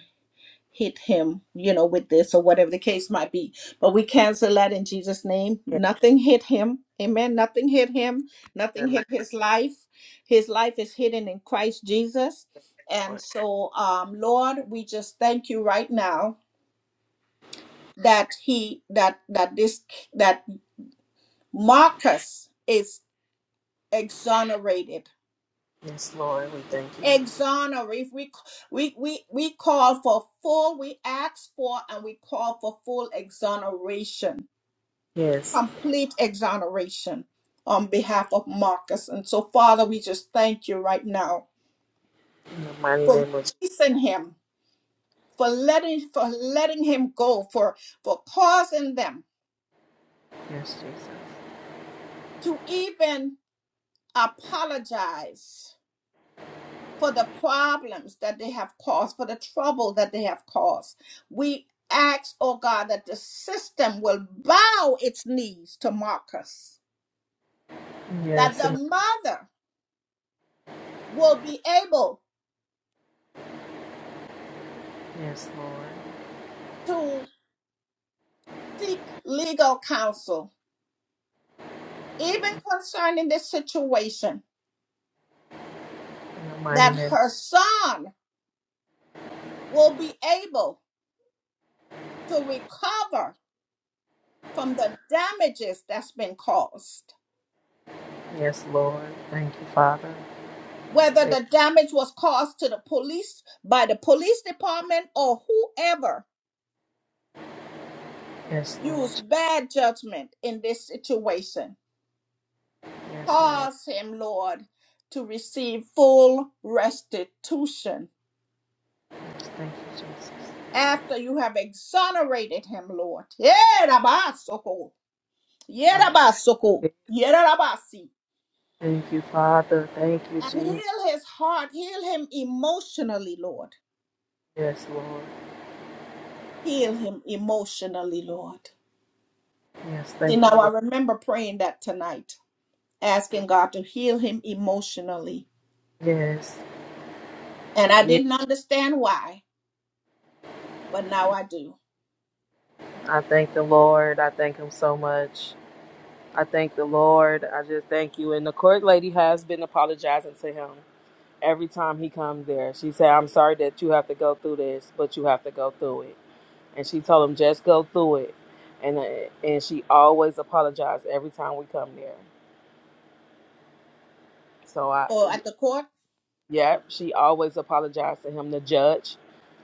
hit him, you know, with this or whatever the case might be. But we cancel that in Jesus' name.
yes,
Nothing hit him. Amen. Nothing hit him. Nothing
and I-
hit his life. His life is hidden in Christ Jesus.
yes, Lord.
And so, um, Lord, we just thank you right now that he that that this that Marcus is exonerated.
Yes, Lord, we thank you.
Exonerate. We we we we call for full. We ask for and we call for full exoneration
Yes,
complete exoneration on behalf of Marcus. And so, Father, we just thank you right now
in the mighty
for
name of Jesus.
releasing him, for letting for letting him go, for for causing them
Yes, Jesus.
to even apologize for the problems that they have caused, for the trouble that they have caused. We ask, oh God, that the system will bow its knees to Marcus, that
Yes,
the
and
mother will be able
yes, Lord.
to seek legal counsel, even concerning the situation,
In the mighty
that
name.
her son will be able to recover from the damages that's been caused.
Yes, Lord. Thank you, Father.
Whether
Thank
the
you.
damage was caused to the police by the police department or whoever
Yes, Lord.
used bad judgment in this situation,
Yes, Lord.
cause him, Lord, to receive full restitution
Yes, thank you, Jesus.
after you have exonerated him, Lord. Yerabasoko.
Hallelujah.
Yerabasoko. Yerabasi.
Thank you, Father. Thank you,
And
Jesus.
heal his heart, heal him emotionally, Lord.
Yes, Lord.
Heal him emotionally, Lord.
Yes,
See,
thank
now
you,
I
Lord.
remember praying that tonight, asking God to heal him emotionally.
Yes.
And I
Yes.
didn't understand why, but now I do.
I thank the Lord. I thank him so much. I thank the Lord. I just thank you. And the court lady has been apologizing to him every time he comes there. She said, I'm sorry that you have to go through this, but you have to go through it. and she told him just go through it and uh, and she always apologized every time we come there so i
Or at the court?
yeah she always apologized to him the judge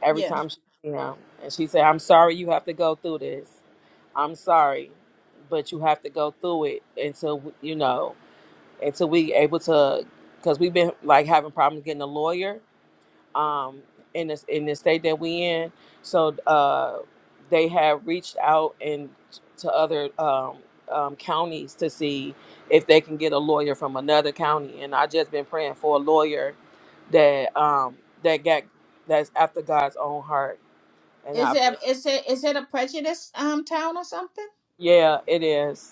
every
Yeah.
time she you know and she said i'm sorry you have to go through this i'm sorry but you have to go through it until you know until we able to because we've been like having problems getting a lawyer um, in this in the state that we in. So uh, they have reached out and to other um, um, counties to see if they can get a lawyer from another county. And I just been praying for a lawyer that um, that got that's after God's own heart. And
Is
I
it is it is it a prejudice um town or something?
yeah, it is.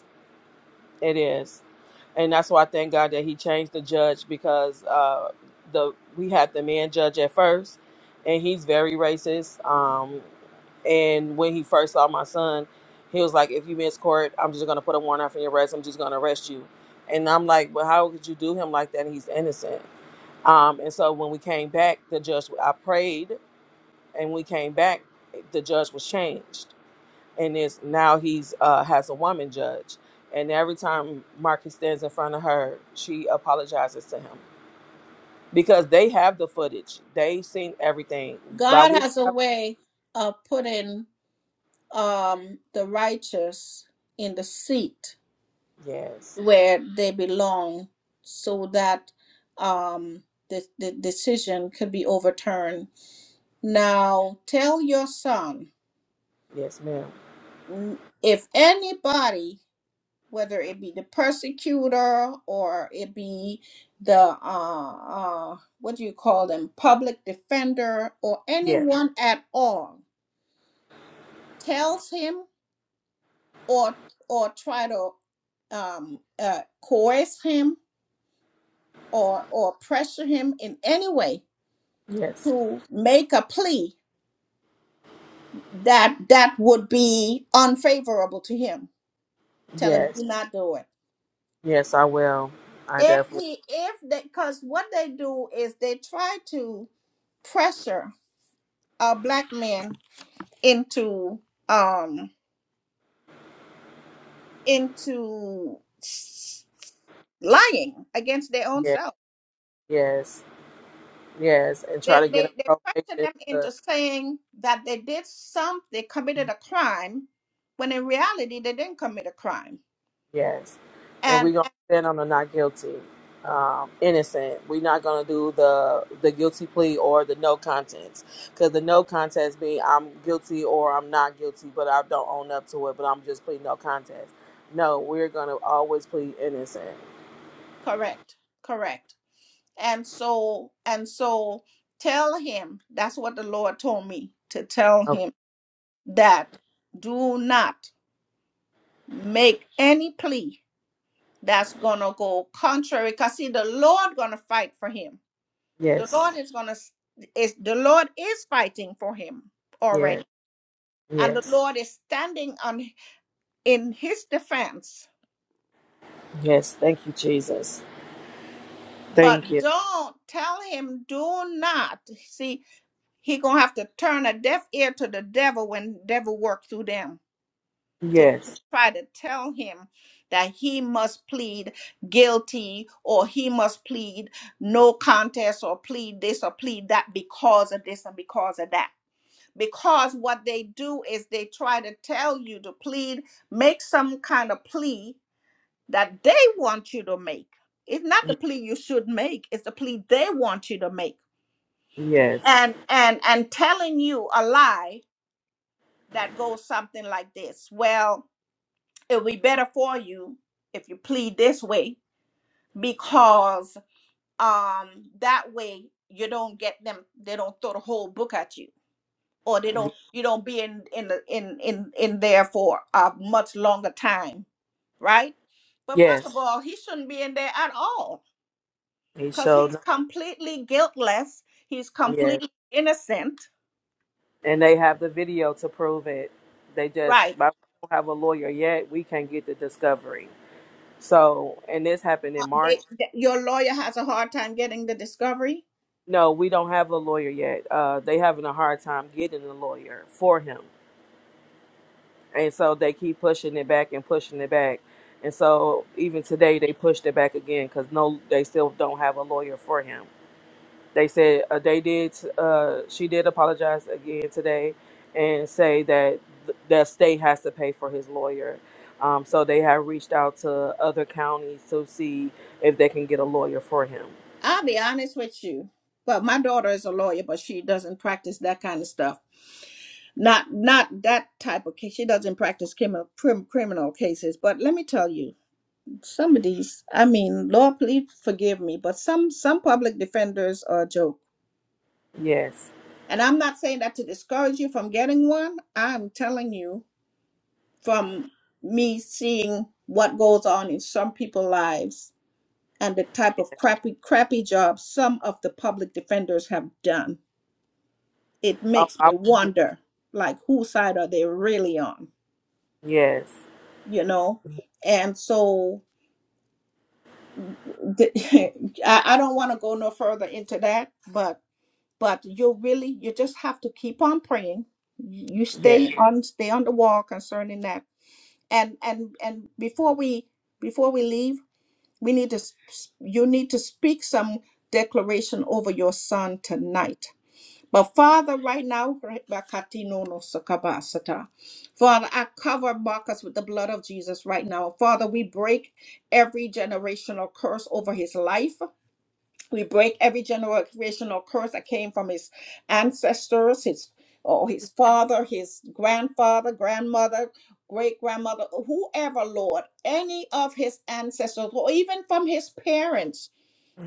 It is, and that's why I thank God that He changed the judge because uh, the we had the man judge at first, and he's very racist. Um, and when he first saw my son, he was like, "If you miss court, I'm just gonna put a warrant out for your arrest. I'm just gonna arrest you." And I'm like, "But how could you do him like that? He's innocent." Um, and so when we came back, the judge I prayed, and we came back, the judge was changed and is now he's uh, has a woman judge, and every time Marcus stands in front of her, she apologizes to him because they have the footage, they've seen everything, but
God
we don't
has a
have.
way of putting um, the righteous in the seat
Yes,
where they belong so that um, the, the decision could be overturned. Now tell your son
yes, ma'am.
n- if anybody, whether it be the persecutor or it be the, uh, uh, what do you call them, public defender or
Yes,
anyone at all, tells him or or try to um, uh, coerce him or or pressure him in any way
yes,
to make a plea that that would be unfavorable to him. Tell him
yes,
do not do it.
yes. I will. I
If
definitely.
he if they because what they do is they try to pressure a black man into um into lying against their own
Yes,
self
yes, yes, and try
They,
to get
they,
him
they pressure
probation.
them
uh,
into saying that they did some, they committed a crime, when in reality, they didn't commit a crime.
Yes. And we're
And,
gonna
and
stand on the not guilty, um, innocent. We're not gonna do the the guilty plea or the no contest, because the no contest mean I'm guilty or I'm not guilty, but I don't own up to it. But I'm just pleading no contest. No, we're gonna always plead innocent.
correct, correct. And so, and so tell him, that's what the Lord told me to tell
Okay.
him that do not make any plea that's gonna go contrary because see the lord gonna fight for him the
Yes.
lord is gonna is the lord is fighting for him already.
Yes.
and the
Yes.
Lord is standing on in his defense.
Yes. Thank you, Jesus.
But
Thank you.
don't tell him, do not. See, he gonna have to turn a deaf ear to the devil when devil work through them to, to
Yes.
try to tell him that he must plead guilty or he must plead no contest or plead this or plead that because of this and because of that. Because what they do is they try to tell you to plead, make some kind of plea that they want you to make. It's not the
Yes.
plea you should make, it's the plea they want you to make.
Yes.
And and and telling you a lie that goes something like this. Well, it'll be better for you if you plead this way because um that way you don't get them they don't throw the whole book at you or they don't you don't be in in the- in in, in there for a much longer time, right? But first
Yes.
of all, he shouldn't be in there at all
He
because he's
showed.
completely guiltless. He's completely innocent.
and they have the video to prove it. They just
Right.
but we don't have a lawyer yet. We can't get the discovery. So, and this happened in
Uh, They,
March.
they- your lawyer has a hard time getting the discovery.
No, we don't have a lawyer yet. Uh, they having a hard time getting a lawyer for him, and so they keep pushing it back and pushing it back. And so even today they pushed it back again because no, they still don't have a lawyer for him. They said uh, they did. Uh, she did apologize again today, and say that th- the state has to pay for his lawyer. Um, so they have reached out to other counties to see if they can get a lawyer for him.
I'll be honest with you. Well, my daughter is a lawyer, but she doesn't practice that kind of stuff. Not not that type of case. She doesn't practice criminal prim, criminal cases. But let me tell you, some of these. I mean, Lord, please forgive me, but some some public defenders are a joke.
Yes.
And I'm not saying that to discourage you from getting one. I'm telling you, from me seeing what goes on in some people's lives and the type
yes.
of crappy crappy jobs some of the public defenders have done it
Oh,
makes me
I wouldn't
wonder like whose side are they really on
Yes.
you know and so the, *laughs* I, I don't want to go no further into that but but you really you just have to keep on praying you
Yes.
stay on stay on the wall concerning that and and and before we before we leave We need to, s- you need to speak some declaration over your son tonight. But Father, right now, Rebakatinono Sakabasata. Father, I cover Marcus with the blood of Jesus right now. Father, we break every generational curse over his life. We break every generational curse that came from his ancestors, his oh, his father, his grandfather, grandmother, great grandmother, whoever, Lord, any of his ancestors, or even from his parents.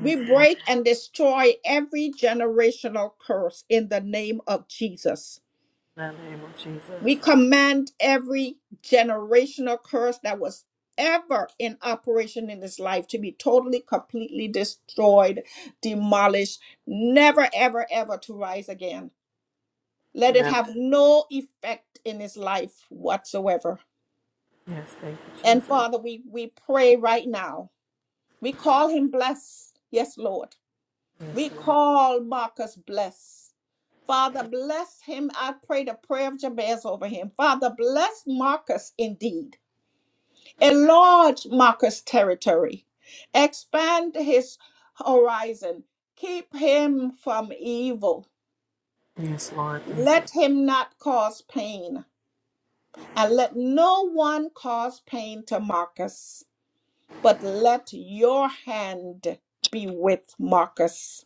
We
Lord.
break and destroy every generational curse in the name of Jesus.
In the name of Jesus.
We command every generational curse that was ever in operation in his life to be totally, completely destroyed, demolished, never, ever, ever to rise again. Let it
No.
have no effect in his life whatsoever.
Yes, thank you,
And
Jesus.
Father, we, we pray right now. We call him blessed. Yes, Lord.
Yes,
We
Lord.
call Marcus blessed. Father, bless him. I pray the prayer of Jabez over him. Father, bless Marcus indeed. enlarge Marcus' territory, expand his horizon, keep him from evil.
Yes, Lord. Thank
Let
you.
him not cause pain, and let no one cause pain to Marcus, but let your hand be with Marcus.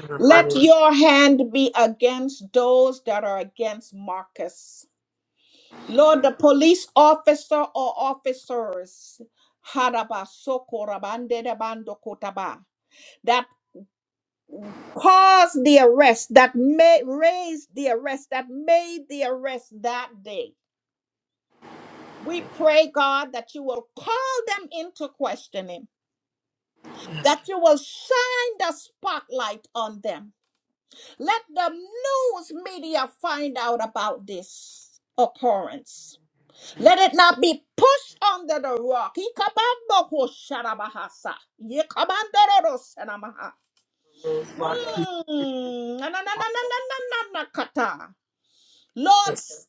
In the mighty
Let
name.
your hand be against those that are against Marcus Lord, the police officer or officers haraba soko rabande de bando kotaba, that caused the arrest, that made, raised the arrest, that made the arrest that day. We pray, God, that you will call them into questioning,
Yes, Lord.
that you will shine the spotlight on them. Let the news media find out about this occurrence. Let it not be pushed under the rock. Ikabamboko sharabahasa. Yekabandororo sanamaha.
Yes, thank you,
Mm. Na, na, na, na, na, na, na, na, na, kata. Lord, s-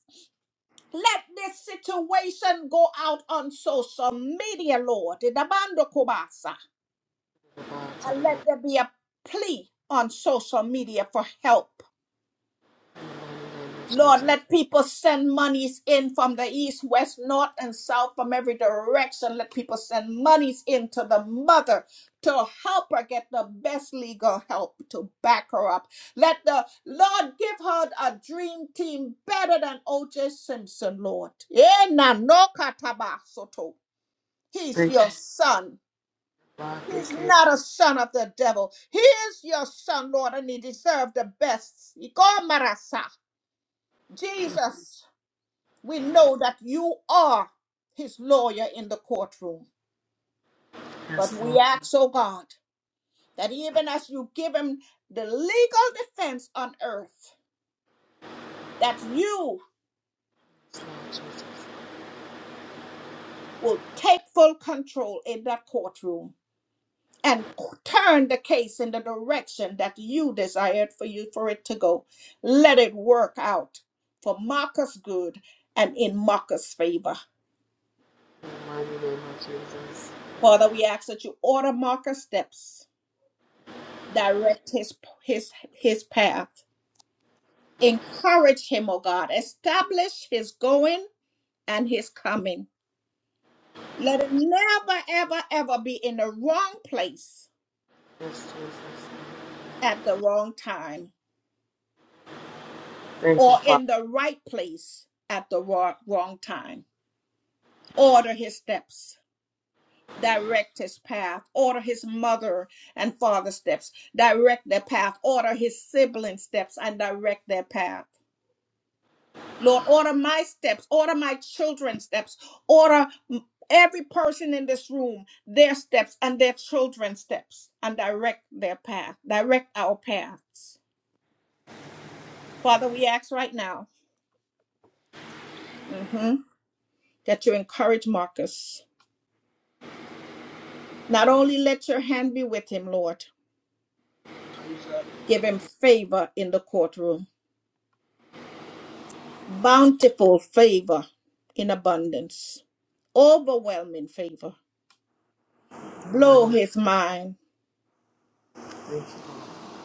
let this situation go out on social media, Lord. Idabando kobasa. And let there be a plea on social media for help. Lord, let people send monies in from the east, west, north, and south, from every direction. Let people send monies in to the mother to help her get the best legal help to back her up. Let the Lord give her a dream team better than O.J. Simpson, Lord. Eh, na no kataba soto. He's your son.
Lord.
He's
Thank you.
not a son of the devil. He is your son, Lord, and he deserves the best. Iko marasa. Jesus. We know that you are his lawyer in the courtroom. But
Yes, Lord.
we ask, oh God, that even as you give him the legal defense on earth, that you
Yes, Lord Jesus.
will take full control in that courtroom and c- turn the case in the direction that you desired for you for it to go. Let it work out for Marcus' good and in Marcus' favor.
In the mighty name of Jesus.
Father, we ask that you order Marcus' steps, direct his his his path Encourage him, O God. Establish his going and his coming. Let him never, ever, ever be in the wrong place
Yes, Jesus.
at the wrong time
Thank you,
or
Father.
in the right place at the wrong, wrong time. Order his steps, direct his path, order his mother and father's steps, direct their path, order his siblings' steps and direct their path. Lord, order my steps, order my children's steps, order m- every person in this room, their steps and their children's steps, and direct their path, direct our paths. Father, we ask right now mhm, that you encourage Marcus. Not only let your hand be with him, Lord, give him favor in the courtroom, bountiful favor in abundance, overwhelming favor.
In the mighty
Blow
name
his mind
of Jesus.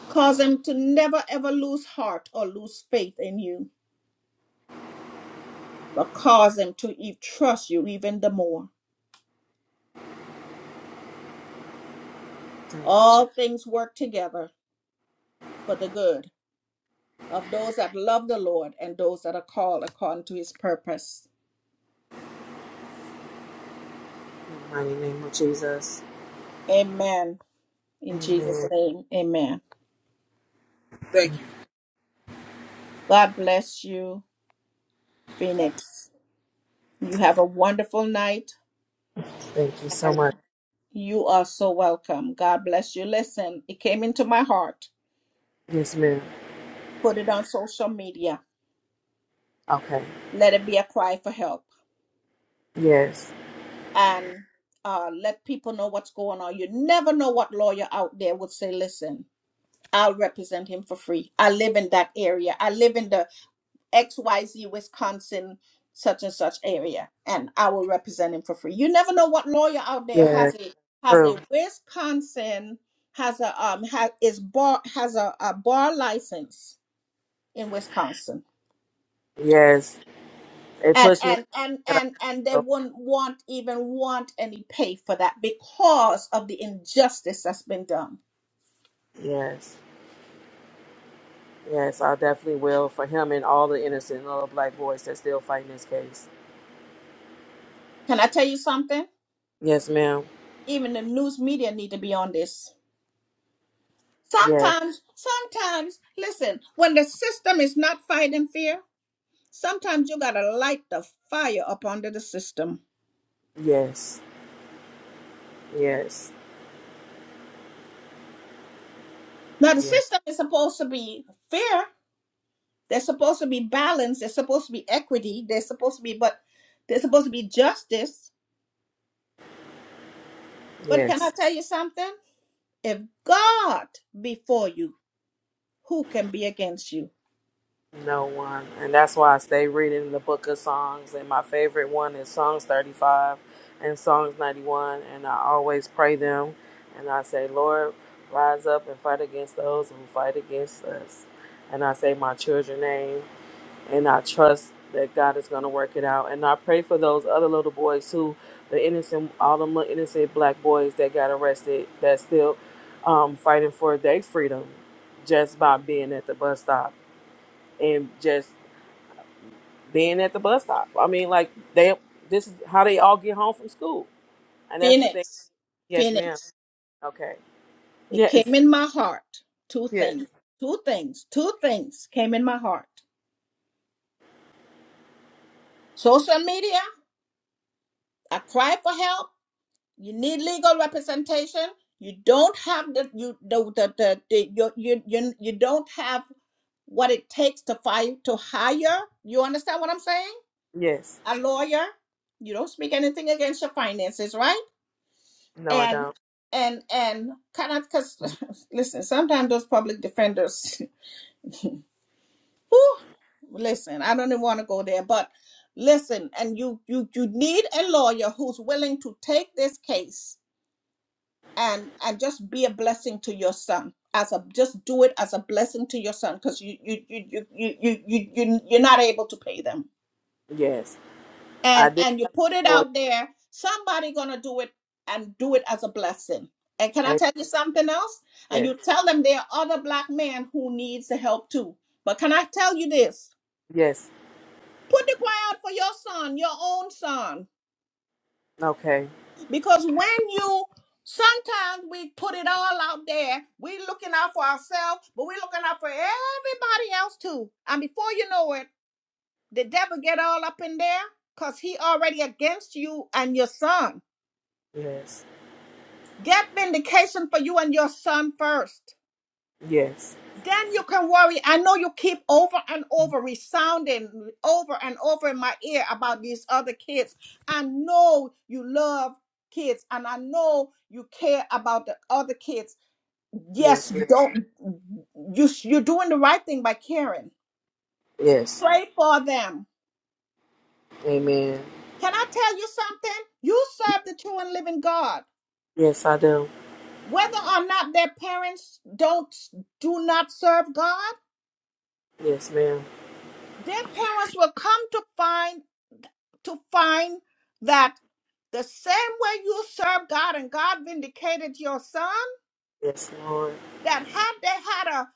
Cause them to never ever lose heart or lose faith in you, but cause them to e- trust you even the more.
Thank you, Jesus.
All things work together for the good of those that love the Lord and those that are called according to his purpose.
In the mighty name of Jesus.
Amen. In Jesus'
Amen.
name, amen.
Thank you.
God bless you, Phoenix. You have a wonderful night
Thank you so
and
much.
you are so welcome. God bless you. Listen, it came into my heart.
Yes, ma'am.
Put it on social media.
Okay.
Let it be a cry for help
Yes.
and uh, let people know what's going on. You never know what lawyer out there would say, listen, I'll represent him for free. I live in that area. I live in the XYZ Wisconsin such and such area and I will represent him for free. You never know what lawyer out there
Yes.
has a has a
True.
Wisconsin has a um has is bar has a, a bar license in Wisconsin
Yes. It
and
pushed me to
and and
that
and and
I
they
will.
wouldn't want even want any pay for that because of the injustice that's been done
Yes. Yes, I definitely will for him and all the innocent little black boys that's still fighting this case.
can i tell you something
Yes, ma'am.
even the news media need to be on this
Yes.
sometimes sometimes listen when the system is not fighting fear sometimes you gotta light the fire up under the system
Yes. Yes.
now the
Yes.
system is supposed to be fair they're supposed to be balanced they're supposed to be equity they're supposed to be but they're supposed to be justice but
Yes.
can i tell you something If God be for you, who can be against you?
No one. And that's why I stay reading the book of Songs. And my favorite one is Songs 35 and Songs 91. And I always pray them. And I say, Lord, rise up and fight against those who fight against us. And I say my children's name. And I trust that God is going to work it out. And I pray for those other little boys who, the innocent, all them little innocent black boys that got arrested, that still um, fighting for their freedom just by being at the bus stop and just being at the bus stop. I mean, like they this is how they all get home from school, and that's the thing.
Phoenix,
Yes, ma'am.
Phoenix,
Okay.
it came
Yes.
in my heart. Two
Yes.
things, two things, two things came in my heart. Social media, I cry for help. You need legal representation. You don't have the you the the, the, the you, you you you don't have what it takes to fight to hire. You understand what I'm saying?
Yes.
A lawyer. You don't speak anything against your finances, right?
No, I
and
don't.
and and cannot because *laughs* listen sometimes those public defenders *laughs* whew, listen i don't even want to go there but listen and you you you need a lawyer who's willing to take this case and and just be a blessing to your son as a just do it as a blessing to your son because you you you you you you you- you're not able to pay them
Yes, I
and
did.
and you put it
For you.
out there somebody gonna do it and do it as a blessing and can i
And
tell you something else and
yes.
you tell them there are other black men who needs the help too but can i tell you this
Yes.
put the cry out for your son your own son
Okay.
because when you sometimes we put it all out there we looking out for ourselves but we looking out for everybody else too and before you know it the devil get all up in there because he already against you and your son
Yes.
Get vindication for you and your son first.
Yes.
Then you can worry. I know you keep over and over resounding over and over in my ear about these other kids. I know you love kids and I know you care about the other kids. Yes,
Yes. Ma'am.
don't you you're doing the right thing by caring.
Yes.
Pray for them.
Amen.
Can I tell you something? You serve the true and living God.
Yes, I do.
Whether or not their parents don't do not serve God,
Yes, ma'am.
their parents will come to find to find that the same way you serve God and God vindicated your son,
Yes, Lord.
that had they had a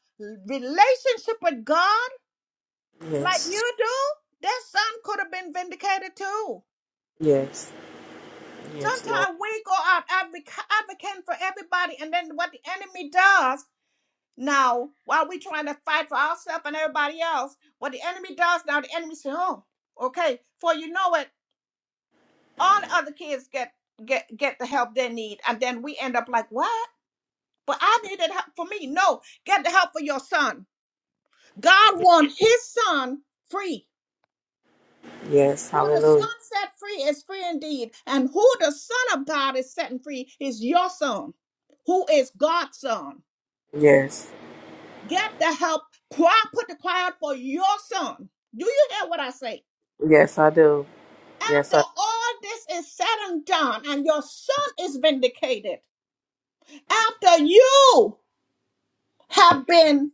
relationship with God like
Yes.
you do, their son could have been vindicated too.
Yes. Yes, Lord.
Sometimes we go out advoc- advocating for everybody, and then what the enemy does now, while we trying to fight for ourselves and everybody else, what the enemy does now, the enemy say, "Oh, okay." For you know it. all the other kids get get get the help they need and then we end up like what but i needed help for me no get the help for your son god wants his son free
Yes.
who the son
Hallelujah.
set free is free indeed and who the son of god is setting free is your son who is god's son
Yes.
get the help cry put the cry out for your son do you hear what i say
Yes, I do. Yes,
after
I.
all this is said and done and your son is vindicated after you. have been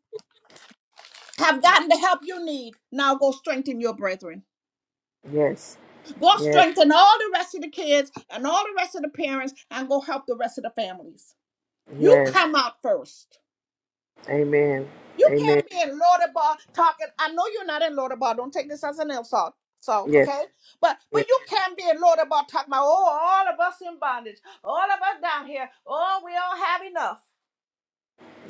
have gotten the help you need. Now go strengthen your brethren.
Yes.
Go
Yes.
strengthen all the rest of the kids and all the rest of the parents and go help the rest of the families. You
Yes.
come out first.
Amen.
You
Amen.
can't be in Lodabar talking. I know you're not in Lodabar. Don't take this as an insult. Salt,
Yes.
okay? But but
Yes.
you can't be in Lodabar talking about oh all of us in bondage. All of us down here. Oh, we don't have enough.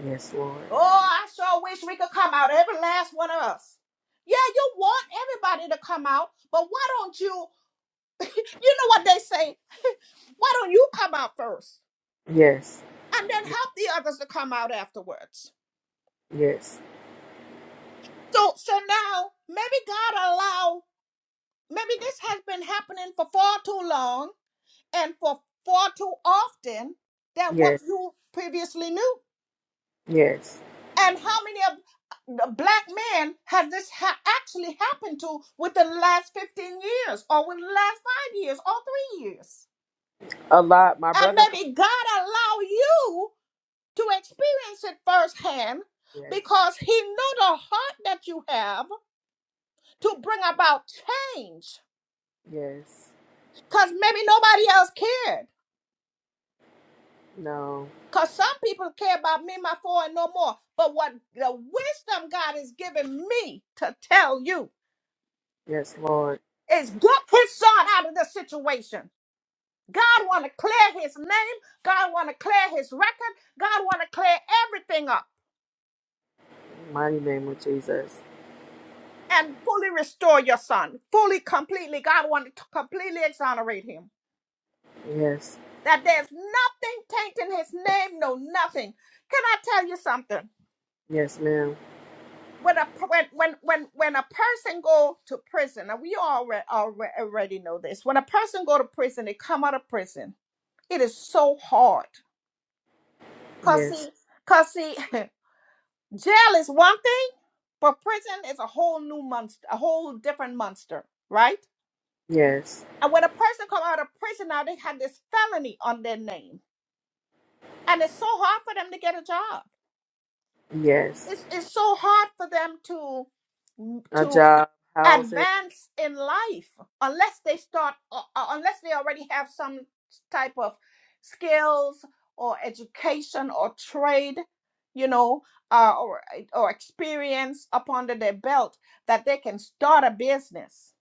Yes, Lord.
Oh, I sure wish we could come out, every last one of us. Yeah, you want everybody to come out, but why don't you? You know what they say? Why don't you come out first
Yes.
and then help the others to come out afterwards?
Yes.
So, so now maybe God allow. Maybe this has been happening for far too long and for far too often than what
Yes.
you previously knew.
Yes.
And how many of the black men has this ha- actually happened to within the last 15 years or within the last five years or three years?
A lot. My
And
brother. fa-
maybe God allow you to experience it firsthand
Yes.
because he know the heart that you have to bring about change.
Yes.
Because maybe nobody else cared.
No.
Because some people care about me, my four, and no more. But what the wisdom God is giving me to tell you
Yes, Lord.
is get his son out of this situation. God want to clear his name. God want to clear his record. God want to clear everything up
Mighty name of Jesus.
and fully restore your son. Fully, completely. God want to completely exonerate him.
Yes.
That there's nothing tainting his name, no nothing. Can I tell you something?
Yes, ma'am.
When a when when when when a person go to prison, and we already already know this. When a person go to prison, they come out of prison. It is so hard. Cause
Yes.
see, cause see. *laughs* Jail is one thing, but prison is a whole new monster, a whole different monster, right?
Yes.
And when a person come out of prison now, they have this felony on their name, and it's so hard for them to get a job.
Yes.
It's it's so hard for them to
A
to
job. Houses.
advance in life unless they start uh, uh, unless they already have some type of skills or education or trade you know uh, or or experience up under their belt that they can start a business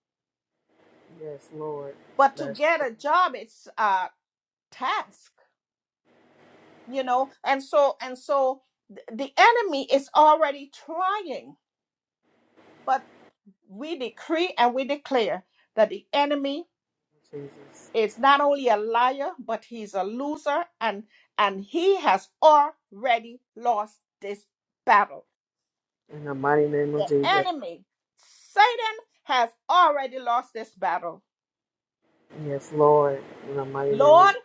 Yes, Lord.
but to
That's
get
true,
a job it's a task you know and so and so th- the enemy is already trying but we decree and we declare that the enemy
Jesus.
is not only a liar, but he's a loser, and and he has already lost this battle.
In the mighty name
The
of Jesus.
enemy, Satan, has already lost this battle.
Yes, Lord. In the mighty name of
Lord,
Jesus.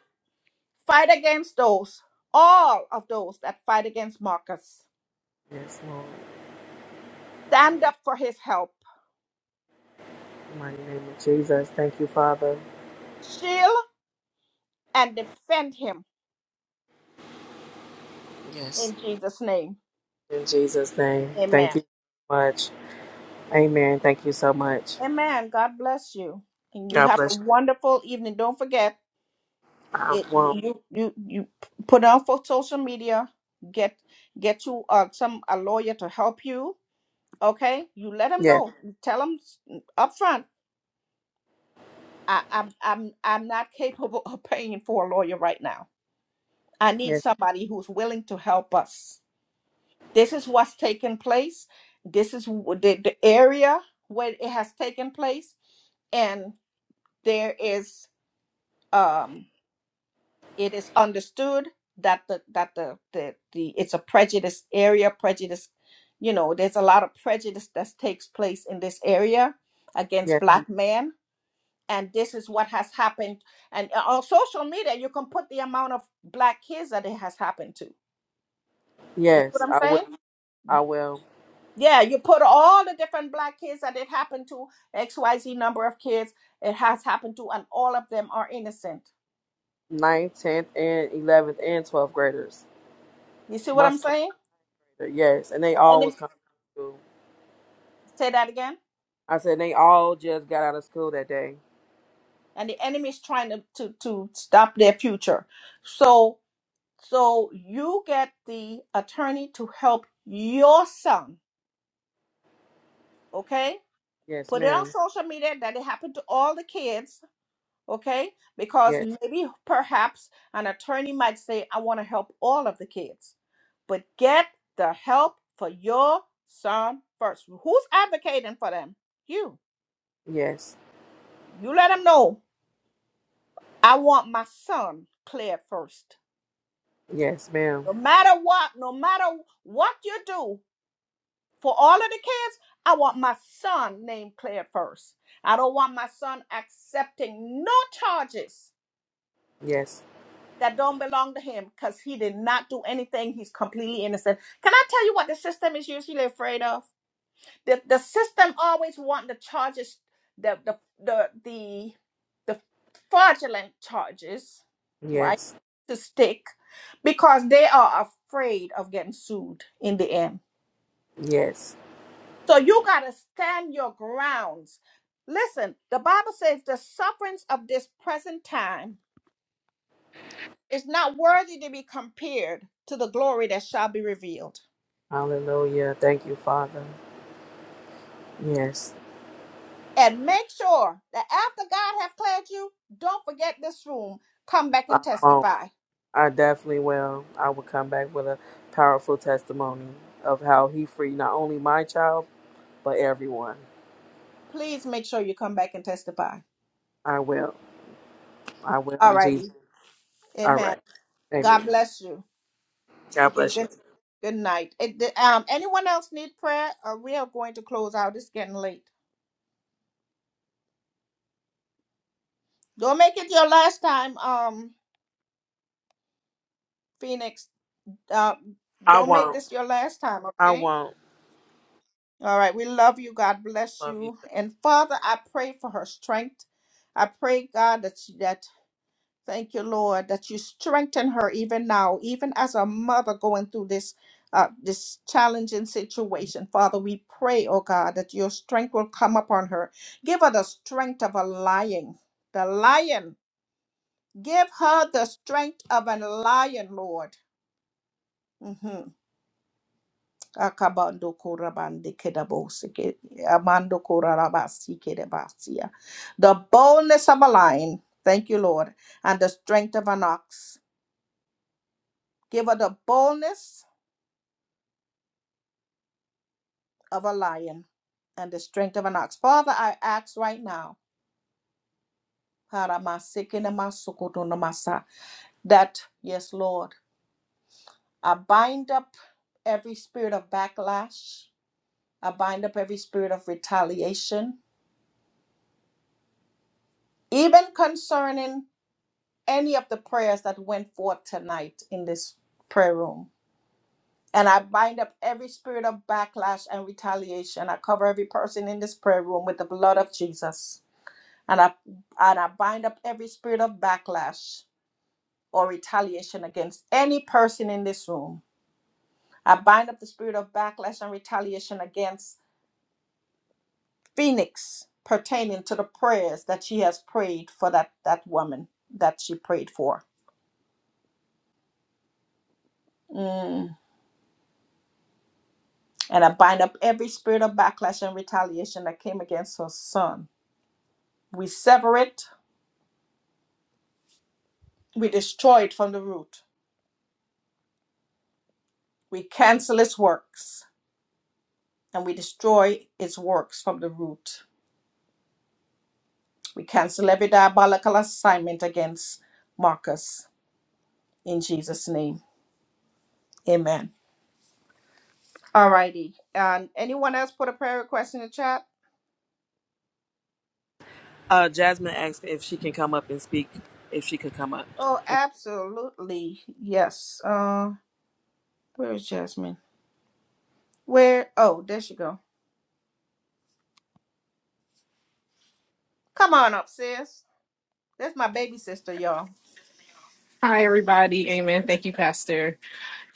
fight against those, all of those that fight against Marcus.
Yes, Lord.
Stand up for his help,
In the mighty name of Jesus. Thank you, Father.
shield and defend him
Yes.
in Jesus' name.
In Jesus' name.
Amen.
Thank you so much. Amen. Thank you so much.
Amen. God bless you. And you
God
have a
bless you.
wonderful evening. Don't forget.
I
it
won't.
you you you put out for social media get get you uh some a lawyer to help you okay you let them
Yes,
know You tell them up front i i'm i'm, I'm not capable *laughs* of paying for a lawyer right now i need
yes,
somebody who's willing to help us this is what's taken place this is w- the, the area where it has taken place and there is um, it is understood that the that the, the the it's a prejudice area prejudice you know there's a lot of prejudice that takes place in this area against
yes,
black men and this is what has happened and uh, on social media you can put the amount of black kids that it has happened to you see what
yes.
i'm
I will.
saying
I will.
yeah you put all the different black kids that it happened to xyz number of kids it has happened to and all of them are innocent
Ninth, tenth, and eleventh, and twelfth graders.
you see what
My
i'm
son is
saying
a grader. Yes, and they
and
all was
then
coming to school.
say that again
I said they all just got out of school that day.
and the enemy is trying to, to, to stop their future. So so you get the attorney to help your son, okay?
Yes,
Put it on
ma'am.
social media that it happened to all the kids, okay? Because
Yes,
maybe perhaps an attorney might say, I want to help all of the kids. But get the help for your son first. Who's advocating for them? You.
yes,
You let them know. I want my son cleared first
yes, ma'am.
No matter what, no matter what you do for all of the kids, I want my son named cleared first. I don't want my son accepting no charges
Yes,
that don't belong to him because he did not do anything. He's completely innocent. Can I tell you what the system is usually afraid of? The, the system always want the charges, the the the the, the fraudulent charges, right?
yes,
To stick because they are afraid of getting sued in the end
yes.
So you got to stand your grounds. Listen, the Bible says the sufferings of this present time is not worthy to be compared to the glory that shall be revealed.
Hallelujah. Thank you, Father. Yes.
And make sure that after God have cleared you, don't forget this room. Come back
I
and
won't.
testify.
I definitely will. I will come back with a powerful testimony of how he freed not only my child, but everyone.
Please make sure you come back and testify.
I will. I will.
All
in Jesus.
righty.
All
Amen.
right. Amen.
God bless you.
God
Okay,
bless you.
good, good night. It- the- um, anyone else need prayer? Or we are going to close out. It's getting late. Don't make it your last time. Um, Phoenix, uh,
I
don't make
won't.
this your last time,
I
okay?
won't.
All right. We love you. God bless
Love you.
you. And Father, I pray for her strength. I pray, God, that she, that thank you, Lord, that you strengthen her even now, even as a mother going through this uh, this challenging situation. Father, we pray, oh God, that your strength will come upon her. Give her the strength of a lion, the lion. Give her the strength of a lion, Lord. Mhm. Akabando korabande kedabosike, amando korarabasi kedebasia. The boldness of a lion. Thank you, Lord. And the strength of an ox. Give her the boldness of a lion and the strength of an ox. Father, I ask right now. haramasikinamasukudunamasa, That, yes, Lord, I bind up every spirit of backlash. I bind up every spirit of retaliation, even concerning any of the prayers that went forth tonight in this prayer room. And I bind up every spirit of backlash and retaliation. I cover every person in this prayer room with the blood of Jesus. And I and I bind up every spirit of backlash or retaliation against any person in this room. I bind up the spirit of backlash and retaliation against Phoenix pertaining to the prayers that she has prayed for that, that woman that she prayed for. Mm. And I bind up every spirit of backlash and retaliation that came against her son. We sever it, we destroy it from the root. We cancel its works, and we destroy its works from the root. We cancel every diabolical assignment against Marcus in Jesus' name. Amen. All righty. And anyone else put a prayer request in the chat?
Uh, Jasmine asked if she can come up and speak, if she could come up.
Oh, absolutely. Yes. Uh, where is Jasmine? Where? Oh, there she go. Come on up, sis. That's my baby sister, y'all.
Hi, everybody. Amen. Thank you, Pastor.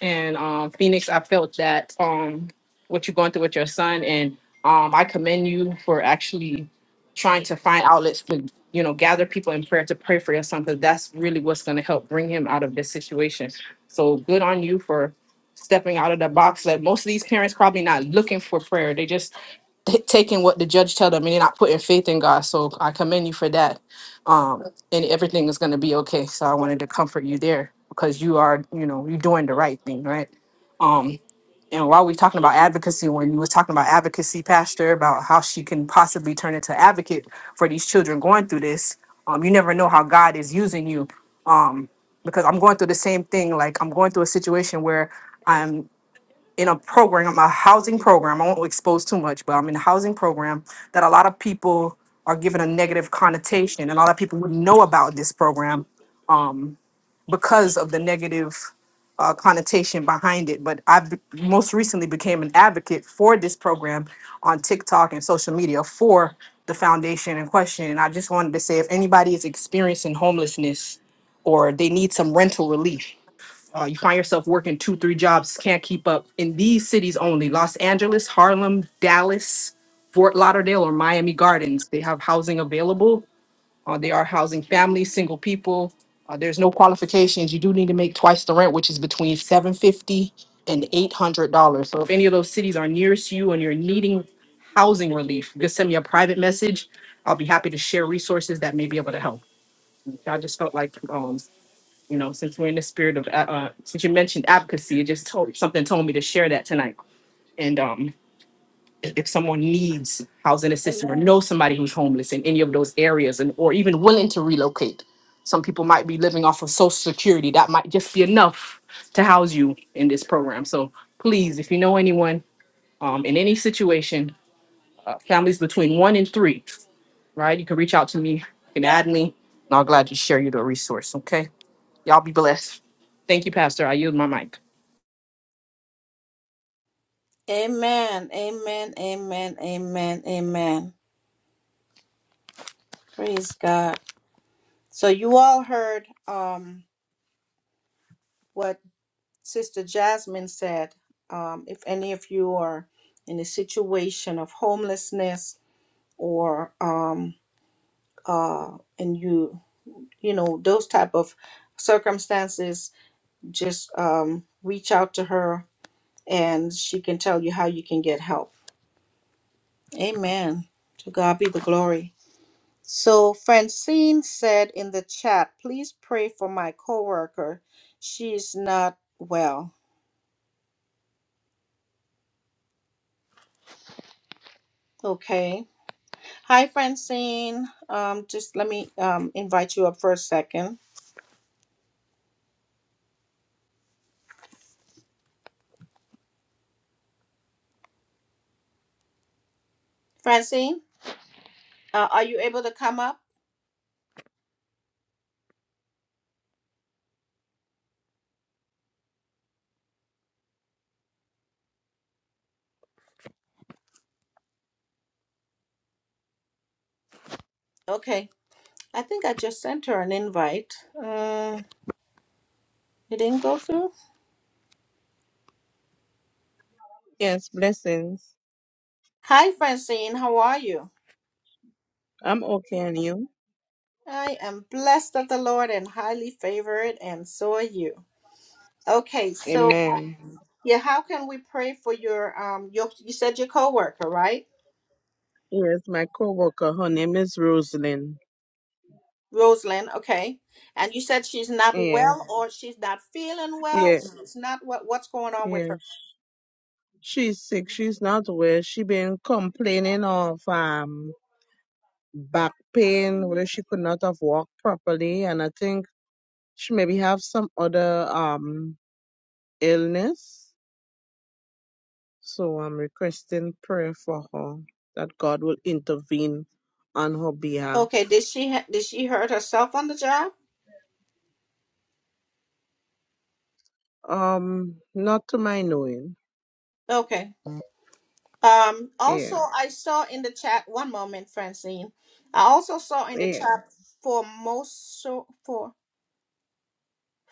And um, Phoenix, I felt that um, what you're going through with your son, and um, I commend you for actually trying to find outlets to, you know, gather people in prayer to pray for your son, because that's really what's going to help bring him out of this situation. So good on you for stepping out of the box. That most of these parents probably not looking for prayer; they just t- taking what the judge tell them and they're not putting faith in God. So I commend you for that. Um, and everything is going to be okay. So I wanted to comfort you there because you are, you know, you're doing the right thing, right? Um, and while we're talking about advocacy, when you was talking about advocacy, Pastor, about how she can possibly turn into advocate for these children going through this, um, you never know how God is using you. Um, because I'm going through the same thing. Like I'm going through a situation where I'm in a program, a housing program. I won't expose too much, but I'm in a housing program that a lot of people are given a negative connotation, and a lot of people wouldn't know about this program um, because of the negative uh, connotation behind it. But I be- most recently became an advocate for this program on TikTok and social media for the foundation in question. And I just wanted to say if anybody is experiencing homelessness or they need some rental relief, uh, you find yourself working two, three jobs, can't keep up in these cities only Los Angeles, Harlem, Dallas, Fort Lauderdale, or Miami Gardens. They have housing available. Uh, they are housing families, single people. Uh, there's no qualifications. You do need to make twice the rent, which is between 750 and $800. So if any of those cities are nearest you and you're needing housing relief, just send me a private message. I'll be happy to share resources that may be able to help. I just felt like um, you know, since we're in the spirit of, uh, uh, since you mentioned advocacy, it just told something told me to share that tonight. And um, if someone needs housing assistance or knows somebody who's homeless in any of those areas, and or even willing to relocate, some people might be living off of Social Security. That might just be enough to house you in this program. So please, if you know anyone um, in any situation, uh, families between one and three, right? You can reach out to me, you can add me, and I'll gladly share you the resource. Okay. Y'all be blessed. Thank you, Pastor. I yield my mic.
Amen. Amen. Amen. Amen. Amen. Praise God. So you all heard um what Sister Jasmine said. Um, if any of you are in a situation of homelessness or um uh and you you know those type of circumstances, just um reach out to her and she can tell you how you can get help. Amen. To God be the glory. So Francine said in the chat, please pray for my coworker. She's not well. Okay. Hi, Francine. Um, just let me um, invite you up for a second. Francine, uh, are you able to come up? Okay. I think I just sent her an invite. Uh, it didn't go through.
Yes, blessings.
Hi, Francine. How are you?
I'm okay, and you?
I am blessed of the Lord and highly favored, and so are you. Okay, so
Amen.
Yeah, how can we pray for your um your you said your coworker, right?
Yes, my coworker, her name is Rosalind.
Rosalind, okay. And you said she's not
Yeah,
well or she's not feeling well.
yeah,
She's not what what's going on with
yeah.
her?
She's sick. She's not well. She been complaining of um back pain, where she could not have walked properly, and I think she maybe have some other um illness. So I'm requesting prayer for her that God will intervene on her behalf.
Okay, did she ha- did she hurt herself on the job?
Um, not to my knowing.
Okay. Um
yeah.
also I saw in the chat one moment, Francine. I also saw in the
Yeah.
chat for most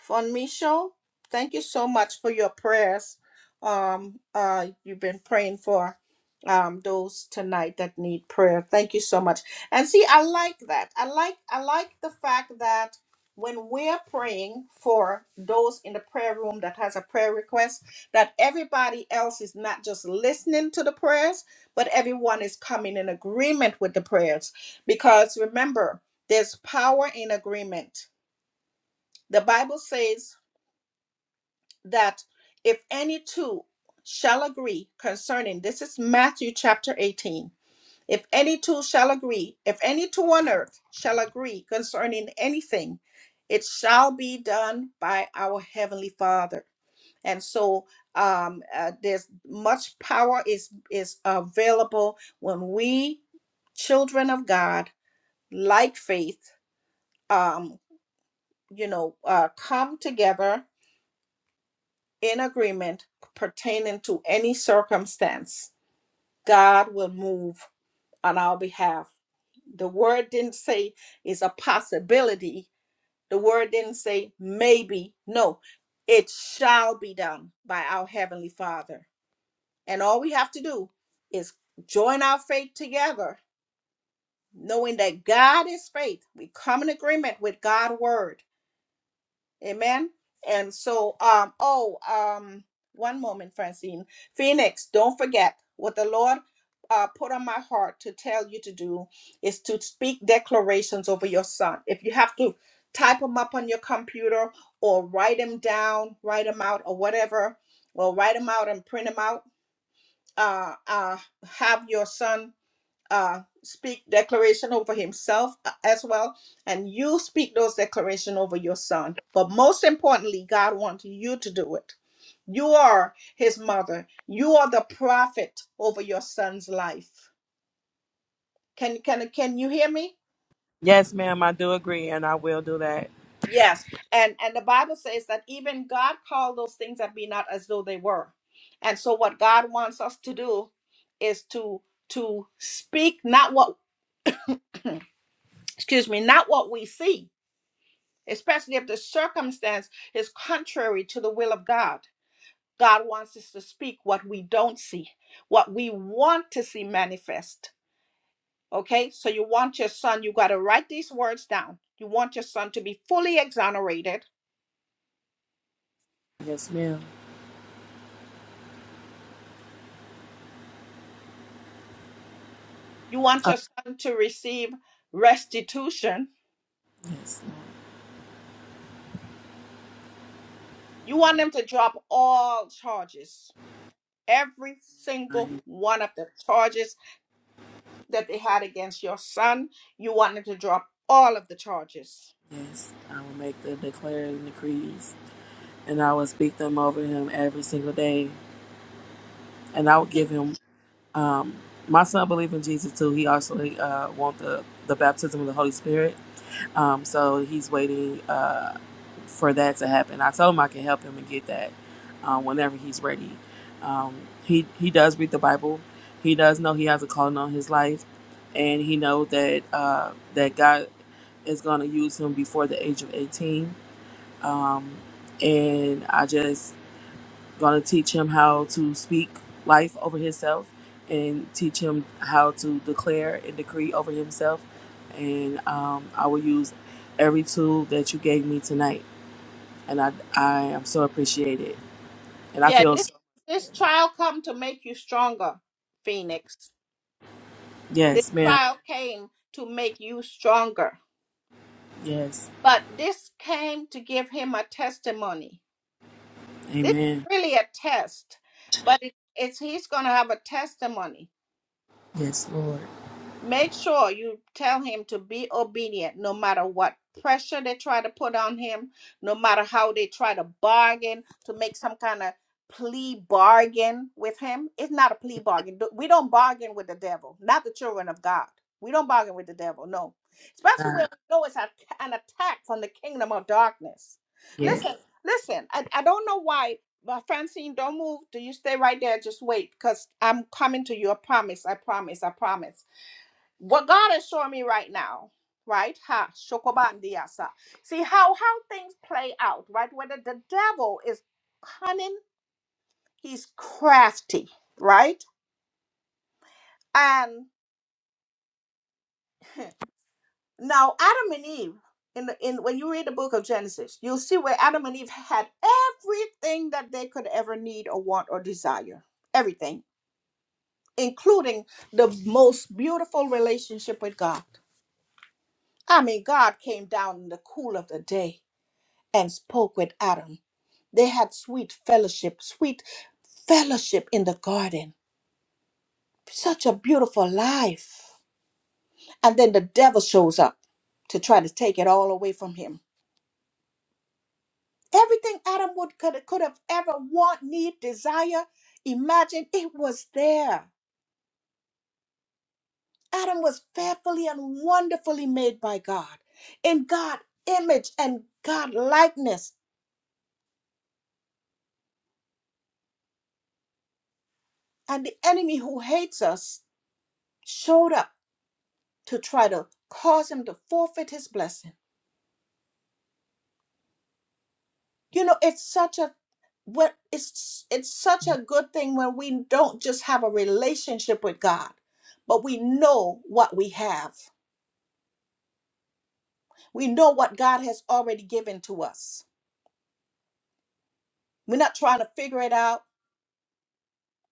Fonmisho, thank you so much for your prayers. Um, uh, you've been praying for um those tonight that need prayer. Thank you so much. And see, I like that. I like I like the fact that when we're praying for those in the prayer room that has a prayer request, that everybody else is not just listening to the prayers, but everyone is coming in agreement with the prayers. Because remember, there's power in agreement. The Bible says that if any two shall agree concerning this is Matthew chapter 18 if any two shall agree if any two on earth shall agree concerning anything it shall be done by our heavenly father and so um uh, there's much power is is available when we children of god like faith um you know uh come together in agreement pertaining to any circumstance, God will move on our behalf. The word didn't say is a possibility. The word didn't say maybe. No, it shall be done by our Heavenly Father. And all we have to do is join our faith together, knowing that God is faith. We come in agreement with God's word Amen. And so, um, oh, um, one moment, Francine. Phoenix, don't forget what the Lord uh, put on my heart to tell you to do is to speak declarations over your son. If you have to type them up on your computer or write them down, write them out or whatever, or write them out and print them out, uh, uh, have your son uh, speak declaration over himself uh, as well, and you speak those declaration over your son. But most importantly, God wants you to do it. You are his mother. You are the prophet over your son's life. Can can can you hear me?
Yes, ma'am. I do agree, and I will do that.
Yes. And and the Bible says that even God called those things that be not as though they were. And so what God wants us to do is to to speak not what excuse me, not what we see, especially if the circumstance is contrary to the will of God. God wants us to speak what we don't see, what we want to see manifest. Okay, so you want your son, you got to write these words down. You want your son to be fully exonerated.
Yes, ma'am.
You want
Uh,
your son to receive restitution.
yes,
You want them to drop all charges, every
I,
single one of the charges that they had against your son. You want them to drop all of the charges
yes. I will make the declaring decrees, and I will speak them over him every single day. and I would give him. Um, my son believe in Jesus too. He also uh, want the the baptism of the Holy Spirit. Um, so he's waiting uh, for that to happen. I told him I can help him and get that uh, whenever he's ready. Um, he he does read the Bible. He does know he has a calling on his life, and he know that uh, that God is going to use him before the age of eighteen. Um, and I just going to teach him how to speak life over himself and teach him how to declare and decree over himself. And um, I will use every tool that you gave me tonight. And I, I am so appreciated. And I
Yeah,
feel
this
so much
this
better.
trial come to make you stronger, Phoenix. This
Yes, ma'am.
trial came to make you stronger.
Yes.
But this came to give him a testimony. This is
Amen.
really a test, but it, it's he's going to have a testimony.
Yes, Lord.
Make sure you tell him to be obedient no matter what pressure they try to put on him, no matter how they try to bargain, to make some kind of plea bargain with him. It's not a plea
Yes.
bargain. Do- We don't bargain with the devil, not the children of God. We don't bargain with the devil, no. Especially
God.
when we know it's a- an attack from the kingdom of darkness.
Yes.
Listen, listen, I, I don't know why, but Francine, don't move. Do you stay right there? Just wait, because I'm coming to you. I promise, I promise, I promise what God is showing me right now, right? Ha, shokobandiasa. See how how things play out, right? Whether the devil is cunning, he's crafty, right? And *laughs* now Adam and Eve, in the in when you read the book of Genesis, you'll see where Adam and Eve had everything that they could ever need or want or desire. Everything, including the most beautiful relationship with God. I mean, God came down in the cool of the day and spoke with Adam They had sweet fellowship, sweet fellowship in the garden. Such a beautiful life. And then the devil shows up to try to take it all away from him. Everything Adam would could, could have ever want, need, desire, imagine, it was there. Adam was fearfully and wonderfully made by God, in God image and God likeness. And the enemy who hates us showed up to try to cause him to forfeit his blessing you know it's such a what it's it's such a good thing when we don't just have a relationship with God but we know what we have we know what God has already given to us we're not trying to figure it out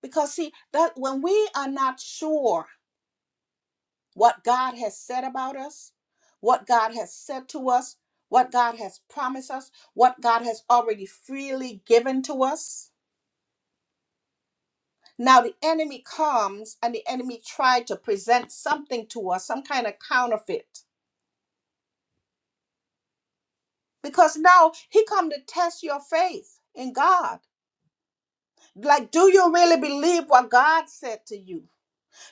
because see that when we are not sure what God has said about us what God has said to us what God has promised us what God has already freely given to us Now the enemy comes and the enemy tried to present something to us, some kind of counterfeit. Because now he come to test your faith in God. Like, do you really believe what God said to you?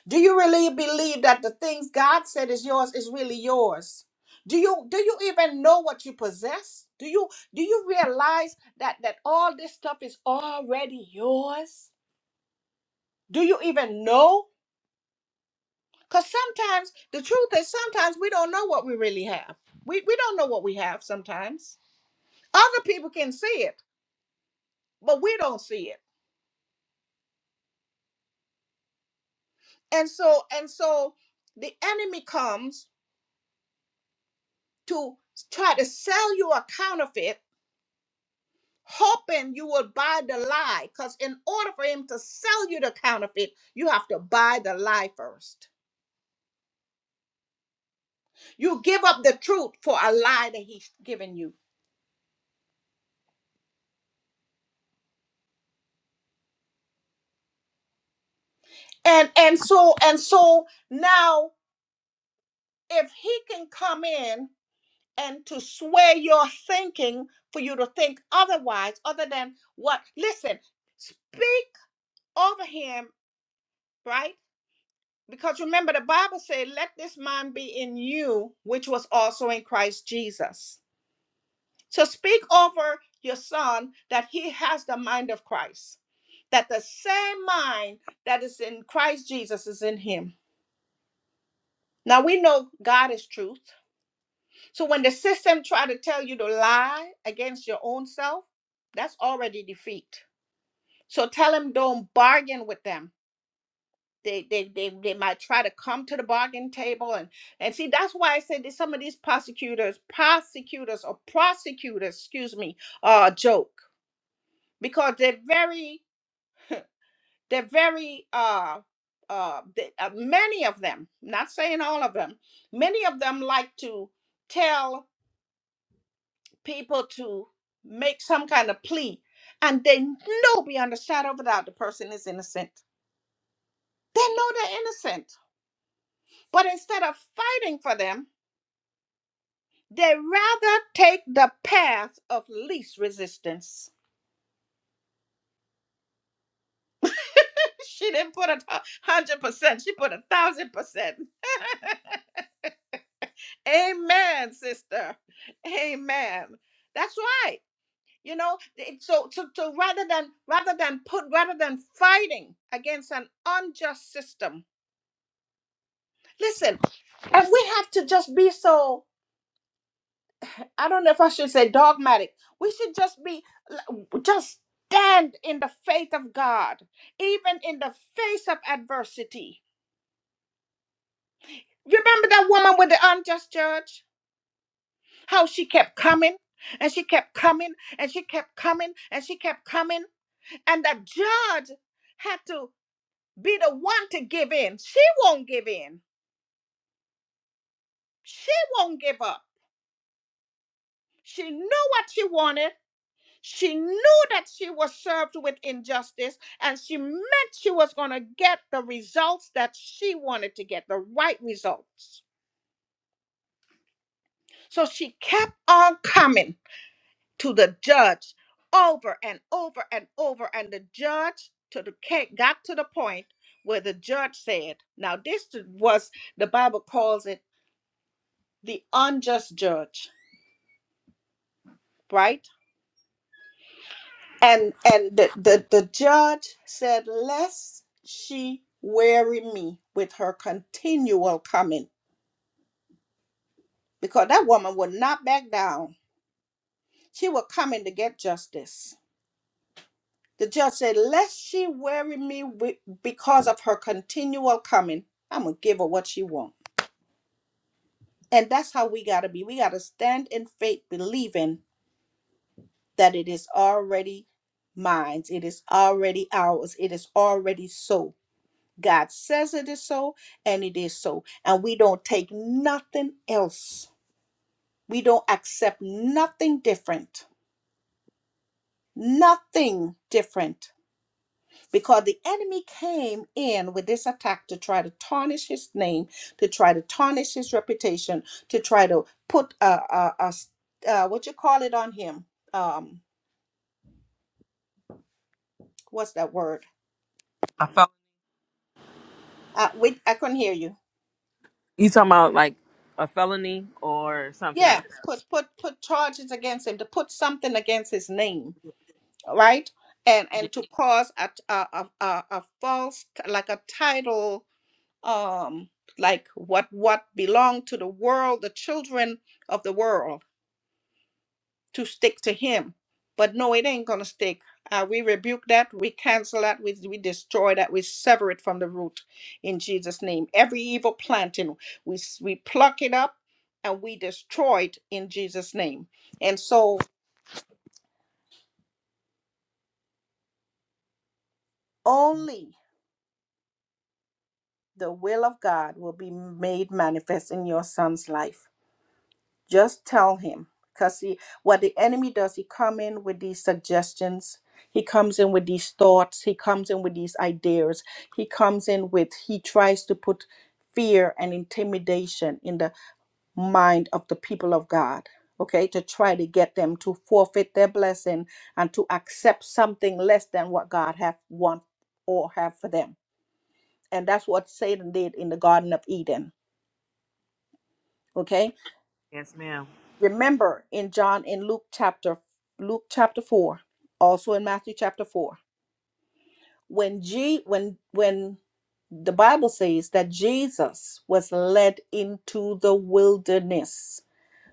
Do you really believe that the things God said is yours is really yours? Do you do you even know what you possess? Do you do you realize that that all this stuff is already yours? Do you even know? Because sometimes the truth is sometimes we don't know what we really have. We we don't know what we have sometimes. Other people can see it, but we don't see it. And so and so the enemy comes to try to sell you a counterfeit, hoping you will buy the lie. Because in order for him to sell you the counterfeit, you have to buy the lie first. You give up the truth for a lie that he's given you. And and so and so now if he can come in and to sway your thinking for you to think otherwise, other than what. Listen, speak over him, right? Because remember, the Bible said, let this mind be in you, which was also in Christ Jesus. So speak over your son that he has the mind of Christ, that the same mind that is in Christ Jesus is in him. Now we know God is truth. So when the system try to tell you to lie against your own self, that's already defeat. So tell them don't bargain with them. They they they, they might try to come to the bargain table and and see that's why I said that some of these prosecutors, prosecutors or prosecutors, excuse me, uh joke because they're very they're very uh uh, they, uh many of them not saying all of them many of them like to tell people to make some kind of plea and they know beyond a shadow of a doubt the person is innocent. They know they're innocent. But instead of fighting for them, they rather take the path of least resistance. *laughs* she didn't put a hundred percent, she put a thousand percent. *laughs* Amen, sister. Amen. That's right. you know it, so so so rather than rather than put rather than fighting against an unjust system listen and we have to just be so i don't know if i should say dogmatic we should just be just stand in the faith of god even in the face of adversity you remember that woman with the unjust judge how she kept coming and she kept coming and she kept coming and she kept coming and the judge had to be the one to give in. She won't give in. She won't give up. She knew what she wanted. She knew that she was served with injustice, and she meant she was going to get the results that she wanted to get, the right results. So she kept on coming to the judge over and over and over, and the judge to the ca- got to the point where the judge said, "Now this was the Bible calls it the unjust judge, right?" and and the, the the judge said lest she weary me with her continual coming because that woman would not back down she was coming to get justice the judge said lest she weary me with, because of her continual coming i'm gonna give her what she wants and that's how we gotta be we gotta stand in faith believing that it is already mine it is already ours it is already so God says it is so, and it is so. And we don't take nothing else. We don't accept nothing different. Nothing different. Because the enemy came in with this attack to try to tarnish his name, to try to tarnish his reputation, to try to put a, a, a s- uh, what you call it on him? Um, what's that word?
I felt
Uh, wait, I couldn't hear you.
you talking about like a felony or something
Yeah,
else.
put put put charges against him to put something against his name right and
Yes,
and to cause a t- a a a false t- like a title um like what what belonged to the world the children of the world to stick to him but no it ain't gonna stick uh, we rebuke that we cancel that we, we destroy that we sever it from the root in jesus name every evil planting we s- we pluck it up and we destroy it in jesus name and so only the will of God will be made manifest in your son's life. Just tell him. Because he, what the enemy does, he come in with these suggestions. He comes in with these thoughts. He comes in with these ideas. He comes in with, he tries to put fear and intimidation in the mind of the people of God. Okay, to try to get them to forfeit their blessing and to accept something less than what God have want or have for them. And that's what Satan did in the Garden of Eden Okay.
yes ma'am.
Remember in John in Luke chapter Luke chapter four, also in Matthew chapter four, when G when when the Bible says that Jesus was led into the wilderness.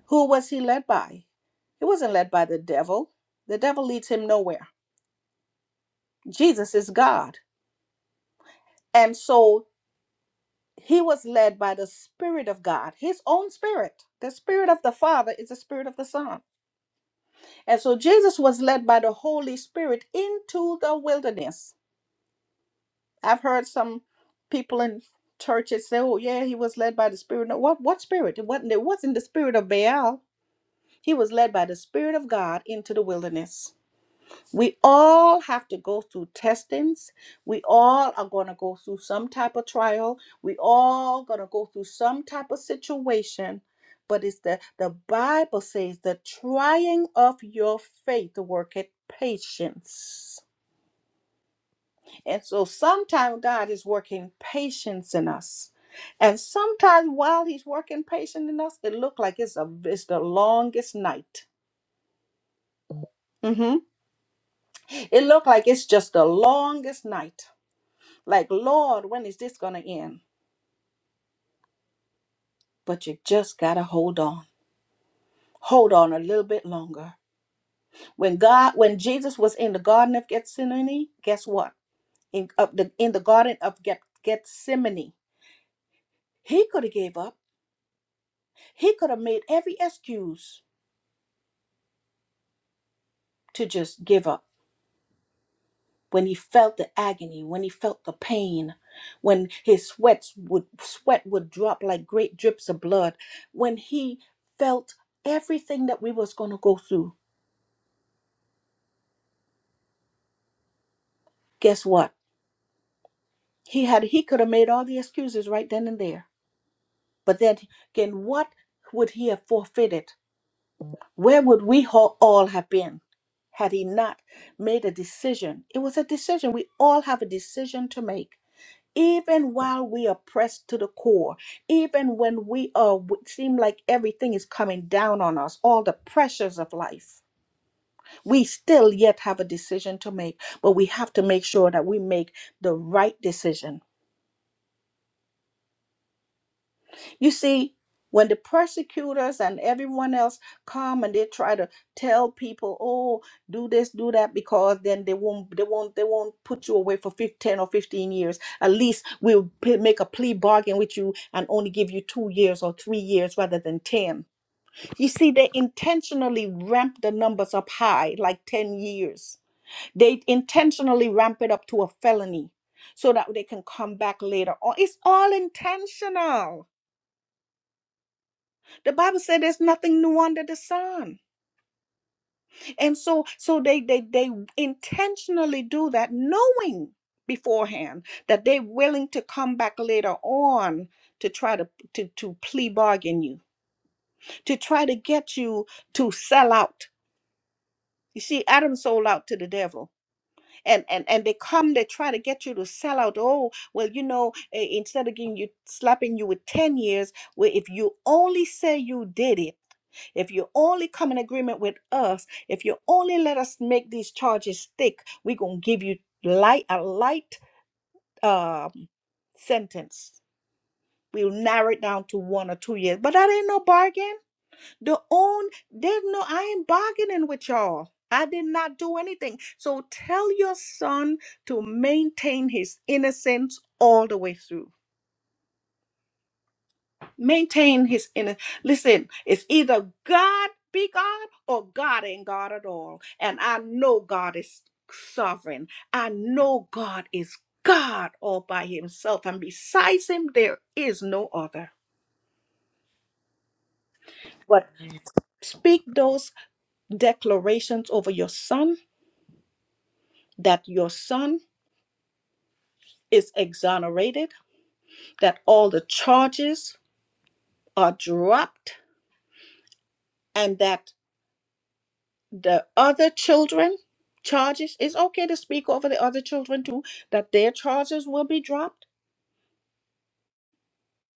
Who was he led by? He wasn't led by the devil. The devil leads him nowhere. Jesus is God. And so he was led by the Spirit of God, his own spirit. The Spirit of the Father is the Spirit of the Son. And so Jesus was led by the Holy Spirit into the wilderness. I've heard some people in churches say, "Oh, yeah, he was led by the Spirit." No, what what spirit? It wasn't it wasn't the spirit of Baal. He was led by the Spirit of God into the wilderness. We all have to go through testings. We all are going to go through some type of trial. We all going to go through some type of situation. But it's the the Bible says the trying of your faith worketh patience. And so sometimes God is working patience in us. And sometimes while he's working patience in us, it look like it's a it's the longest night. Mhm. It look like it's just the longest night. Like, Lord, when is this going to end? But you just got to hold on. Hold on a little bit longer. When God, when Jesus was in the Garden of Gethsemane, guess what? In, of the, in the Garden of Geth- Gethsemane, he could have gave up. He could have made every excuse to just give up. When he felt the agony, when he felt the pain, when his sweats would sweat would drop like great drips of blood, when he felt everything that we was going to go through, guess what? He had he could have made all the excuses right then and there. But then again, what would he have forfeited? Where would we ho- all have been had he not made a decision? It was a decision. We all have a decision to make. Even while we are pressed to the core, even when we are it seem like everything is coming down on us, all the pressures of life, we still yet have a decision to make. But we have to make sure that we make the right decision You see, when the persecutors and everyone else come and they try to tell people, "Oh, do this, do that," because then they won't, they won't, they won't put you away for fif- ten or fifteen years. At least we'll p- make a plea bargain with you and only give you two years or three years rather than ten. You see, they intentionally ramp the numbers up high, like ten years. They intentionally ramp it up to a felony, so that they can come back later. Or it's all intentional the Bible said there's nothing new under the sun. And so so they they they intentionally do that knowing beforehand that they're willing to come back later on to try to to to plea bargain you, to try to get you to sell out. You see, Adam sold out to the devil, and and and they come. They try to get you to sell out. Oh, well, you know, eh, instead of giving you slapping you with ten years, well, if you only say you did it, If you only come in agreement with us, if you only let us make these charges stick, we're going to give you light a light uh, sentence. We'll narrow it down to one or two years. But that ain't no bargain. The own, there's no, I ain't bargaining with y'all. I did not do anything. So tell your son to maintain his innocence all the way through maintain his inner listen it's either god be god or god ain't god at all and i know god is sovereign i know god is god all by himself and besides him there is no other but speak those declarations over your son that your son is exonerated that all the charges are dropped and that the other children charges it's okay to speak over the other children too that their charges will be dropped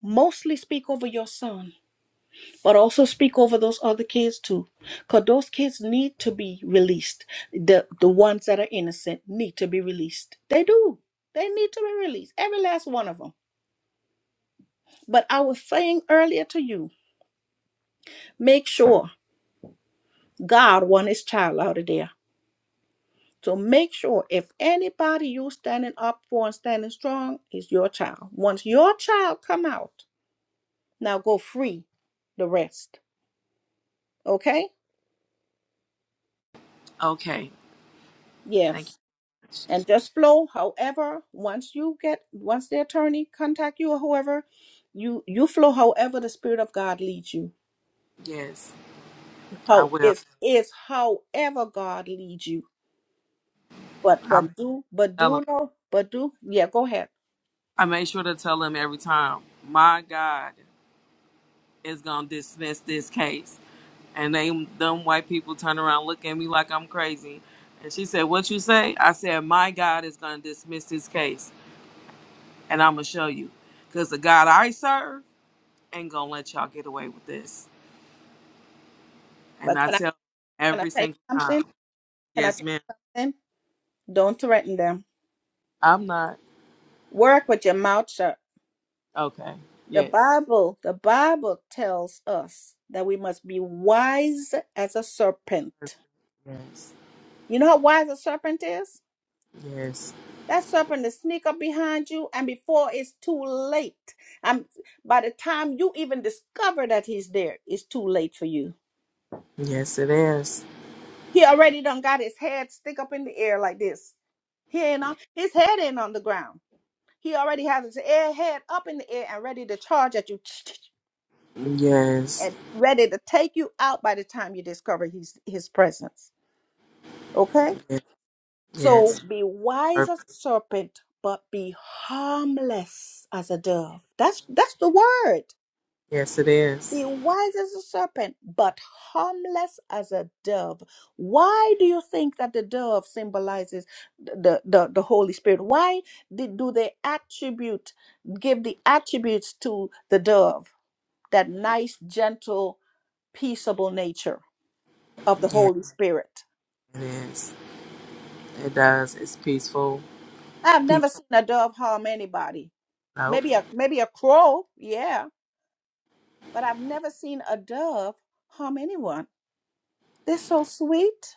mostly speak over your son but also speak over those other kids too because those kids need to be released the the ones that are innocent need to be released they do they need to be released every last one of them but i was saying earlier to you make sure god want his child out of there So make sure if anybody you standing up for and standing strong is your child. Once your child come out, now go free the rest. Okay?
Okay. Thank
Yes.
you.
And just flow. However, once you get once the attorney contact you or whoever, you you flow however the spirit of God leads you.
Yes, I
How
will.
it's it's however God leads you. But
I'm.
but do but
tell
do
him.
no but do yeah go ahead.
I made sure to tell him every time. My God is gonna dismiss this case, and they them white people turn around, look at me like I'm crazy. And she said, "What you say?" I said, "My God is gonna dismiss this case, and I'm gonna show you, cause the God I serve ain't gonna let y'all get away with this." And
But
I
can I
tell 'em
can I
every
say
single
something?
time,
Can I
"Yes,
say
ma'am.
something? Don't threaten them.
I'm not
Work with your mouth shut.
okay.
The
Yes,
Bible, the Bible tells us that we must be wise as a serpent.
yes,
You know how wise a serpent is?
yes,
That serpent will sneak up behind you, and before it's too late, and by the time you even discover that he's there, it's too late for you.
yes. It is.
He already done got his head stick up in the air like this. He ain't on his head ain't on the ground. He already has his air head up in the air and ready to charge at you.
Yes,
and ready to take you out by the time you discover his his presence. Okay? So
yes,
Mhm. be wise
yes."
as a serpent, but be harmless as a dove. That's that's the word.
Yes, it is.
Be wise as a serpent, but harmless as a dove. Why do you think that the dove symbolizes the, the, the Holy Spirit? Why did, do they attribute, give the attributes to the dove, that nice, gentle, peaceable nature? of the
Yeah,
Holy Spirit.
it is. It does. It's peaceful.
I've
People
never seen a dove harm anybody.
out.
Maybe a maybe a crow, yeah, but I've never seen a dove harm anyone. They're so sweet.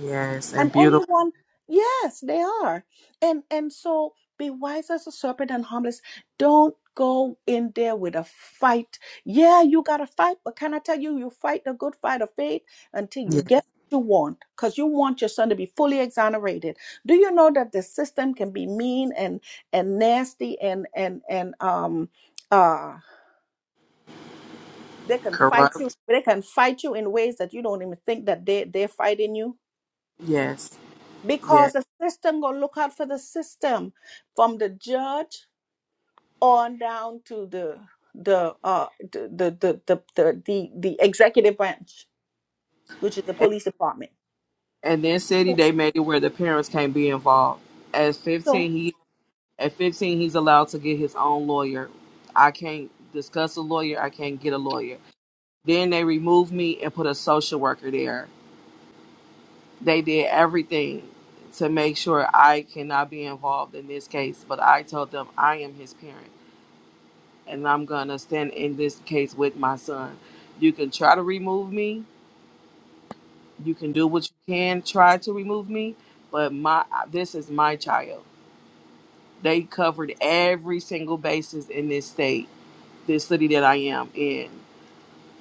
Yes,
and
and beautiful.
anyone yes they are and and so be wise as a serpent and harmless don't go in there with a fight yeah you gotta fight but can i tell you you fight the good fight of faith until you
Yes,
get what you want because you want your son to be fully exonerated do you know that the system can be mean and and nasty and and and um uh they can fight you
corrupt.
they can fight you in ways that you don't even think that they they're fighting you
Yes, yes.
because the system gonna look out for the system from the judge on down to the the uh the the the the, the, the, the executive branch which is the
And
police department
and then city
so,
they made it where the parents can't be involved. At
so
fifteen, he at fifteen he's allowed to get his own lawyer. I can't discuss a lawyer. I can't get a lawyer. Then they removed me and put a social worker there. They did everything to make sure I cannot be involved in this case, but I told them I am his parent. and I'm gonna stand in this case with my son. You can try to remove me. You can do what you can, try to remove me, but my this is my child. They covered every single basis in this state, this city that I am in.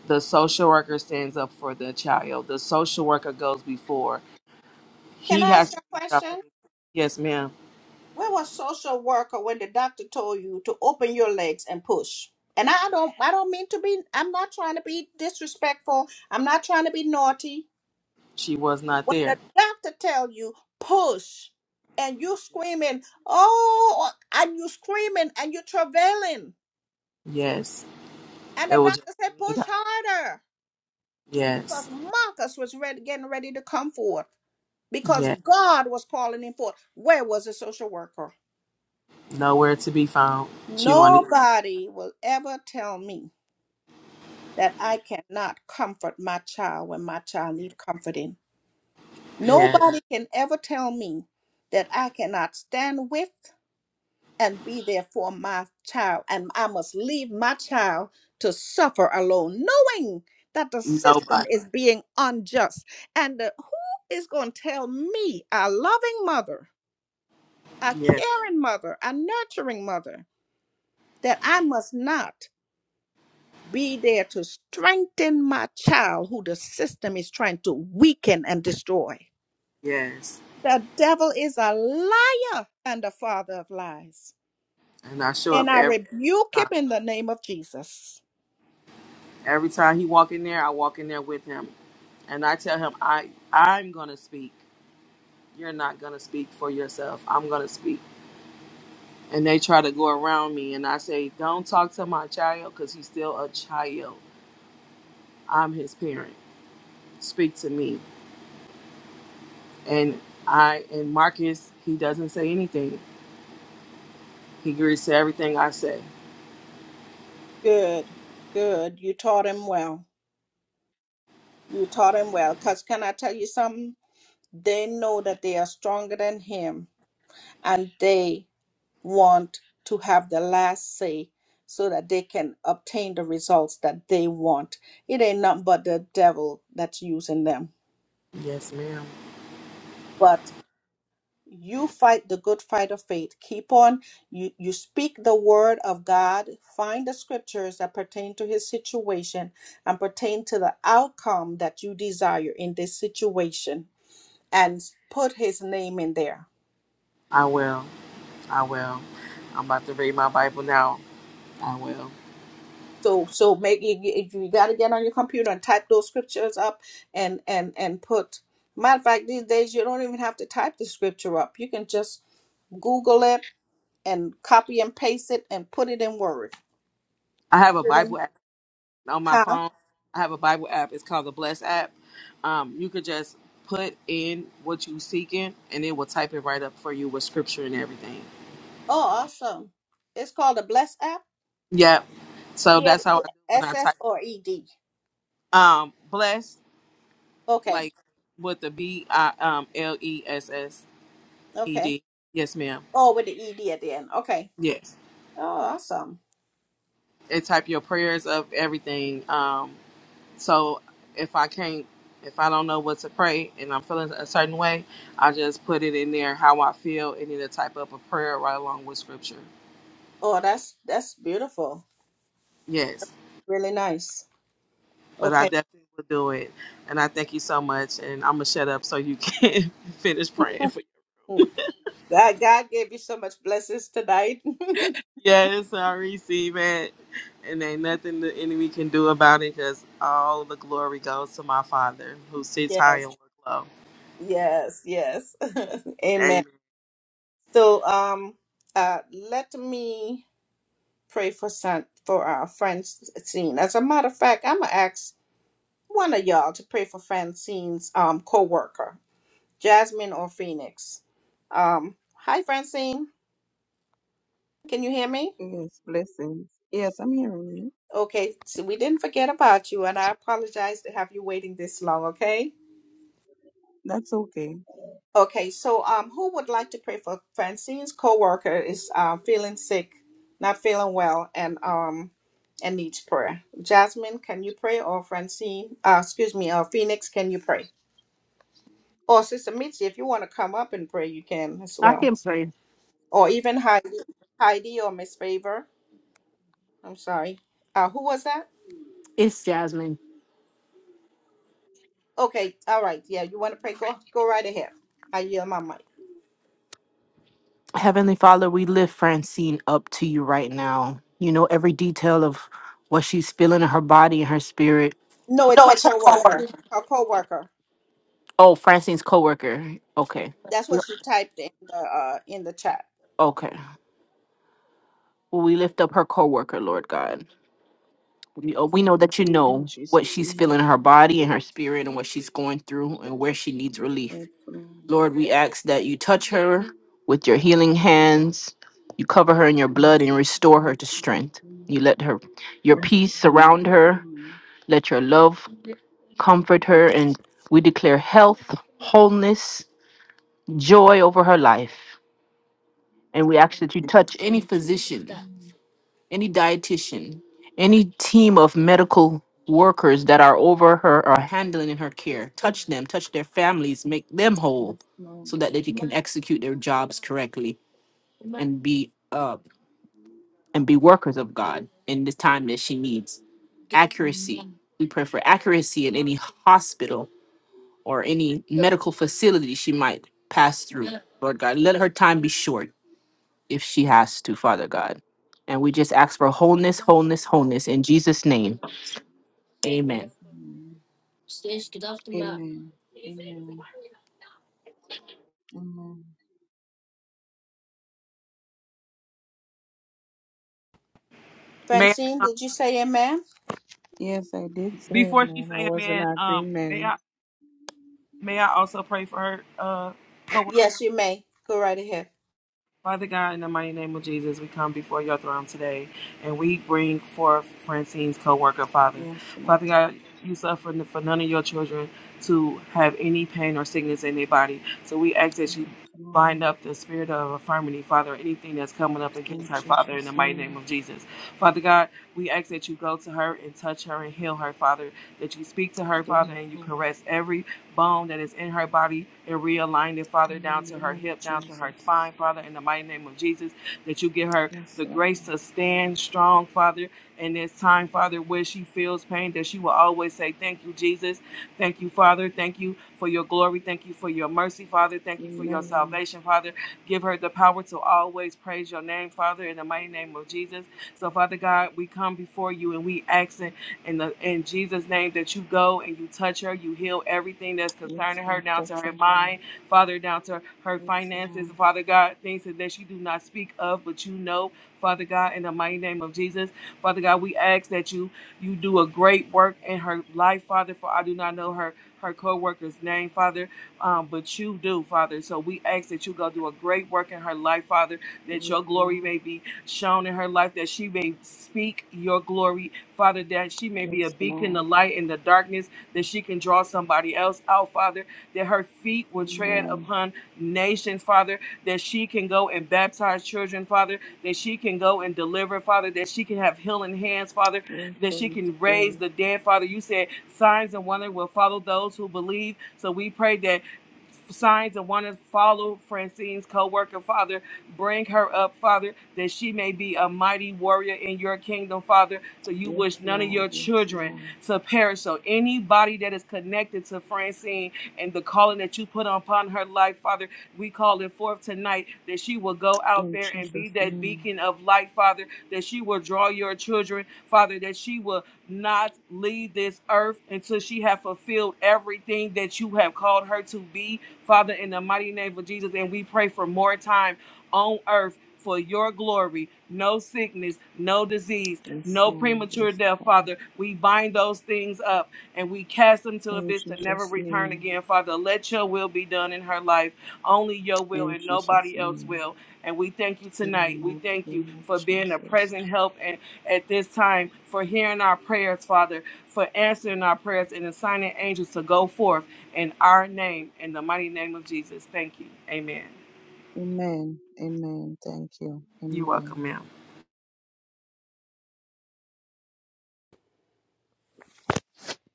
The social worker stands up for the child. The social worker goes before.
Can
He
I ask
has
you
to
a
reach out for-
question?
his. Yes, ma'am.
Where was social worker when the doctor told you to open your legs and push? And I don't I don't mean to be I'm not trying to be disrespectful. I'm not trying to be naughty.
She was not
When the
there.
doctor tell you push, and you screaming, oh, and you screaming and you travailing,
Yes.
and
It
the
was just
doctor said
me and
push
God.
harder because
Yes.
Marcus was ready, getting ready to come forth because
Yes.
God was calling him forth. Where was the social worker?
Nowhere to be found. She won't even.
Nobody will ever tell me that I cannot comfort my child when my child need comforting.
Yeah,
Nobody can ever tell me that I cannot stand with. and be there for my child. And I must leave my child to suffer alone, knowing that the system
nobody.
is being unjust. And the, who is going to tell me, a loving mother, a
Yes,
caring mother, a nurturing mother, that I must not be there to strengthen my child who the system is trying to weaken and destroy?
yes.
The devil is a liar and the father of lies.
And I show up
And I
every
rebuke him
time.
in the name of Jesus.
Every time he walk in there, I walk in there with him, and I tell him, I I'm gonna speak. You're not gonna speak for yourself. I'm gonna speak. And they try to go around me, and I say, don't talk to my child because he's still a child. I'm his parent. Speak to me. And I and Marcus, he doesn't say anything. He agrees to everything I say.
Good, good. You taught him well. You taught him well. Because can I tell you something? They know that they are stronger than him and they want to have the last say so that they can obtain the results that they want. It ain't nothing but the devil that's using them.
Yes, ma'am.
but. you fight the good fight of faith keep on you you speak the word of god find the scriptures that pertain to his situation and pertain to the outcome that you desire in this situation and put his name in there
I will. I will. I'm about to read my Bible now. I will.
so so make you, you you gotta get on your computer and type those scriptures up and and and put matter of fact these days you don't even have to type the scripture up you can just google it and copy and paste it and put it in word
I have a Bible app on my
huh
phone. I have a Bible app. It's called the Bless app. Um, you could just put in what you seeking, and it will type it right up for you with scripture and everything.
Oh, awesome. It's called a Bless app?
Yep. So
B L
that's how
E
I do when
S
I
S
type.
or E D?
Um, bless
Okay.
like with the B I um L E S S E
Okay.
D. Yes, ma'am.
Oh, with the E D at the end. Okay.
Yes.
Oh, awesome.
And type your prayers of everything. Um, So if I can't, if I don't know what to pray and I'm feeling a certain way, I just put it in there how I feel and then type up a prayer right along with scripture.
Oh, that's that's beautiful.
Yes,
Really nice.
but I
Okay.
definitely will do it. And I thank you so much. And I'm going to shut up so you can *laughs* finish praying for you.
Mm. God, God gave you so much blessings tonight.
Yes, I receive it. And ain't nothing the enemy can do about it because all the glory goes to my Father who
*laughs*
sits high
yes.
and looks low.
Yes. Yes. *laughs* Amen.
Amen.
So, um, uh, let me pray for San for our friend Francine. As a matter of fact, I'm gonna ask one of y'all to pray for Francine's um coworker. Jasmine or Phoenix. Um, hi, Francine. Can you hear me?
Yes, blessings. Yes, I'm hearing you.
Okay, so we didn't forget about you, and I apologize to have you waiting this long. Okay.
That's okay.
Okay, so um, who would like to pray for Francine's coworker is uh, feeling sick, not feeling well, and um, and needs prayer. Jasmine, can you pray, or Francine? Uh, excuse me, or Phoenix, can you pray? Or Sister Mitzi, if you want to come up and pray, you can as
I
well.
can pray.
Or even Heidi, Heidi or Miss Favor. I'm sorry. Uh, who was that?
It's Jasmine.
Okay, all right. Yeah, you want to pray? Go, go right ahead. I yield my mic.
Heavenly Father, we lift Francine up to you right now. You know every detail of what she's feeling in her body and her spirit.
No, it's
No,
her
it's her
coworker.
coworker.
Her coworker.
Oh, Francine's coworker. Okay.
That's what she typed in the uh, in the chat.
Okay. Well, we lift up her coworker, Lord God. We, uh, we know that you
In
know what
Jesus'
she's
name.
feeling in her body and her spirit and what she's going through and where she needs relief.
Yes, Lord.
Lord, we ask that you touch her with your healing hands. You cover her in your blood and restore
In
her to
Jesus'
strength. You
name.
let her your peace surround
Yes,
her.
Lord.
Let your love comfort her and we declare health, wholeness, joy over her life. And we ask that you touch any
In Jesus'
physician,
name.
any dietitian, any team of medical workers that are over her or handling in her care. Touch them, touch their families, make them whole
Yes, Lord.
so that they can execute their jobs correctly. and be uh and be workers of God in the time that she needs. Accuracy.
Amen.
We pray for accuracy in any hospital or any medical facility she might pass through. Lord God, let her time be short if she has to, Father God. And we just ask for wholeness, wholeness, wholeness in Jesus' name.
Yes,
Amen.
Lord. Amen. Amen. Amen.
May
Francine,
I, um,
did you say amen?
Yes, I did say
before she
amen. I
say
was in
amen, um, may
agreement.
I May I also pray for her uh, co
Yes, you may. Go right ahead.
Father God, in the mighty name of Jesus, we come before your throne today and we bring forth Francine's co worker, Father.
Yes, Lord.
Father God, you suffer for none of your children to have any pain or sickness in their body. So we ask that you
Yes, Lord.
bind up the spirit of infirmity, Father, anything that's coming up against
In
her, Father, in the
Jesus'
mighty name
name.
of Jesus. Father God, we ask that you go to her and touch her and heal her, Father, that you speak to her,
Do it,
Father, and you
Lord.
caress every bone that is in her body and realign it, Father,
In the
down to
name
her
of
hip, down to her
Jesus.
spine, Father, in the mighty name of Jesus, that you give her
Yes,
the
Lord.
grace to stand strong, Father, in this time, Father, where she feels pain, that she will always say, Thank you, Jesus. Thank you, Father. Thank you for your glory. Thank you for your mercy, Father. Thank you for your
Amen.
salvation, Father. Give her the power to always praise your name, Father, in the mighty name of Jesus. So, Father God, we come before you and we ask in the in Jesus' name that you go and you touch her, you heal everything that's
Yes,
concerning her,
Lord,
down to
touch
her
your Lord.
mind, Father, down to her
Yes,
finances,
Lord,
Father God, things that she do not speak of, but you know, Father God, in the mighty name of Jesus, Father God, we ask that you you do a great work in her life, Father, for I do not know her her co-worker's name, Father, um, but you do, Father. So we ask that you go do a great work in her life, Father,
give
that
it
your glory
Lord.
may be shown in her life, that she may speak your glory, Father, that she may be a
Yes,
beacon
Lord.
of light in the darkness, that she can draw somebody else out, Father, that her feet will tread
Amen.
upon nations, Father, that she can go and baptize children, Father, that she can go and deliver, Father, that she can have healing hands, Father,
Yes,
that she
Holy
can raise
Spirit.
the dead, Father. You said signs and wonders will follow those who believe. So we pray that signs and wonders follow Francine's co-worker, Father, Bring her up, Father, that she may be a mighty warrior in your kingdom, Father. So you
Yes,
wish none of
Lord.
your
Yes,
children
Lord.
to perish. So anybody that is connected to Francine and the calling that you put upon her life, Father, we call it forth tonight that she will go out
In
there and be
Jesus'
that
name.
beacon of light, Father, that she will draw your children, Father, that she will not leave this earth until she have fulfilled everything that you have called her to be, Father, in the mighty name of Jesus. And we pray for more time on earth for your glory. No sickness, no disease,
Yes,
no
Lord.
premature
Yes,
death,
Lord.
Father. We bind those things up and we cast them to the
In
abyss to never
Jesus'
return
name.
again, Father. Let your will be done in her life. Only your will
In
and
Jesus'
nobody else
name.
will. And we thank you
In the
tonight. We
mighty
thank you
name of
for being a
Jesus.
present help and at this time for hearing our prayers, Father, for answering our prayers and assigning angels to go forth in our name, in the mighty name of Jesus. Thank you. Amen.
Amen. Amen. Thank you.
You're welcome,
Amen.
ma'am.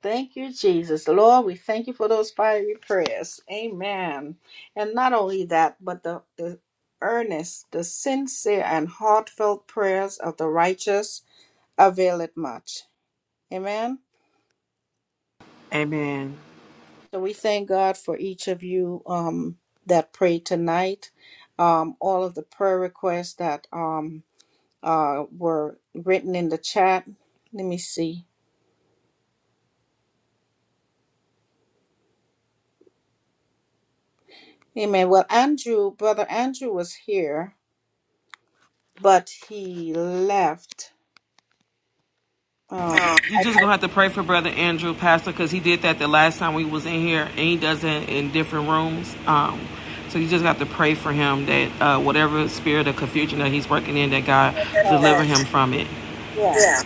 Thank you, Jesus. Lord, we thank you for those fiery prayers. Amen. And not only that, but the, the earnest, the sincere and heartfelt prayers of the righteous availeth much. Amen.
Amen.
So we thank God for each of you um, that prayed tonight. Um, all of the prayer requests that um, uh, were written in the chat. Let me see. Amen. Well, Andrew, brother Andrew was here, but he left. Um,
You just gonna have to pray for Brother Andrew, Pastor, because he did that the last time we was in here, and he does it in different rooms. Um, so you just have to pray for him that uh, whatever spirit of confusion that he's working in, that God
so,
deliver him from it.
yeah.
Yeah.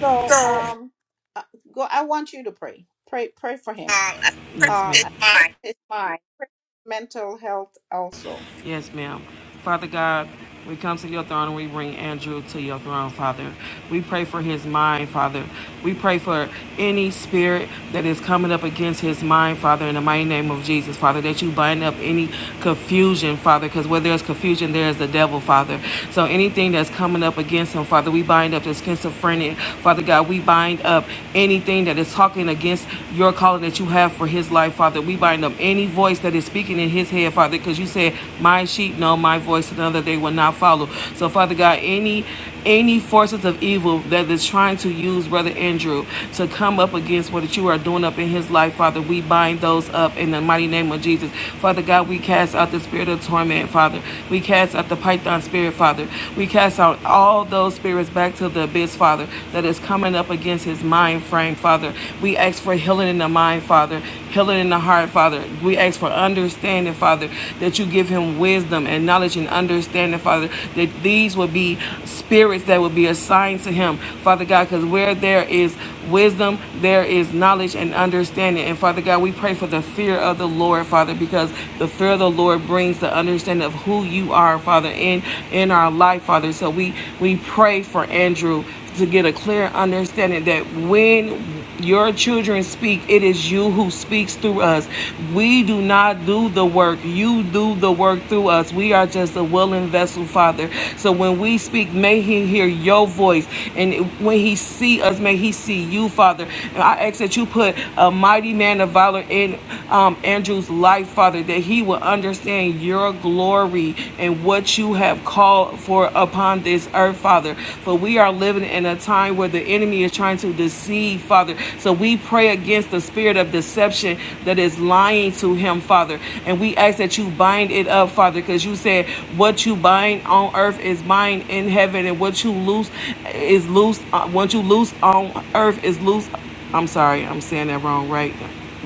So
So um,
um, uh, go. I want you to pray. Pray. Pray for him.
I Yes,
Uh, pray for
ma'am.
his mind. Pray for his mental health also.
Yes, ma'am. Father God, we come to your throne and we bring Andrew to your throne, Father. We pray for his mind, Father. We pray for any spirit that is coming up against his mind, Father, in the mighty name of Jesus, Father, that you bind up any confusion, Father, because where there's confusion, there is the devil, Father. So anything that's coming up against him, Father, we bind up the schizophrenic, Father God. We bind up anything that is talking against your calling that you have for his life, Father. We bind up of any voice that is speaking in his head, Father, because you said, My sheep know my voice, another they will not follow. So, Father God, any any forces of evil that is trying to use Brother Andrew to come up against what you are doing up in his life, Father, we bind those up in the mighty name of Jesus. Father God, we cast out the spirit of torment, Father. We cast out the python spirit, Father. We cast out all those spirits back to the abyss, Father, that is coming up against his mind frame, Father. We ask for healing in the mind, Father, healing in the heart, Father. We ask for understanding, Father, that you give him wisdom and knowledge and understanding, Father, that these will be spirits that will be assigned to him, Father God, because where there is wisdom, there is knowledge and understanding. And Father God, we pray for the fear of the Lord, Father, because the fear of the Lord brings the understanding of who you are, Father, in in our life, Father. So we we pray for Andrew to get a clear understanding that when your children speak. It is you who speaks through us. We do not do the work. You do the work through us. We are just a willing vessel, Father. So when we speak, may He hear your voice, and when He see us, may He see you, Father. And I ask that you put a mighty man of valor in um, Andrew's life, Father, that he will understand your glory and what you have called for upon this earth, Father. Father, for we are living in a time where the enemy is trying to deceive, Father. So we pray against the spirit of deception that is lying to him, Father. And we ask that you bind it up, Father, because you said what you bind on earth is bind in heaven, and what you loose is loose. Uh, what you loose on earth is loose. I'm sorry, I'm saying that wrong, right?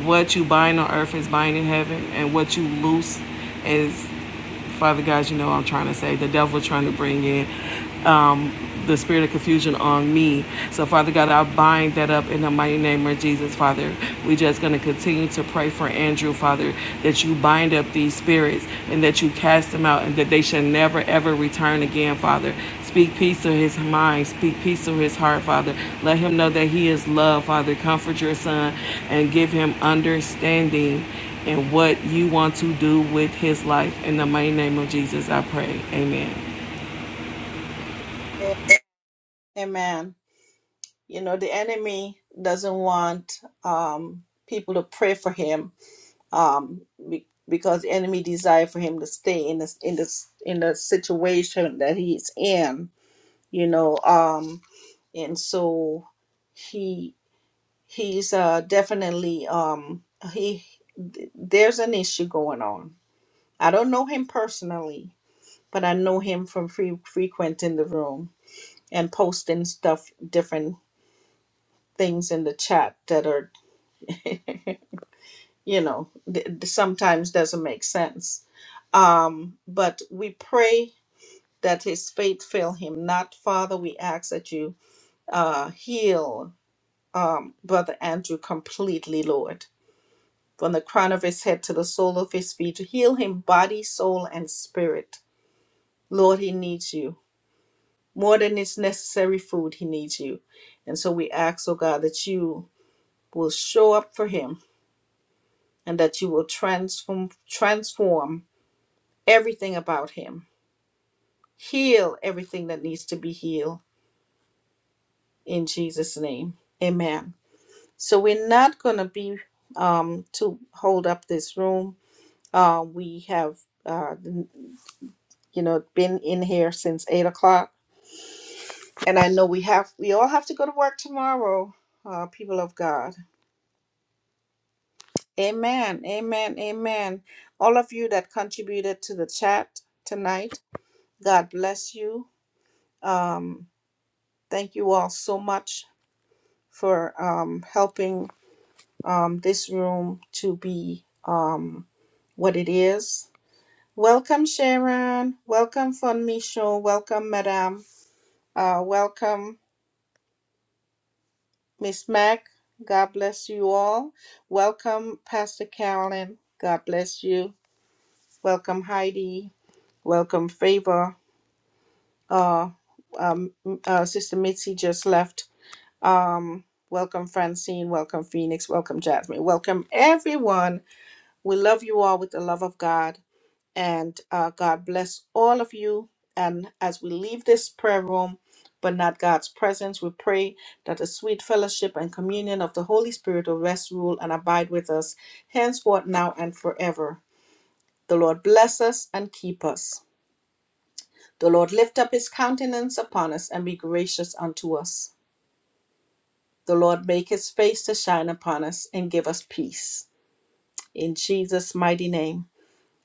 What you bind on earth is bind in heaven, and what you loose is Father God, you know what I'm trying to say the devil trying to bring in the spirit of confusion on me. So, Father God, I bind that up in the mighty name of Jesus, Father. we just going to continue to pray for Andrew, Father, that you bind up these spirits and that you cast them out and that they shall never, ever return again, Father. Speak peace to his mind. Speak peace to his heart, Father. Let him know that he is loved, Father. Comfort your son and give him understanding in what you want to do with his life. In the mighty name of Jesus, I pray. Amen.
Amen. You know, the enemy doesn't want um, people to pray for him um, be- because the enemy desire for him to stay in this in this in the situation that he's in. You know, um, and so he he's uh, definitely um, he th- there's an issue going on. I don't know him personally, but I know him from free, frequenting the room and posting stuff different things in the chat that are. *laughs* you know, th- th- sometimes doesn't make sense. Um, but we pray that his faith fail him not. Father, we ask that you uh, heal um, Brother Andrew completely, Lord, from the crown of his head to the sole of his feet. Heal him body, soul, and spirit. Lord, he needs you. More than his necessary food, he needs you. And so we ask, oh God, that you will show up for him and that you will transform transform everything about him. Heal everything that needs to be healed in Jesus' name. Amen. So we're not going to be um, to hold up this room. Uh, we have, uh, you know, been in here since eight o'clock, and I know we have. We all have to go to work tomorrow, uh, people of God. Amen. Amen. Amen. All of you that contributed to the chat tonight, God bless you. Um, thank you all so much for um, helping um, this room to be um, what it is. Welcome, Sharon. Welcome, Fun Micho. Welcome, Madame. Uh, welcome, Miss Mac. God bless you all. Welcome, Pastor Carolyn. God bless you. Welcome, Heidi. Welcome, Favor. Uh, um, uh, Sister Mitzi just left. Um, welcome, Francine. Welcome, Phoenix. Welcome, Jasmine. Welcome, everyone We love you all with the love of God, and uh, God bless all of you. And as we leave this prayer room, but not God's presence, we pray that the sweet fellowship and communion of the Holy Spirit will rest, rule, and abide with us henceforth, now, and forever. The Lord bless us and keep us. The Lord lift up his countenance upon us and be gracious unto us. The Lord make his face to shine upon us and give us peace. In Jesus' mighty name.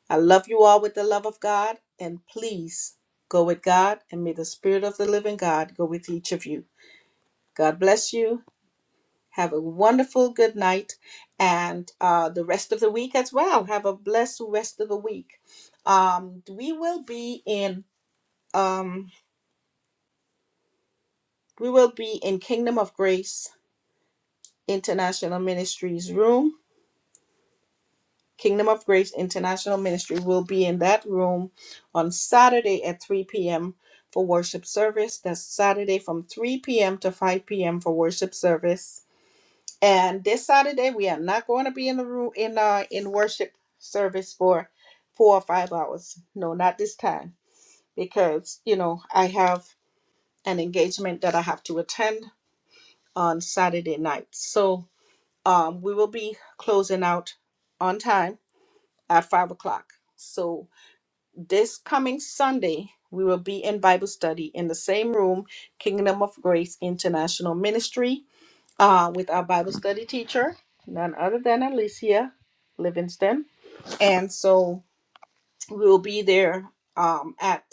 I love you all with the love of God, and please go with God, and may the Spirit of the living God go with each of you. God bless you. Have a wonderful good night and uh, the rest of the week as well. Have a blessed rest of the week. Um, we will be in um, we will be in Kingdom of Grace International Ministries room Kingdom of Grace International Ministry will be in that room on Saturday at 3 p.m. for worship service. That's Saturday from 3 p.m. to 5 p.m. for worship service. And this Saturday we are not going to be in the room in uh in worship service for four or five hours. No, not this time because you know I have an engagement that I have to attend on Saturday night. So um we will be closing out on time at five o'clock. So this coming Sunday, we will be in Bible study in the same room, Kingdom of Grace International Ministry, uh, with our Bible study teacher, none other than Alicia Livingston. And so we will be there um, at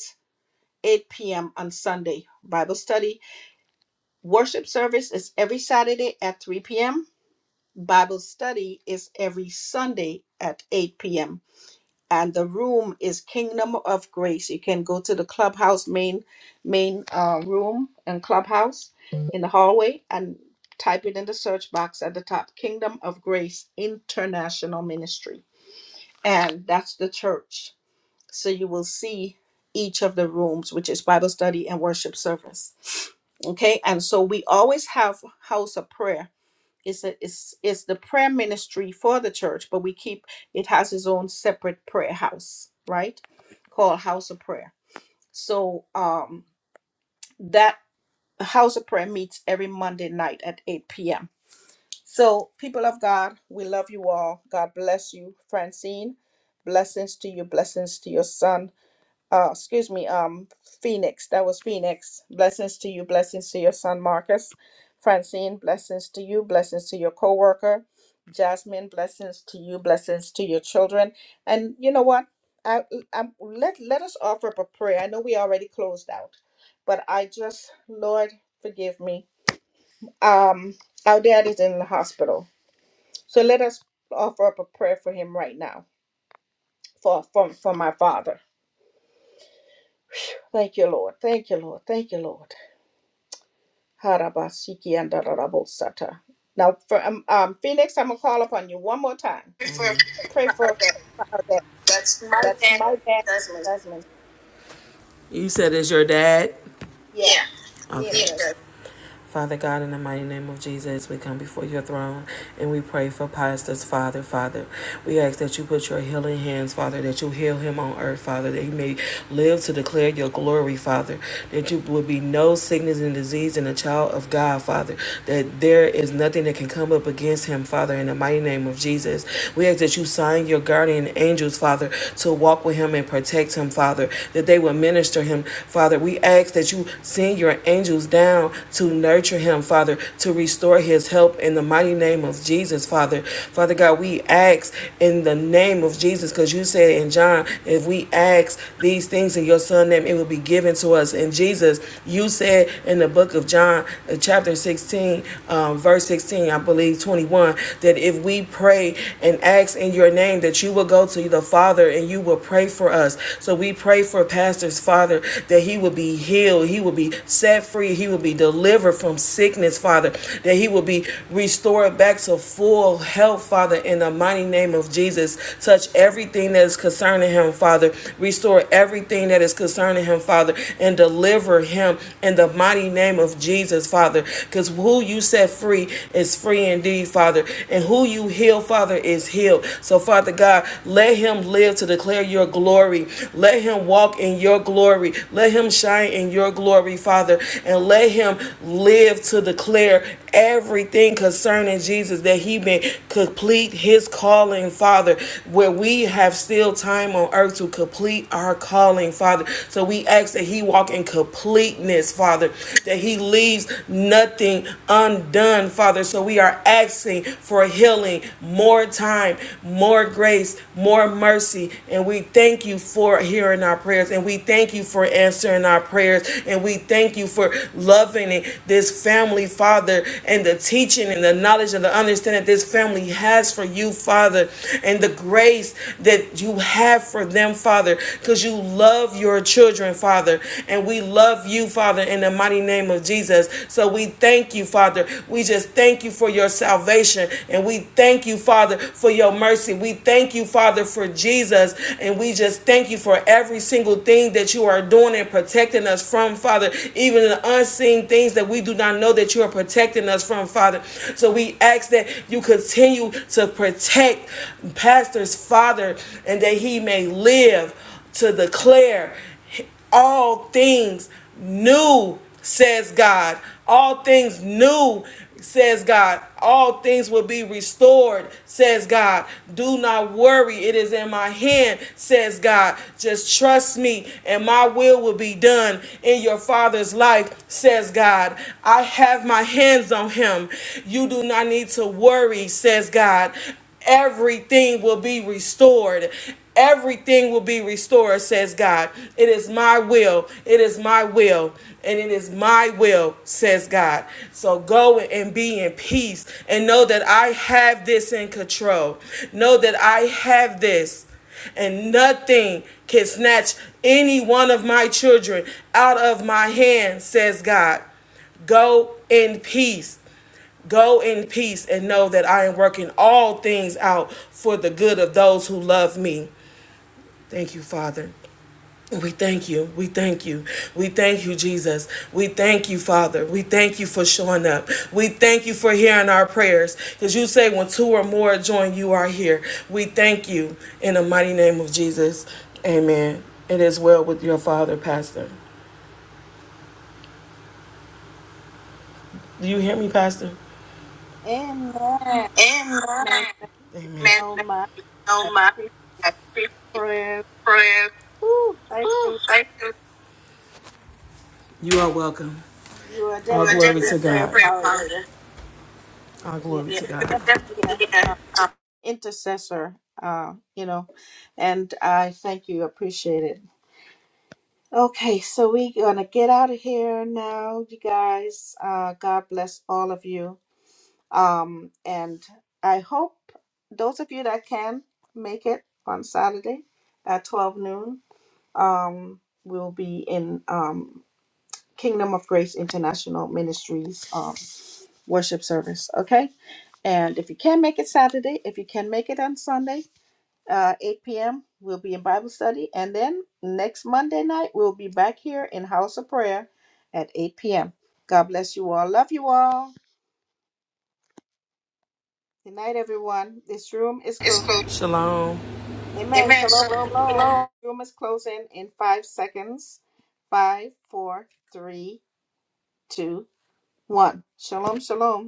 8 p.m. on Sunday. Bible study. Worship service is every Saturday at 3 p.m. Bible study is every Sunday at 8 p.m. and the room is Kingdom of Grace. You can go to the clubhouse main main uh, room and clubhouse in the hallway and type it in the search box at the top Kingdom of Grace International Ministry. And that's the church. So you will see each of the rooms, which is Bible study and worship service. Okay, and so we always have house of prayer it's a, it's it's the prayer ministry for the church, but we keep it has its own separate prayer house, right? Called House of Prayer. So um that House of Prayer meets every Monday night at 8 p.m. So people of God, we love you all. God bless you, Francine. Blessings to you, blessings to your son uh, excuse me, um, Phoenix. That was Phoenix. Blessings to you. Blessings to your son, Marcus. Francine, blessings to you. Blessings to your coworker, Jasmine. Blessings to you. Blessings to your children. And you know what? I, I let let us offer up a prayer. I know we already closed out, but I just, Lord, forgive me. Um, our dad is in the hospital, so let us offer up a prayer for him right now. For from for for my father. Thank you, Lord. Thank you, Lord. Thank you, Lord. Harabasiki and Darabosata. Now, for, um, um, Phoenix, I'm going to call upon you one more time. Pray for for her that.
That's my
That's
dad.
my dad,
That's my
Desmond.
You said it's your dad?
Yeah,
yeah.
me and
Okay. Yeah. Father God, in the mighty name of Jesus, we come before your throne and we pray for pastors, Father, Father. We ask that you put your healing hands, Father, that you heal him on earth, Father, that he may live to declare your glory, Father, that you will be no sickness and disease in the child of God, Father, that there is nothing that can come up against him, Father, in the mighty name of Jesus. We ask that you sign your guardian angels, Father, to walk with him and protect him, Father, that they will minister him, Father. We ask that you send your angels down to nurse nurture him, Father, to restore his help in the mighty name of Jesus, Father. Father God, we ask in the name of Jesus, because you said in John, if we ask these things in your Son' name, it will be given to us. And Jesus, you said in the book of John, uh, chapter 16, um, verse 16, I believe 21, that if we pray and ask in your name, that you will go to the Father and you will pray for us. So we pray for Pastor's Father that he will be healed, he will be set free, he will be delivered delivered from sickness, Father, that he will be restored back to full health, Father, in the mighty name of Jesus. Touch everything that is concerning him, Father. Restore everything that is concerning him, Father, and deliver him in the mighty name of Jesus, Father. Because who you set free is free indeed, Father, and who you heal, Father, is healed. So, Father God, let him live to declare your glory. Let him walk in your glory. Let him shine in your glory, Father, and let him live to declare everything concerning Jesus that he may complete his calling, Father, where we have still time on earth to complete our calling, Father. So we ask that he walk in completeness, Father, that he leaves nothing undone, Father. So we are asking for healing, more time, more grace, more mercy, and we thank you for hearing our prayers and we thank you for answering our prayers and we thank you for loving and this family, Father, and the teaching and the knowledge and the understanding that this family has for you, Father, and the grace that you have for them, Father, because you love your children, Father, and we love you, Father, in the mighty name of Jesus. So we thank you, Father. We just thank you for your salvation, and we thank you, Father, for your mercy. We thank you, Father, for Jesus, and we just thank you for every single thing that you are doing and protecting us from, Father, even the unseen things things that we do not know that you are protecting us from, Father. So we ask that you continue to protect Pastor's father and that he may live to declare all things new, says God. All things new says God. All things will be restored, says God. Do not worry, it is in my hand, says God. Just trust me, and my will will be done in your father's life, says God. I have my hands on him. You do not need to worry, says God everything will be restored. Everything will be restored, says God. It is my will. It is my will. And it is my will, says God. So go and be in peace and know that I have this in control. Know that I have this. And nothing can snatch any one of my children out of my hand, says God. Go in peace. Go in peace and know that I am working all things out for the good of those who love me. Thank you, Father. We thank you. We thank you. We thank you, Jesus. We thank you, Father. We thank you for showing up. We thank you for hearing our prayers. Because you say, when two or more join, you are here. We thank you in the mighty name of Jesus. Amen. It is well with your father, Pastor. Do you hear me, Pastor?
Amen.
Amen. Amen.
Man, thank you
Amen.
so
Thank
much.
you
I
so much.
appreciate your
I appreciate your
prayers.
prayers.
Woo, thank
Ooh,
you.
thank you. You are welcome.
You are
You All are glory to
definitely a prayer
God. prayer
warrior.
warrior. All
Yeah,
glory Yeah, to
You're
God.
definitely an
Yeah.
uh,
Um,
intercessor, uh, you know, and I thank you. Appreciate it. Okay, so we're gonna get out of here now, you guys. Uh, God bless all of you. Um, and I hope those of you that can make it on Saturday at 12 noon, um, will be in um, Kingdom of Grace International Ministries um, worship service. Okay, and if you can make it Saturday, if you can make it on Sunday, uh, 8 p.m. We'll be in Bible study. And then next Monday night, we'll be back here in House of Prayer at 8 p.m. God bless you all. Love you all. Good night, everyone. This room is
it's
closed.
cool. Shalom.
Amen.
Amen.
Shalom,
Shalom.
shalom.
Shalom.
Room is closing in five seconds. Five, four, three, two, one. Shalom, shalom.